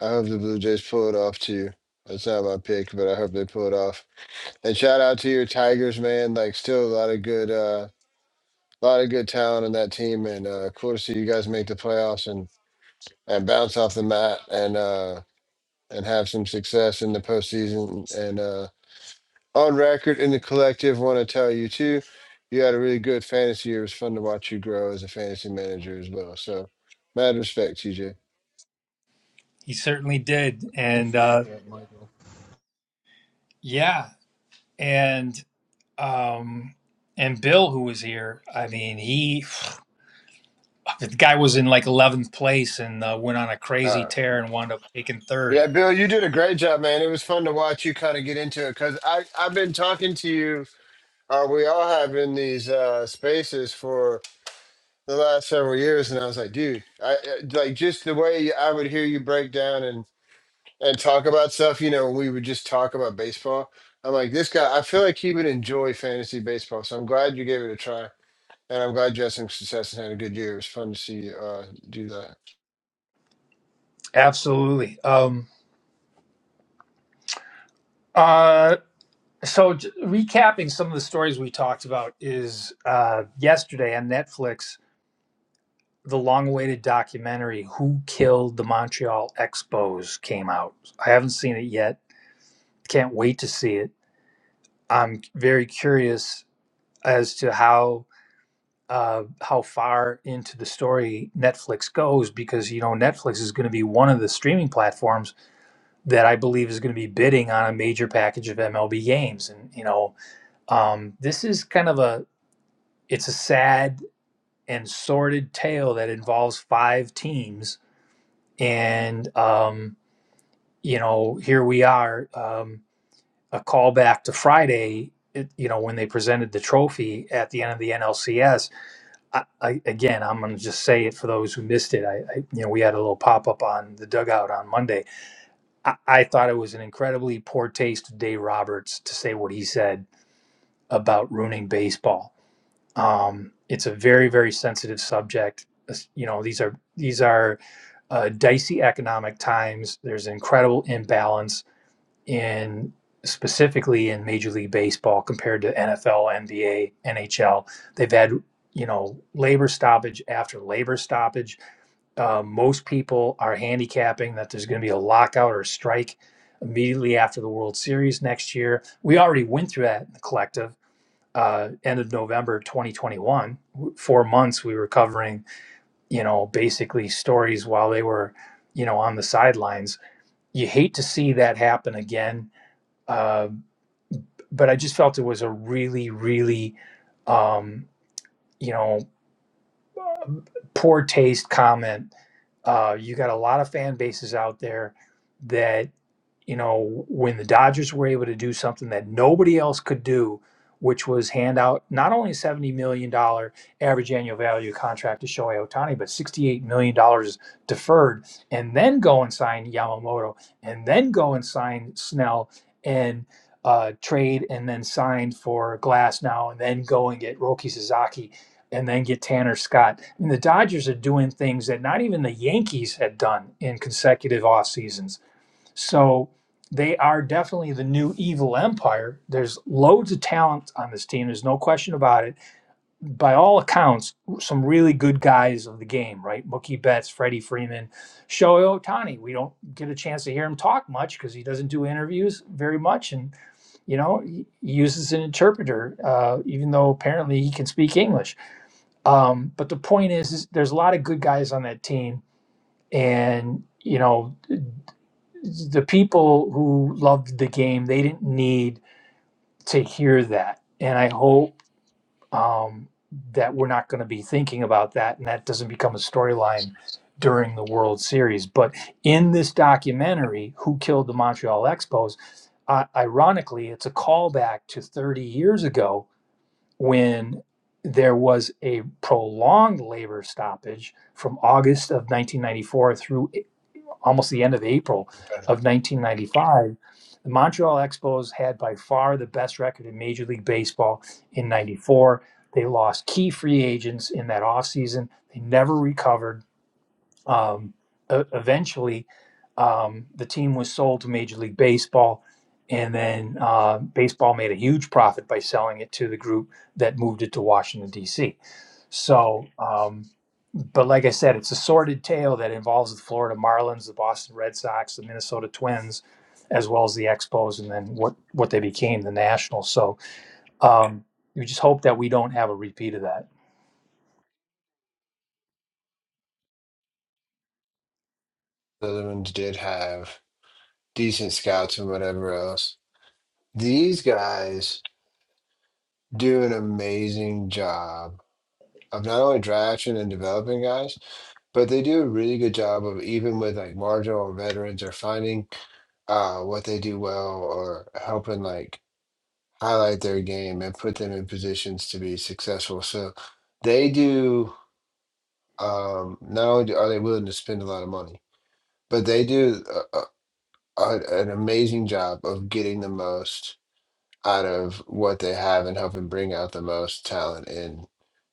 Speaker 12: I hope the Blue Jays pull it off too. That's not my pick, but I hope they pull it off. And shout out to your Tigers, man. Like, still a lot of good, uh, lot of good talent in that team, and uh, cool to see you guys make the playoffs and and bounce off the mat. And uh, and have some success in the postseason. And uh, on record in the collective, want to tell you too, you had a really good fantasy year. It was fun to watch you grow as a fantasy manager as well. So, mad respect, TJ.
Speaker 1: he certainly did, and
Speaker 13: Appreciate
Speaker 1: uh,
Speaker 13: that, Michael.
Speaker 1: yeah, and um, and Bill, who was here, I mean, he. The guy was in like 11th place and uh, went on a
Speaker 12: All
Speaker 1: crazy
Speaker 12: right.
Speaker 1: tear and wound up taking third.
Speaker 12: Yeah, Bill, you did a great job, man. It was fun to watch you kind of get into it because I I've been talking to you. Uh, we all have in these uh, spaces for the last several years, and I was like, dude, I I- like just the way I would hear you break down and and talk about stuff. You know, we would just talk about baseball. I'm like, this guy, I feel like he would enjoy fantasy baseball. So I'm glad you gave it a try. And I'm glad you had some success and had a good year. It was fun to see you uh, do that.
Speaker 1: Absolutely. Um, uh, so, j- recapping some of the stories we talked about is uh, yesterday on Netflix, the long awaited documentary, Who Killed the Montreal Expos, came out. I haven't seen it yet. Can't wait to see it. I'm very curious as to how uh, how far into the story Netflix goes because you know Netflix is going to be one of the streaming platforms that I believe is going to be bidding on a major package of MLB games, and you know um, this is kind of a it's a sad and sordid tale that involves five teams, and um, you know here we are um, a callback to Friday. It, you know when they presented the trophy at the end of the NLCS I, I, again, I'm going to just say it for those who missed it. I, I, you know, we had a little pop up on the dugout on Monday. I, I thought it was an incredibly poor taste of Dave Roberts to say what he said about ruining baseball. Um, it's a very, very sensitive subject. As- You know, these are these are uh, dicey economic times. There's incredible imbalance in specifically in Major League Baseball compared to NFL, NBA, NHL. They've had you know labor stoppage after labor stoppage. Uh, most people are handicapping that there's going to be a lockout or a strike immediately after the World Series next year. We already went through that in the collective. Uh, end of November 2021, four months we were covering, you know, basically stories while they were, you know, on the sidelines. You hate to see that happen again Uh, but I just felt it was a really, really, um, you know, poor taste comment. Uh, you got a lot of fan bases out there that you know, when the Dodgers were able to do something that nobody else could do, which was hand out not only $70 million dollars average annual value contract to Shohei Ohtani, but $68 million dollars deferred, and then go and sign Yamamoto, and then go and sign Snell and uh, trade, and then sign for Glass now, and then go and get Roki Sasaki. And then get Tanner Scott. And the Dodgers are doing things that not even the Yankees had done in consecutive off seasons so they are definitely the new evil empire. There's loads of talent on this team. There's no question about it. By all accounts, some really good guys of the game, right? Mookie Betts, Freddie Freeman, Shohei Ohtani. We don't get a chance to hear him talk much because he doesn't do interviews very much. And, you know, he he uses an interpreter, uh, even though apparently he can speak English. Um, but the point is, is, there's a lot of good guys on that team. And, you know, the people who loved the game they didn't need to hear that and i hope um, that we're not going to be thinking about that and that doesn't become a storyline during the world series but in this documentary who killed the montreal expos uh, ironically it's a callback to 30 years ago when there was a prolonged labor stoppage from august of 1994 through almost the end of April of 1995, the Montreal Expos had by far the best record in Major League Baseball in 94. They lost key free agents in that offseason. They never recovered. Um, e- eventually, um, the team was sold to Major League Baseball, and then uh, baseball made a huge profit by selling it to the group that moved it to Washington, D.C. So, um, but like I said, it's a sordid tale that involves the Florida Marlins, the Boston Red Sox, the Minnesota Twins, as well as the Expos, and then what what they became, the Nationals. So um, you just hope that we don't have a repeat of that.
Speaker 12: The other ones did have decent scouts and whatever else. These guys do an amazing job of not only drafting and developing guys, but they do a really good job of even with like marginal veterans or finding uh, what they do well or helping like highlight their game and put them in positions to be successful. So they do. Um, not only do- are they willing to spend a lot of money, but they do a, a, a- an amazing job of getting the most out of what they have and helping bring out the most talent in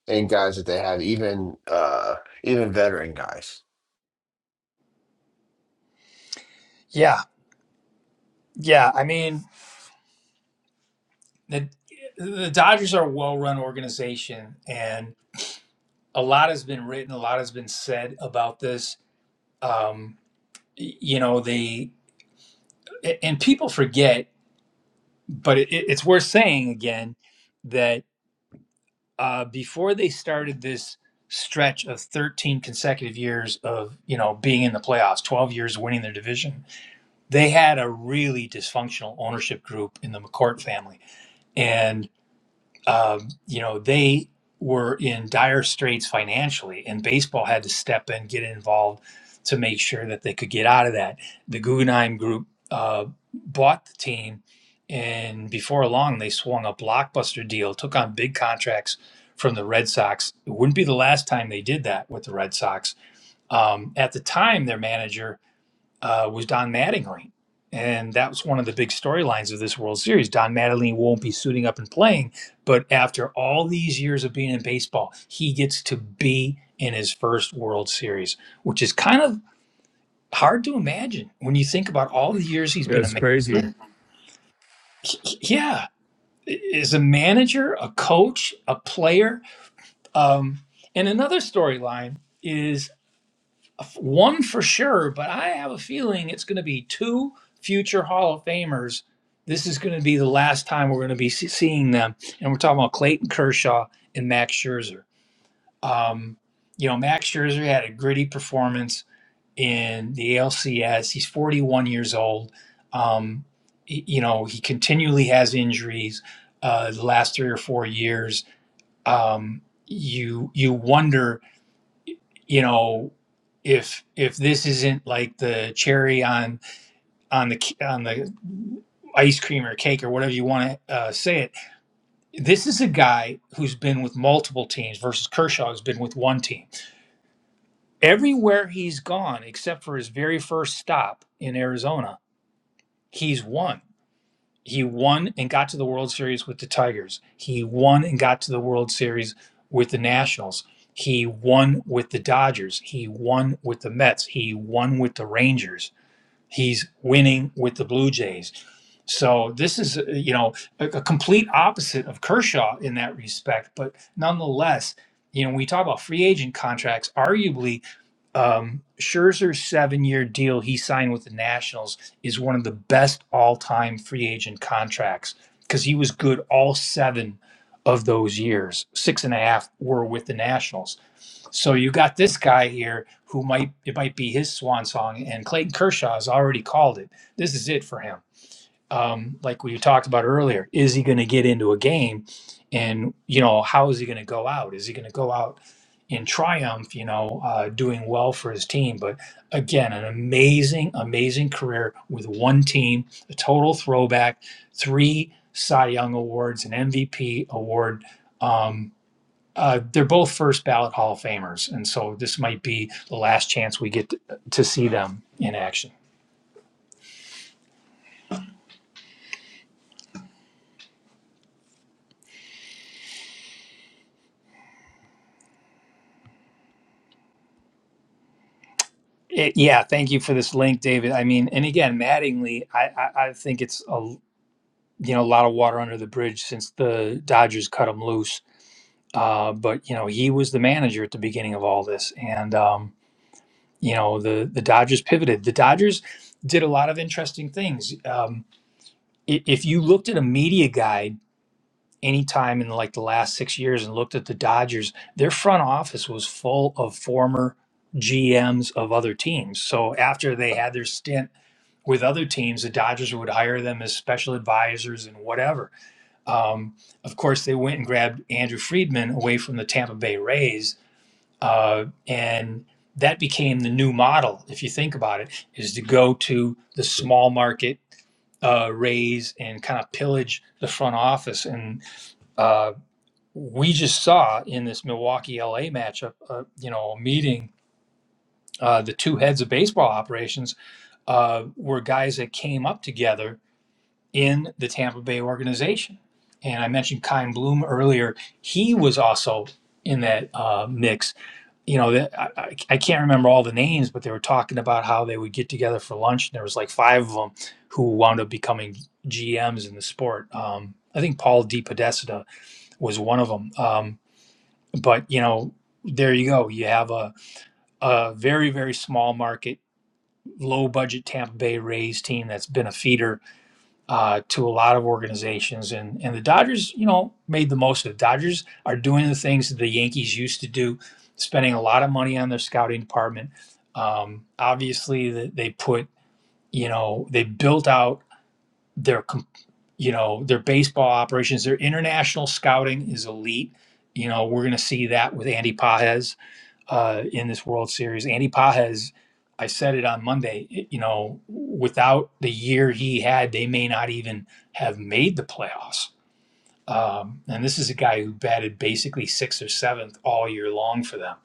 Speaker 12: in guys that they have, even uh, even veteran guys.
Speaker 1: Yeah, yeah. I mean, the the Dodgers are a well run organization, and a lot has been written, a lot has been said about this. Um, y- you know, they and people forget, but it, it's worth saying again that. uh, before they started this stretch of 13 consecutive years of you know being in the playoffs 12 years winning their division they had a really dysfunctional ownership group in the mccourt family and um, you know, they were in dire straits financially, and baseball had to step in, get involved to make sure that they could get out of that. The Guggenheim Group uh, bought the team, and before long, they swung a blockbuster deal, took on big contracts from the Red Sox. It wouldn't be the last time they did that with the Red Sox. Um, at the time, their manager uh, was Don Mattingly. And that was one of the big storylines of this World Series. Don Mattingly won't be suiting up and playing, but after all these years of being in baseball, he gets to be in his first World Series, which is kind of hard to imagine when you think about all the years he's
Speaker 5: yeah,
Speaker 1: been a
Speaker 5: it's
Speaker 1: man.
Speaker 5: crazy.
Speaker 1: Yeah, is a manager, a coach, a player. Um, and another storyline is. One for sure, but I have a feeling it's going to be two future Hall of Famers. This is going to be the last time we're going to be seeing them, and we're talking about Clayton Kershaw and Max Scherzer. Um, you know, Max Scherzer had a gritty performance in the ALCS. He's 41 years old. Um, y- you know, he continually has injuries uh, the last three or four years. Um, you you wonder you know if if this isn't like the cherry on on the c- on the ice cream or cake or whatever you want to uh, say it this is a guy who's been with multiple teams versus kershaw who's been with one team everywhere he's gone except for his very first stop in arizona he's won He won and got to the World Series with the Tigers. He won and got to the World Series with the Nationals. He won with the Dodgers. He won with the Mets. He won with the Rangers. He's winning with the Blue Jays. So this is, uh, you know, a, a complete opposite of Kershaw in that respect. But nonetheless, you know, when we talk about free agent contracts, arguably um, Scherzer's seven-year deal he signed with the Nationals is one of the best all-time free agent contracts because he was good all seven of those years. Six and a half were with the Nationals. So you got this guy here who might it might be his swan song, and Clayton Kershaw has already called it. This is it for him um, like we talked about earlier, is he going to get into a game, and you know how is he going to go out? Is he going to go out in triumph? You know, uh, doing well for his team. But again, an amazing, amazing career with one team, a total throwback, three Cy Young awards, an MVP award. Um, uh, they're both first ballot Hall of Famers, and so this might be the last chance we get to, to see them in action. It, yeah, thank you for this link, David. I mean, and again, Mattingly, I, I, I think it's a you know a lot of water under the bridge since the Dodgers cut him loose. Uh, but you know, he was the manager at the beginning of all this, and um, you know the the Dodgers pivoted. The Dodgers did a lot of interesting things. Um, i- if you looked at a media guide anytime in like the last six years and looked at the Dodgers, their front office was full of former GMs of other teams. So after they had their stint with other teams, the Dodgers would hire them as special advisors and whatever. Um, of course, they went and grabbed Andrew Friedman away from the Tampa Bay Rays, uh, and that became the new model. If you think about it, is to go to the small market uh, Rays and kind of pillage the front office. And uh, we just saw in this Milwaukee LA matchup, uh, you know, a meeting. Uh, the two heads of baseball operations uh, were guys that came up together in the Tampa Bay organization. And I mentioned Kyle Bloom earlier. He was also in that uh, mix. You know, that, I, I can't remember all the names, but they were talking about how they would get together for lunch, and there was like five of them who wound up becoming GMs in the sport. Um, I think Paul DePodesta was one of them. Um, but you know, there you go. You have a a very very small market, low budget Tampa Bay Rays team that's been a feeder uh, to a lot of organizations. And and the Dodgers, you know, made the most of it. Dodgers are doing the things that the Yankees used to do, spending a lot of money on their scouting department. Um, obviously, that they put, you know, they built out their, you know, their baseball operations. Their international scouting is elite. You know, we're going to see that with Andy Pajes uh, in this World Series. Andy Pajes, I said it on Monday. it- you know, without the year he had, they may not even have made the playoffs. Um, and this is a guy who batted basically sixth or seventh all year long for them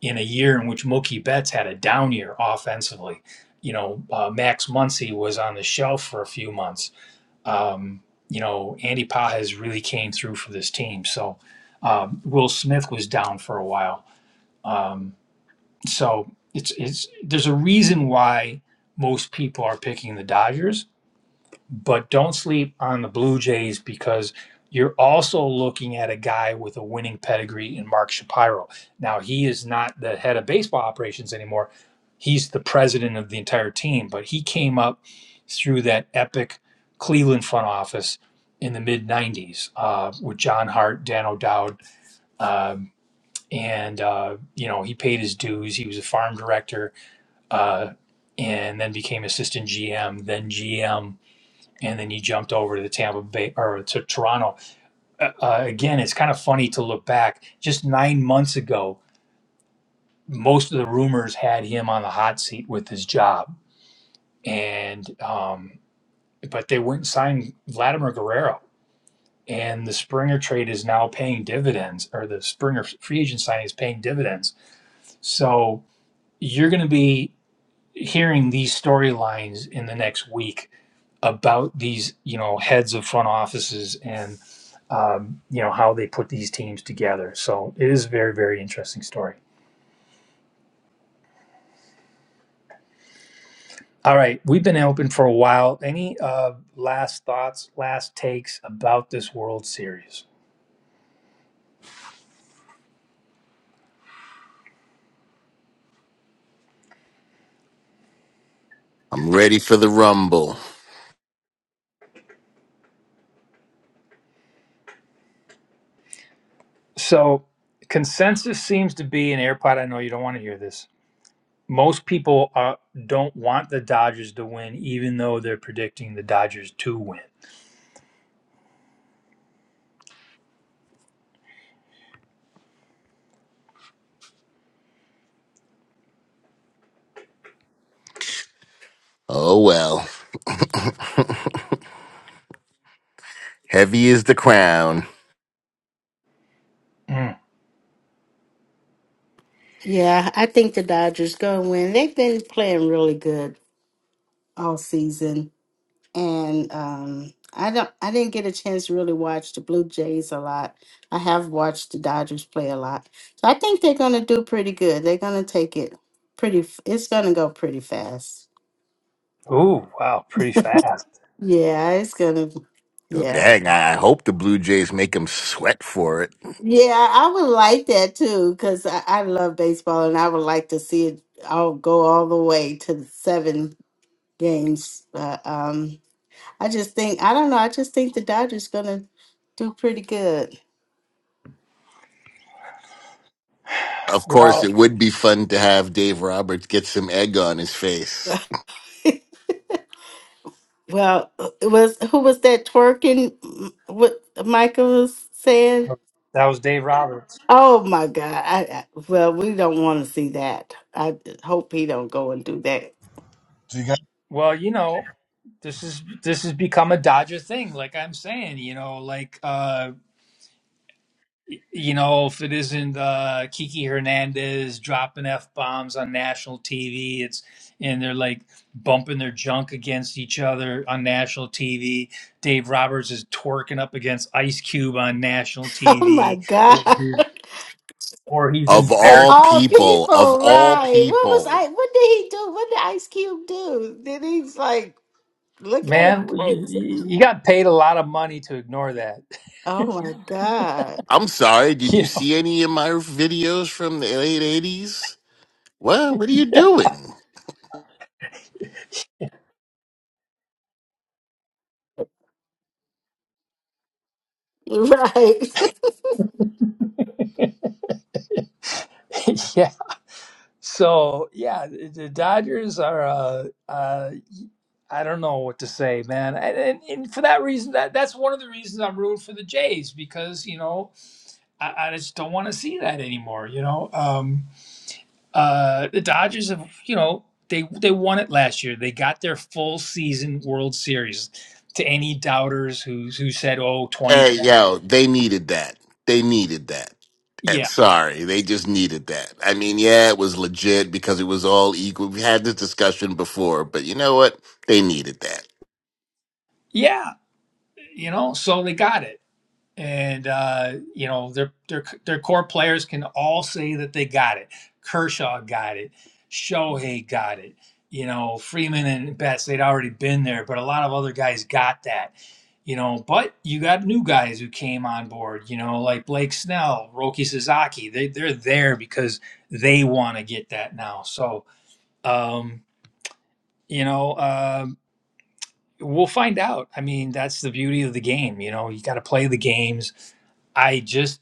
Speaker 1: in a year in which Mookie Betts had a down year offensively. You know, uh, Max Muncy was on the shelf for a few months. Um, you know, Andy Pajes really came through for this team. So um, Will Smith was down for a while. Um, so it's it's there's a reason why most people are picking the Dodgers, but don't sleep on the Blue Jays because you're also looking at a guy with a winning pedigree in Mark Shapiro. Now he is not the head of baseball operations anymore. He's the president of the entire team, but he came up through that epic Cleveland front office in the mid 90s uh, with John Hart, Dan O'Dowd, um, and uh, you know he paid his dues. He was a farm director uh, and then became assistant GM, then GM, and then he jumped over to the Tampa Bay or to Toronto. Uh, uh, again, it's kind of funny to look back. Just nine months ago, most of the rumors had him on the hot seat with his job, and um, but they went and signed Vladimir Guerrero. And the Springer trade is now paying dividends, or the Springer free agent signing is paying dividends. So you're going to be hearing these storylines in the next week about these, you know, heads of front offices and, um, you know, how they put these teams together. So it is a very, very interesting story. All right, we've been open for a while. Any uh, last thoughts, last takes about this World Series?
Speaker 2: I'm ready for the rumble.
Speaker 1: So consensus seems to be and AirPod. I know you don't want to hear this. Most people are, don't want the Dodgers to win, even though they're predicting the Dodgers to win.
Speaker 2: Oh well. [LAUGHS] Heavy is the crown.
Speaker 1: Mm.
Speaker 7: Yeah, I think the Dodgers gonna win. They've been playing really good all season. And um I don't I didn't get a chance to really watch the Blue Jays a lot. I have watched the Dodgers play a lot. So I think they're gonna do pretty good. They're gonna take it pretty f- it's gonna go pretty fast.
Speaker 1: Ooh, wow, pretty fast.
Speaker 7: Yeah, it's gonna
Speaker 2: Well,
Speaker 7: yeah.
Speaker 2: dang, I hope the Blue Jays make him sweat for it.
Speaker 7: Yeah, I would like that too, because I, I love baseball and I would like to see it all go all the way to the seven games. Uh, um, I just think, I don't know, I just think the Dodgers gonna do pretty good.
Speaker 2: Of course,
Speaker 1: Well,
Speaker 2: it would be fun to have Dave Roberts get some egg on his face.
Speaker 7: Well, it was who was that twerking? m- What Michael was saying?
Speaker 1: that was Dave Roberts.
Speaker 7: Oh my God! I, I well, we don't want to see that. I hope he don't go and do that.
Speaker 13: Do you guys?
Speaker 1: Well, you know, this is this has become a Dodger thing. Like I'm saying, you know, like uh, y- you know, if it isn't uh, Kiki Hernandez dropping f bombs on national TV, it's and they're like bumping their junk against each other on national TV. Dave Roberts is twerking up against Ice Cube on national
Speaker 7: [LAUGHS] Oh my
Speaker 1: TV, or
Speaker 7: God.
Speaker 1: [LAUGHS] he's, or he's
Speaker 2: Of
Speaker 7: Of
Speaker 1: embarrassing.
Speaker 2: all
Speaker 7: all
Speaker 2: people, of
Speaker 7: people,
Speaker 2: all
Speaker 7: right. What was
Speaker 2: people.
Speaker 7: I what did he do? What did Ice Cube do? Did he like look at him
Speaker 1: Man, you,
Speaker 7: crazy?
Speaker 1: you you got paid a lot of money to ignore that.
Speaker 7: Oh my God.
Speaker 2: I'm sorry,
Speaker 1: [LAUGHS]
Speaker 2: did you
Speaker 1: you know,
Speaker 2: see any of my videos from the late 80s? Well, what are you doing?
Speaker 7: Right.
Speaker 1: [LAUGHS] yeah. So yeah, the the Dodgers are. Uh, uh, I don't know what to say, man. And, and, and for that reason, that that's one of the reasons I'm rooting for the Jays because you know I, I just don't want to see that anymore. You know, um, uh, the Dodgers have. You know, they they won it last year. They got their full season World Series. To any doubters who who said, "Oh,
Speaker 2: Hey,
Speaker 1: 2020."
Speaker 2: yo, they needed that. They needed that. I'm
Speaker 1: Yeah.
Speaker 2: sorry, they just needed that. I mean, yeah, it was legit because it was all equal. We had this discussion before, but you know what? They needed that.
Speaker 1: Yeah. you know so they got it and uh you know their their their core players can all say that they got it kershaw got it shohei got it you know freeman and betts they'd already been there but a lot of other guys got that you know but you got new guys who came on board you know like blake snell roki sasaki they, they're there because they want to get that now so um you know uh We'll find out. I mean, that's the beauty of the game. You know, you got to play the games. I just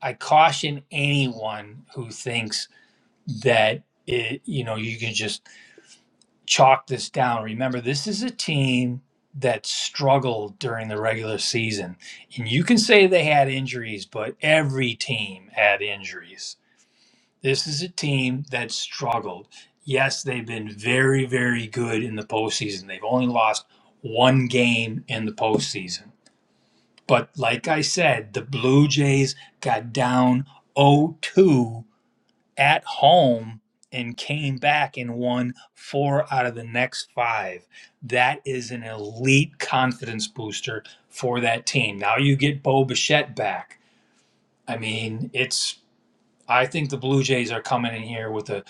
Speaker 1: I caution anyone who thinks that it, you know you can just chalk this down. Remember, this is a team that struggled during the regular season, and you can say they had injuries, but every team had injuries. This is a team that struggled. Yes, they've been very, very good in the postseason. They've only lost one game in the postseason. But like I said, the Blue Jays got down 0 2 at home and came back and won four out of the next five. That is an elite confidence booster for that team. Now you get Bo Bichette back. I mean, it's. I think the Blue Jays are coming in here with a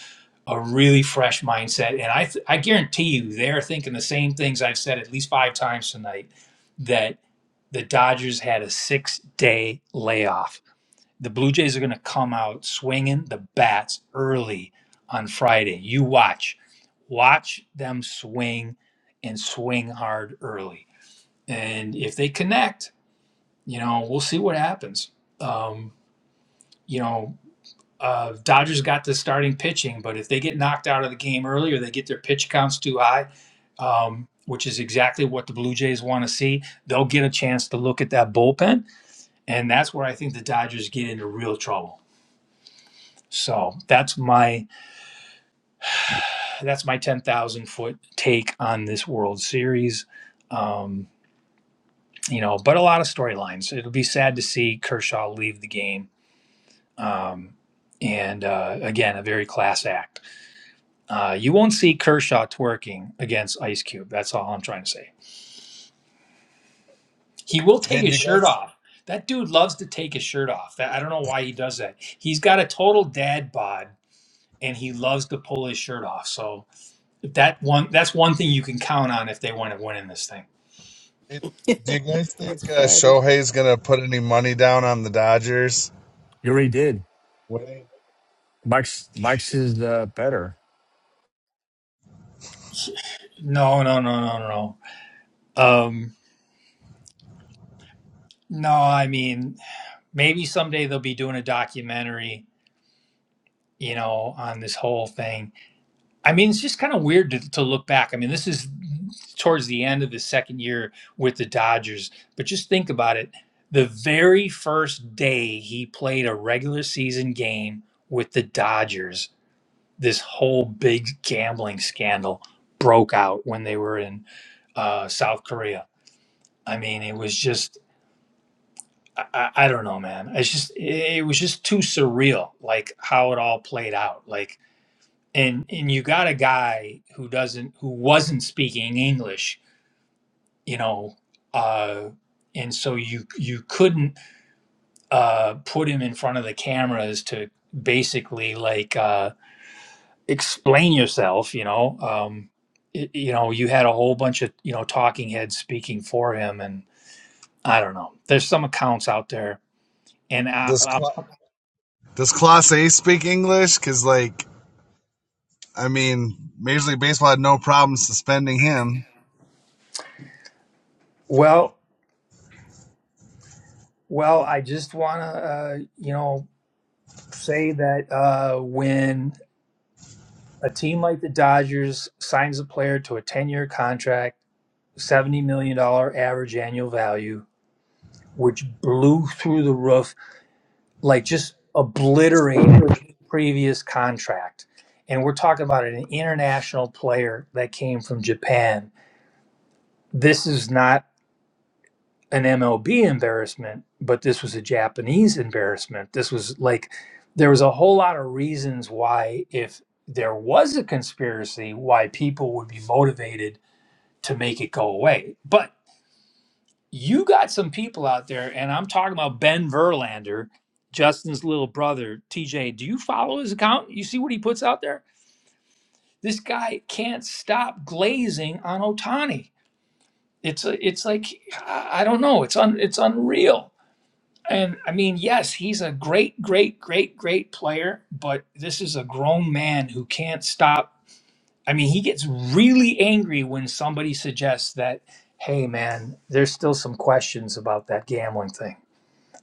Speaker 1: a really fresh mindset. And I, th- I guarantee you, they're thinking the same things I've said at least five times tonight that the Dodgers had a six day layoff. The Blue Jays are going to come out swinging the bats early on Friday. You watch. Watch them swing and swing hard early. And if they connect, you know, we'll see what happens. Um, you know, uh, Dodgers got the starting pitching, but if they get knocked out of the game early or they get their pitch counts too high, um, which is exactly what the Blue Jays want to see, they'll get a chance to look at that bullpen, and that's where I think the Dodgers get into real trouble. So that's my that's my ten thousand foot take on this World Series. Um, you know, but a lot of storylines. It'll be sad to see Kershaw leave the game, um, and uh, again, a very class act. Uh, you won't see Kershaw twerking against Ice Cube. That's all I'm trying to say. He will
Speaker 13: Hey,
Speaker 1: take
Speaker 13: do
Speaker 1: his
Speaker 13: you
Speaker 1: shirt
Speaker 13: guys?
Speaker 1: off. That dude loves to take his shirt off. That, I don't know why he does that. He's got a total dad bod, and he loves to pull his shirt off. So that one, that's one thing you can count on if they want to win in this thing.
Speaker 13: it- Do you guys
Speaker 7: [LAUGHS] That's
Speaker 13: think uh,
Speaker 7: funny.
Speaker 13: Shohei's going to put any money down on the Dodgers?
Speaker 5: He already did.
Speaker 13: Wait,
Speaker 5: Mike's Mike's is uh, better.
Speaker 1: No, no, no, no, no. no. Um, no, I mean maybe someday they'll be doing a documentary, you know, on this whole thing I mean, it's just kind of weird to, to look back. I mean, this is towards the end of the second year with the Dodgers, but just think about it. The very first day he played a regular season game with the Dodgers, this whole big gambling scandal broke out when they were in uh, South Korea. I mean, it was just. I, I I don't know, man. It's just it was just too surreal, like how it all played out. Like and and you got a guy who doesn't who wasn't speaking english you know uh and so you you couldn't uh put him in front of the cameras to basically like uh explain yourself you know um y- you know you had a whole bunch of you know talking heads speaking for him and i don't know there's some accounts out there and i,
Speaker 13: this
Speaker 1: I
Speaker 13: clock. Does Class A speak English? Because, like, I mean, Major League Baseball had no problem suspending him.
Speaker 1: well well i just want to uh you know say that uh when A team like the Dodgers signs a player to a 10 year contract, $70 million dollars average annual value, which blew through the roof, like just obliterated previous contract. And we're talking about an international player that came from Japan. This is not an MLB embarrassment, but this was a Japanese embarrassment. This was like, there was a whole lot of reasons why, if there was a conspiracy, why people would be motivated to make it go away. But you got some people out there, and I'm talking about Ben Verlander, Justin's little brother, TJ. Do you follow his account? You see what he puts out there? This guy can't stop glazing on Otani. It's a, it's like I don't know. It's un, it's unreal. And I mean, yes, he's a great, great, great, great player, but this is a grown man who can't stop. I mean, he gets really angry when somebody suggests that, hey, man, there's still some questions about that gambling thing.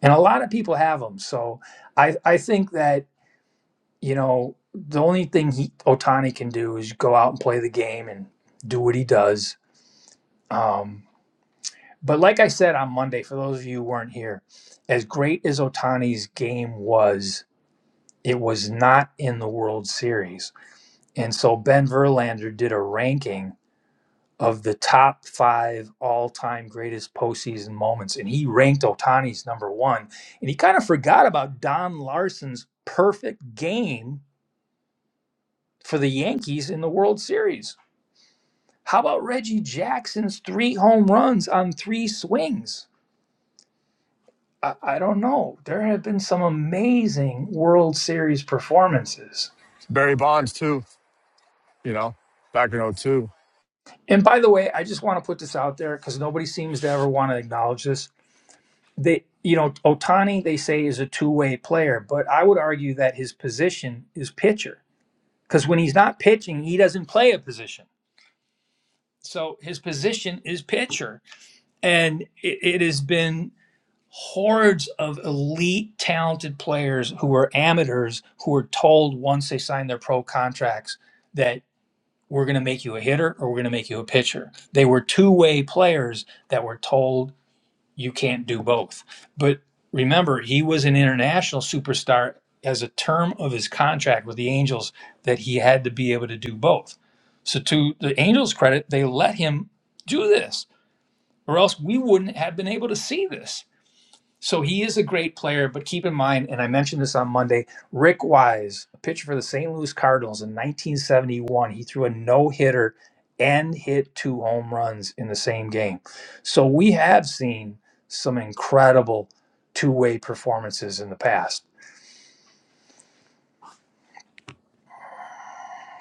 Speaker 1: And a lot of people have them. So I, I think that, you know, the only thing he, Otani can do is go out and play the game and do what he does. Um, but like I said on Monday, for those of you who weren't here, as great as Otani's game was, it was not in the World Series. And so Ben Verlander did a ranking of the top five all time greatest postseason moments. And he ranked Otani's number one. And he kind of forgot about Don Larson's perfect game for the Yankees in the World Series. How about Reggie Jackson's three home runs on three swings? I, I don't know. There have been some amazing World Series performances.
Speaker 5: Barry Bonds too. You know, back in '02.
Speaker 1: And by the way, I just want to put this out there because nobody seems to ever want to acknowledge this. they you know Otani they say is a two-way player, but I would argue that his position is pitcher because when he's not pitching, he doesn't play a position. So his position is pitcher, and it, it has been hordes of elite talented players who are amateurs who were told once they signed their pro contracts that we're going to make you a hitter or we're going to make you a pitcher. They were two-way players that were told you can't do both. But remember, he was an international superstar as a term of his contract with the Angels that he had to be able to do both. So, to the Angels' credit, they let him do this, or else we wouldn't have been able to see this. So he is a great player, but keep in mind, and I mentioned this on Monday, Rick Wise, a pitcher for the St. Louis Cardinals in 1971, he threw a no hitter and hit two home runs in the same game. So we have seen some incredible two way performances in the past.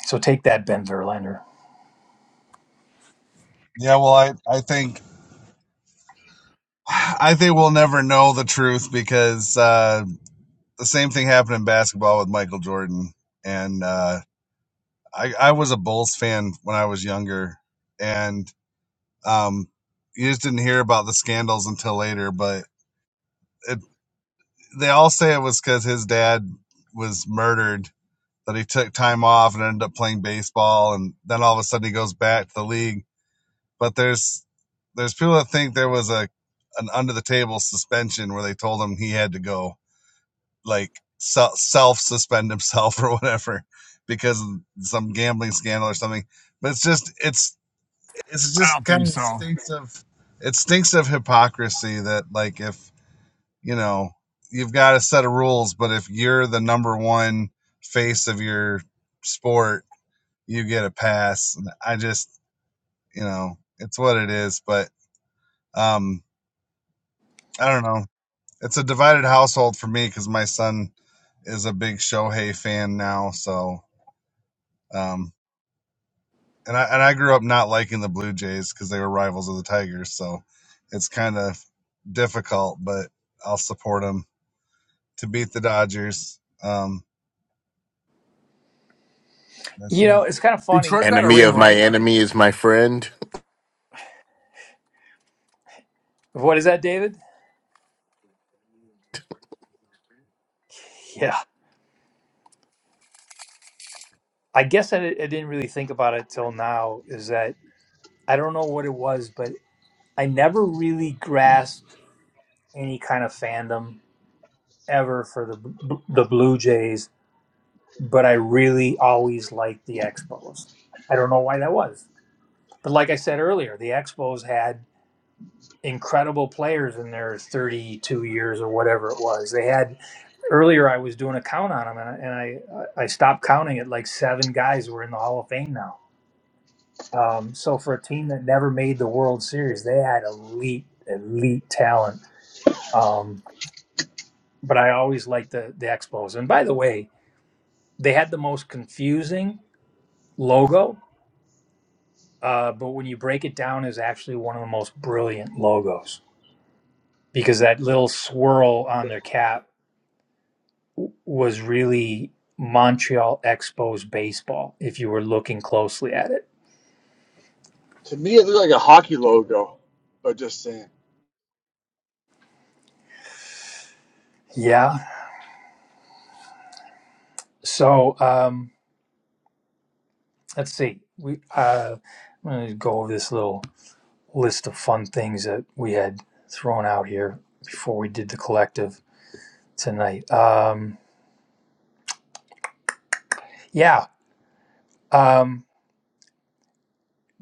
Speaker 1: So take that, Ben Verlander.
Speaker 13: Yeah, well, I, I think. I think we'll never know the truth because uh, the same thing happened in basketball with Michael Jordan. And uh, I, I was a Bulls fan when I was younger, and um, you just didn't hear about the scandals until later. But it, they all say it was because his dad was murdered that he took time off and ended up playing baseball and then all of a sudden he goes back to the league but there's there's people that think there was a an under the table suspension where they told him he had to go like self suspend himself [LAUGHS] or whatever because of some gambling scandal or something but it's just it's it's
Speaker 5: I
Speaker 13: just
Speaker 5: don't think
Speaker 13: kind of
Speaker 5: so.
Speaker 13: stinks of it stinks of hypocrisy that like if you know you've got a set of rules but if you're the number one face of your sport you get a pass. And I just, you know, it's what it is. But um, I don't know. It's a divided household for me because my son is a big Shohei fan now. So, um, and I and I grew up not liking the Blue Jays because they were rivals of the Tigers. So, it's kind of difficult, but I'll support them to beat the Dodgers. Um, that's
Speaker 1: You
Speaker 13: it.
Speaker 1: know, it's kind of funny.
Speaker 5: Detroit got a
Speaker 2: Enemy
Speaker 5: ring,
Speaker 2: of my
Speaker 5: right?
Speaker 2: enemy is my friend.
Speaker 1: What is that, David? Yeah. I guess I, I didn't really think about it till now, is that I don't know what it was, but I never really grasped any kind of fandom ever for the the Blue Jays, but I really always liked the Expos. I don't know why that was. But like I said earlier, the Expos had incredible players in their 32 years or whatever it was. They had earlier I was doing a count on them and I, and I I stopped counting at like seven guys who are in the Hall of Fame now. Um, so for a team that never made the World Series, they had elite elite talent. Um, but I always liked the the Expos. And by the way, They had the most confusing logo, uh, but when you break it down, is actually one of the most brilliant logos because that little swirl on their cap w- was really Montreal Expos baseball. If you were looking closely at it,
Speaker 5: To me, it looked like a hockey logo, but just saying.
Speaker 1: yeah. So um, let's see. We uh, I'm going to go over this little list of fun things that we had thrown out here before we did the collective tonight. Um, yeah. Um,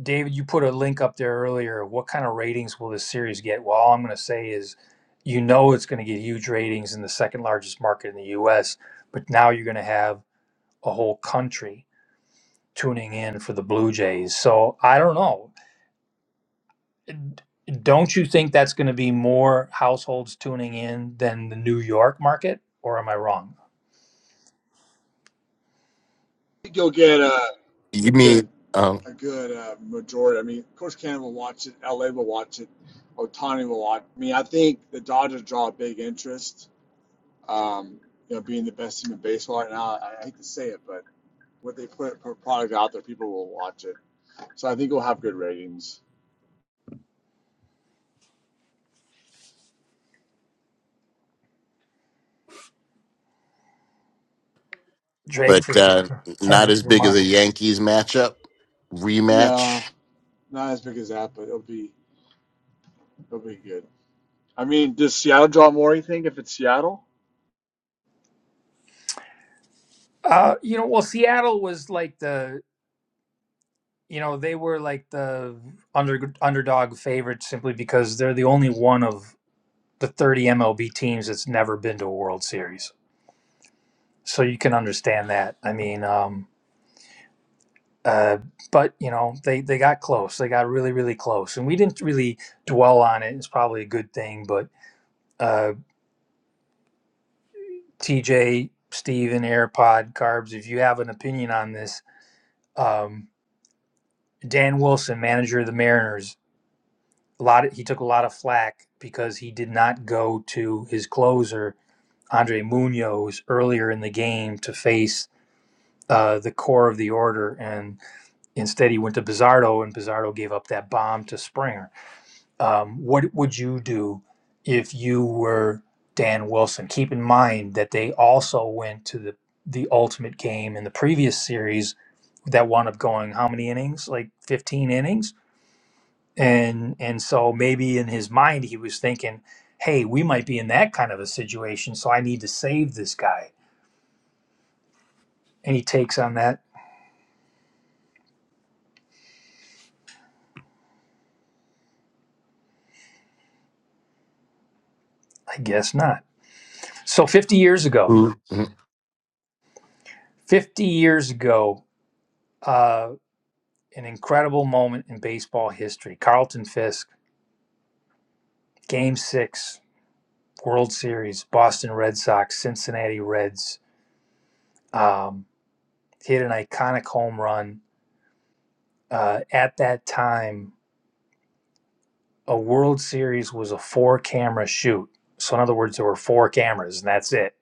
Speaker 1: David, you put a link up there earlier. What kind of ratings will this series get? Well, all I'm going to say is, you know, it's going to get huge ratings in the second largest market in the U.S., but now you're going to have a whole country tuning in for the Blue Jays. So I don't know. Don't you think that's going to be more households tuning in than the New York market, or am I wrong?
Speaker 5: You go get a, a
Speaker 2: You
Speaker 5: good.
Speaker 2: mean, um,
Speaker 5: a good uh, majority. I mean, of course, Canada will watch it. LA will watch it. Otani will watch. it. I mean, I think the Dodgers draw a big interest. Um, you know, being the best team in baseball right now. I, I hate to say it, but what they put for product out there, people will watch it. So I think we'll have good ratings.
Speaker 1: Drake
Speaker 2: but
Speaker 1: versus
Speaker 2: uh, not
Speaker 1: Kendrick
Speaker 2: as big as
Speaker 1: Lamar.
Speaker 2: a Yankees matchup
Speaker 5: No,
Speaker 2: rematch.
Speaker 5: not as big as that, but it'll be it'll be good. I mean, does Seattle draw more? You think if it's Seattle?
Speaker 1: Uh, you know, well, Seattle was like the, you know, they were like the under underdog favorite simply because they're the only one of the 30 MLB teams that's never been to a World Series. So you can understand that. I mean, um, uh, but you know, they they got close. They got really, really close, and we didn't really dwell on it. It's probably a good thing. But uh, TJ, Steve, and AirPod Carbs, if you have an opinion on this, um, Dan Wilson, manager of the Mariners a lot of, he took a lot of flack because he did not go to his closer Andre Munoz earlier in the game to face uh, the core of the order, and instead he went to Bizardo, and Bizardo gave up that bomb to Springer. Um, what would you do if you were Dan Wilson? Keep in mind that they also went to the the ultimate game in the previous series that wound up going how many innings? Like fifteen innings and and so maybe in his mind he was thinking hey we might be in that kind of a situation so i need to save this guy any takes on that i guess not so 50 years ago
Speaker 2: Who?
Speaker 1: 50 years ago uh, an incredible moment in baseball history carlton fisk game six world series boston red sox cincinnati reds um, hit an iconic home run uh, at that time a World Series was a four camera shoot. So in other words, there were four cameras, and that's it.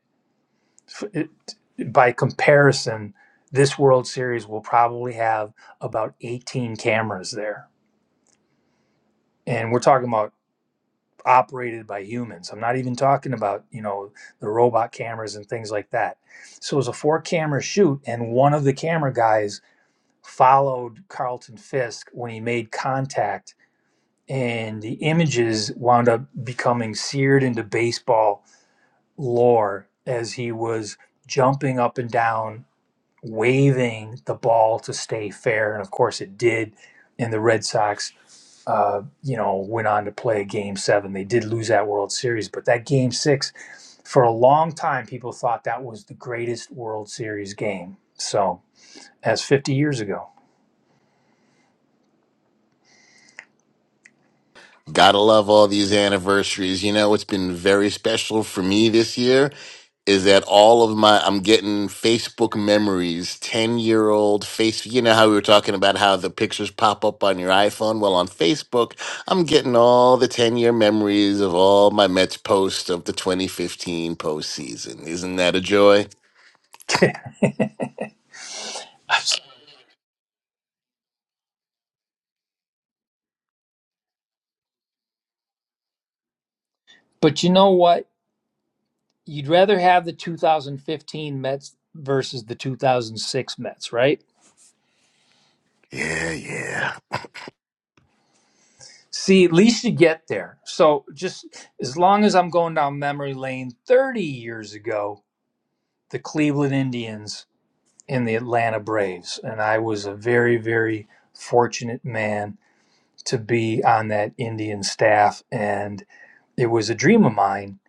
Speaker 1: it- by comparison, this World Series will probably have about 18 cameras there, and we're talking about operated by humans. I'm not even talking about you know the robot cameras and things like that. So it was a four camera shoot, and one of the camera guys followed Carlton Fisk when he made contact and the images wound up becoming seared into baseball lore as he was jumping up and down, waving the ball to stay fair. And of course, it did. And the Red Sox, uh, you know, went on to play game seven. They did lose that World Series, but that game six, for a long time, people thought that was the greatest World Series game. So that's 50 years ago.
Speaker 2: Gotta love all these anniversaries. You know, it's been very special for me this year is that all of my I'm getting Facebook memories, 10-year-old face you know how we were talking about how the pictures pop up on your iPhone? Well, on Facebook, I'm getting all the 10-year memories of all my Mets posts of the 2015 postseason. Isn't that a joy?
Speaker 1: [LAUGHS] but you know what? You'd rather have the 2015 Mets versus the 2006 Mets, right?
Speaker 2: Yeah, yeah.
Speaker 1: See, at least you get there. So just as long as I'm going down memory lane, 30 years ago, the Cleveland Indians and the Atlanta Braves, and I was a very, very fortunate man to be on that Indian staff, and it was a dream of mine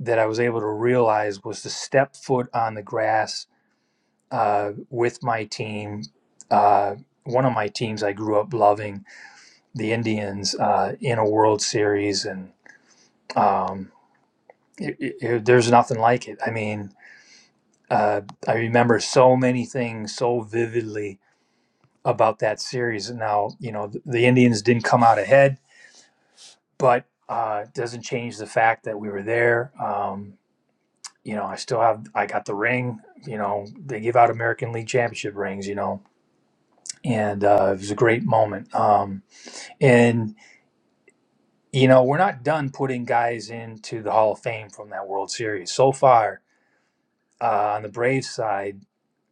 Speaker 1: that I was able to realize was to step foot on the grass uh, with my team. Uh, one of my teams I grew up loving, the Indians, uh, in a World Series, and um, it, it, it- there's nothing like it. I mean, uh, I remember so many things so vividly about that series. Now, you know, the, the Indians didn't come out ahead, but uh, it doesn't change the fact that we were there. Um, you know, I still have, I got the ring. You know, they give out American League Championship rings, you know, and uh, it was a great moment. Um, and, you know, we're not done putting guys into the Hall of Fame from that World Series. So far, uh, on the Braves side,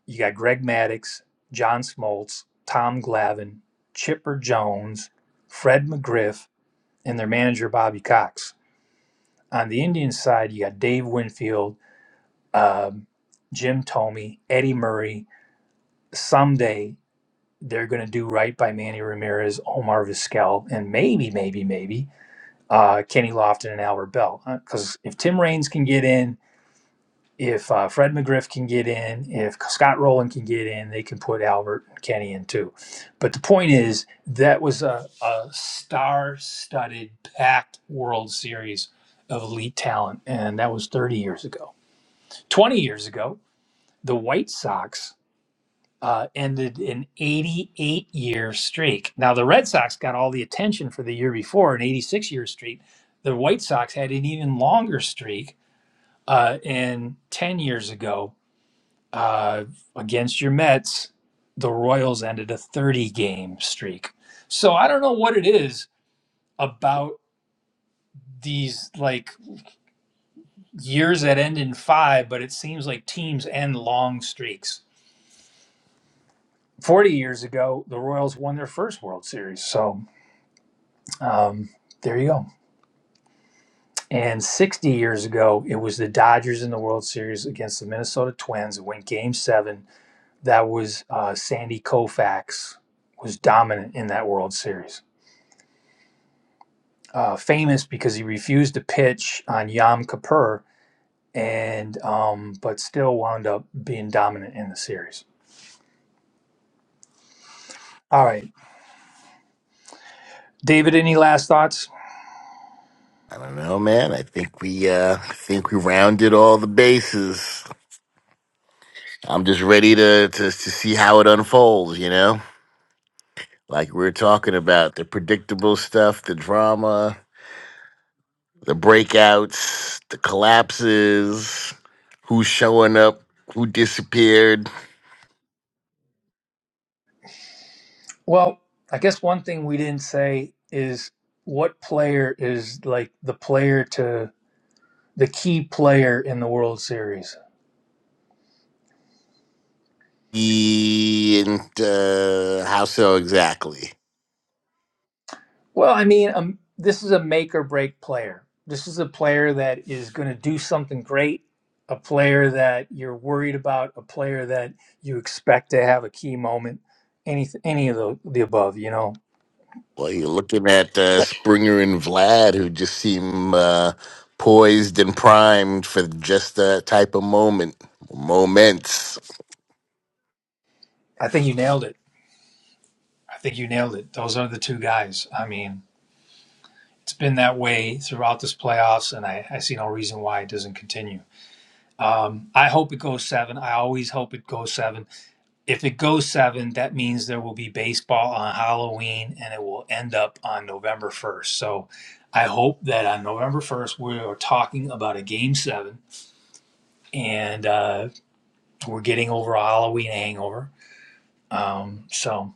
Speaker 1: You got Greg Maddux, John Smoltz, Tom Glavine, Chipper Jones, Fred McGriff, and their manager Bobby Cox. On the Indians side, you got Dave Winfield, um, Jim Thome, Eddie Murray. Someday they're going to do right by Manny Ramirez, Omar Vizquel, and maybe, maybe, maybe uh, Kenny Lofton and Albert Bell. Because if Tim Raines can get in if uh, Fred McGriff can get in, if Scott Rowland can get in, they can put Albert and Kenny in too. But the point is, that was a, a star studded, packed World Series of elite talent. And that was 30 years ago. 20 years ago, the White Sox uh, ended an 88 year streak. Now, the Red Sox got all the attention for the year before, an 86 year streak. The White Sox had an even longer streak. Uh, and 10 years ago, uh, against your Mets, the Royals ended a 30 game streak. So I don't know what it is about these like years that end in five, but it seems like teams end long streaks. 40 years ago, the Royals won their first World Series. So um, there you go. And 60 years ago, it was the Dodgers in the World Series against the Minnesota Twins It went game seven. That was uh, Sandy Koufax was dominant in that World Series. uh, famous because he refused to pitch on Yom Kippur, and um, but still wound up being dominant in the series. All right, David, any last thoughts?
Speaker 2: I don't know, man. I think we uh I think we rounded all the bases. I'm just ready to, to to see how it unfolds, you know? Like we we're talking about the predictable stuff, the drama, the breakouts, the collapses, who's showing up, who disappeared,
Speaker 1: Well, I guess one thing we didn't say is what player is like the player to the key player in the World Series.
Speaker 2: e- and uh, how so exactly.
Speaker 1: Well, I mean, um, this is a make or break player. This is a player that is going to do something great, a player that you're worried about, a player that you expect to have a key moment. Any any of the the above, you know.
Speaker 2: Well, you're looking at uh, Springer and Vlad, who just seem uh, poised and primed for just that type of moment, moments.
Speaker 1: I think you nailed it. I think you nailed it. Those are the two guys. I mean, it's been that way throughout this playoffs, and I, I see no reason why it doesn't continue. Um, I hope it goes seven. I always hope it goes seven. If it goes seven, that means there will be baseball on Halloween and it will end up on November 1st. So I hope that on November 1st, we are talking about a game seven and uh, we're getting over a Halloween hangover. Um, so.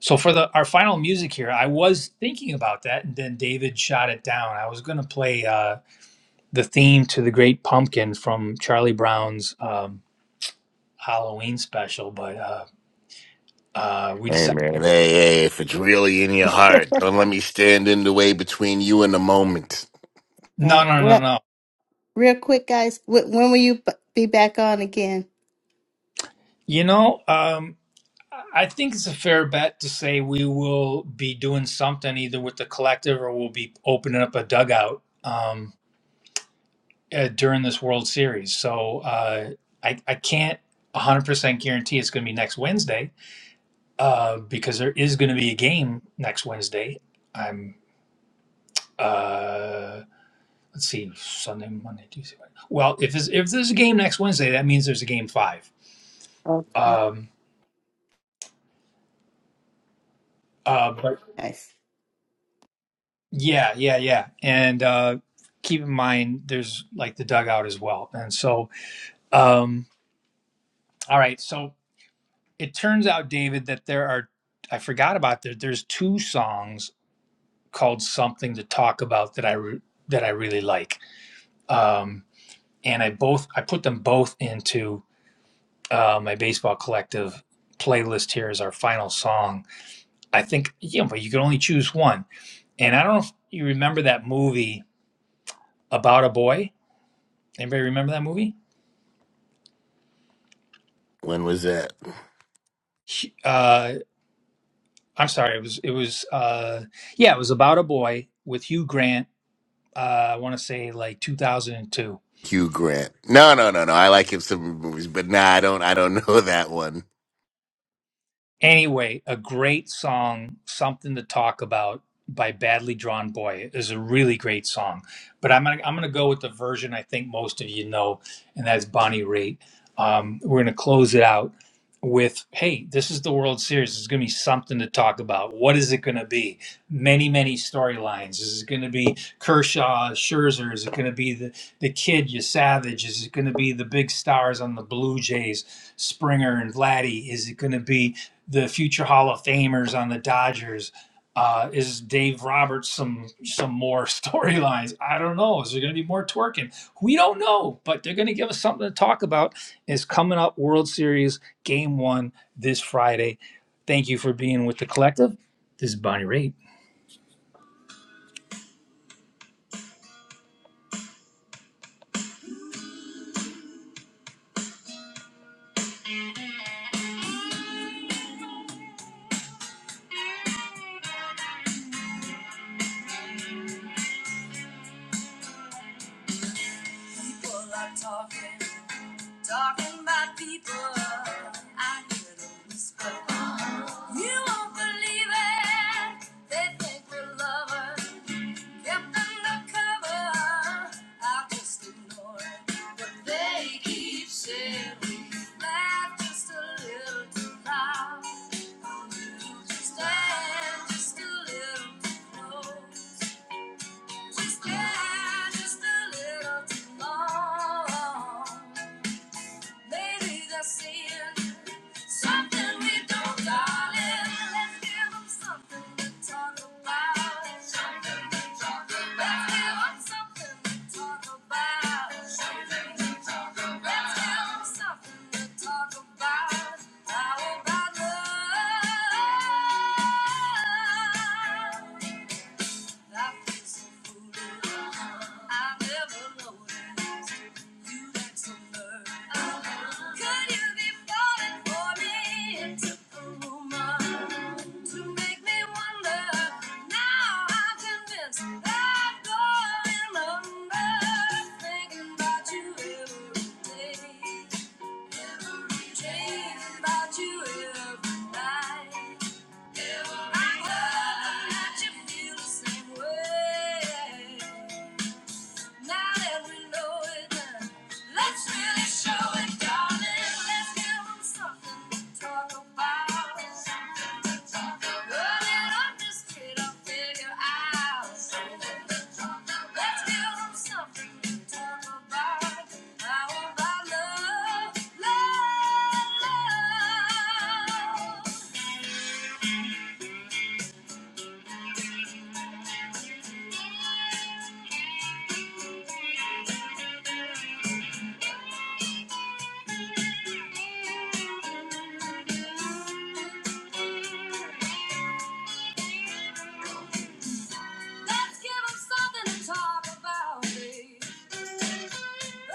Speaker 1: So for the our final music here, I was thinking about that, and then David shot it down. I was going to play uh, the theme to the Great Pumpkin from Charlie Brown's um, Halloween special, but uh, uh, we
Speaker 2: Hey
Speaker 1: decided
Speaker 2: man, hey, hey, if it's really in your heart, don't let me stand in the way between you and the moment.
Speaker 1: no,
Speaker 7: Right.
Speaker 1: no, no,
Speaker 7: Well,
Speaker 1: no.
Speaker 7: real quick, guys, wh- when will you b- be back on again?
Speaker 1: You know, um, I think it's a fair bet to say we will be doing something either with the collective or we'll be opening up a dugout um, uh, during this World Series. So uh, I, I can't 100% guarantee it's going to be next Wednesday uh, because there is going to be a game next Wednesday. I'm, uh, let's see, Sunday, Monday, Tuesday. Well, if, it's, if there's a game next Wednesday, that means there's a game five.
Speaker 7: Okay.
Speaker 1: Um, uh, but
Speaker 7: Nice.
Speaker 1: Yeah, yeah, yeah. And uh, keep in mind, there's like the dugout as well. And so, um, all right. So it turns out, David, that there are, I forgot about there, there's two songs called Something to Talk About that I, re- that I really like. Um, and I both, I put them both into uh, my baseball collective playlist here as our final song. I think, yeah, but you can only choose one. And I don't know if you remember that movie about a boy. Anybody remember that movie?
Speaker 2: When was that?
Speaker 1: Uh, I'm sorry. It was. It was. Uh, yeah, it was about a boy with Hugh Grant. Uh, I want to say like 2002.
Speaker 2: Hugh Grant. No, no, no, no. I like him some movies, but nah, I don't I don't [LAUGHS] know that one.
Speaker 1: Anyway, a great song, something to talk about by Badly Drawn Boy is a really great song. But I'm gonna I'm gonna go with the version I think most of you know, and that's Bonnie Raitt. Um, we're gonna close it out with, hey, this is the World Series. There's gonna be something to talk about. What is it gonna be? Many, many storylines. Is it gonna be Kershaw, Scherzer? Is it gonna be the the kid, you savage? Is it gonna be the big stars on the Blue Jays, Springer and Vladdy? Is it gonna be the future Hall of Famers on the Dodgers? Uh, is Dave Roberts some some more [LAUGHS] storylines? I don't know. Is there going to be more twerking? We don't know, but they're going to give us something to talk about. Is coming up World Series Game One this Friday. Thank you for being with the collective. This is Bonnie Raitt. People are talking, talking about people. I hear them whisper. You won't believe it. They think we're lovers. Kept under cover, I just ignore what they keep saying. Laugh just a little too loud. Stand just a little too close. We stand just a little too long. Ladies are seeing something we don't, darling. Let's give 'em something to talk about. Something to talk about. Let's give 'em something to talk about. Something to talk about. Let's give 'em something to talk about. How about love? I feel so foolish. I have never noticed. You like some bird. Uh-huh. Could you be falling for me? It took a woman to make me wonder. Now I'm convinced I'm going under. Thinking about you every day, every day. Thinking about you every night. I hope that you feel the same way. Not every noise. uh, Let's really show it, darling. Let's give 'em something to talk about. Something to talk about. Girl, it up just straight up figure out. Something to talk about. Let's give 'em something to talk about. How about love? Love, love. Let's give 'em something to talk about, baby. Now I'm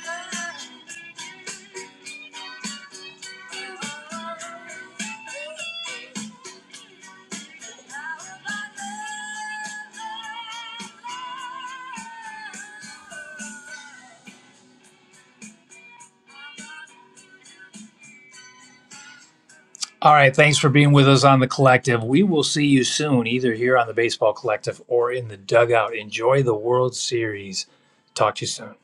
Speaker 1: gonna look up. All right, thanks for being with us on the collective. We will see you soon, either here on the Baseball Collective or in the dugout. Enjoy the World Series. Talk to you soon.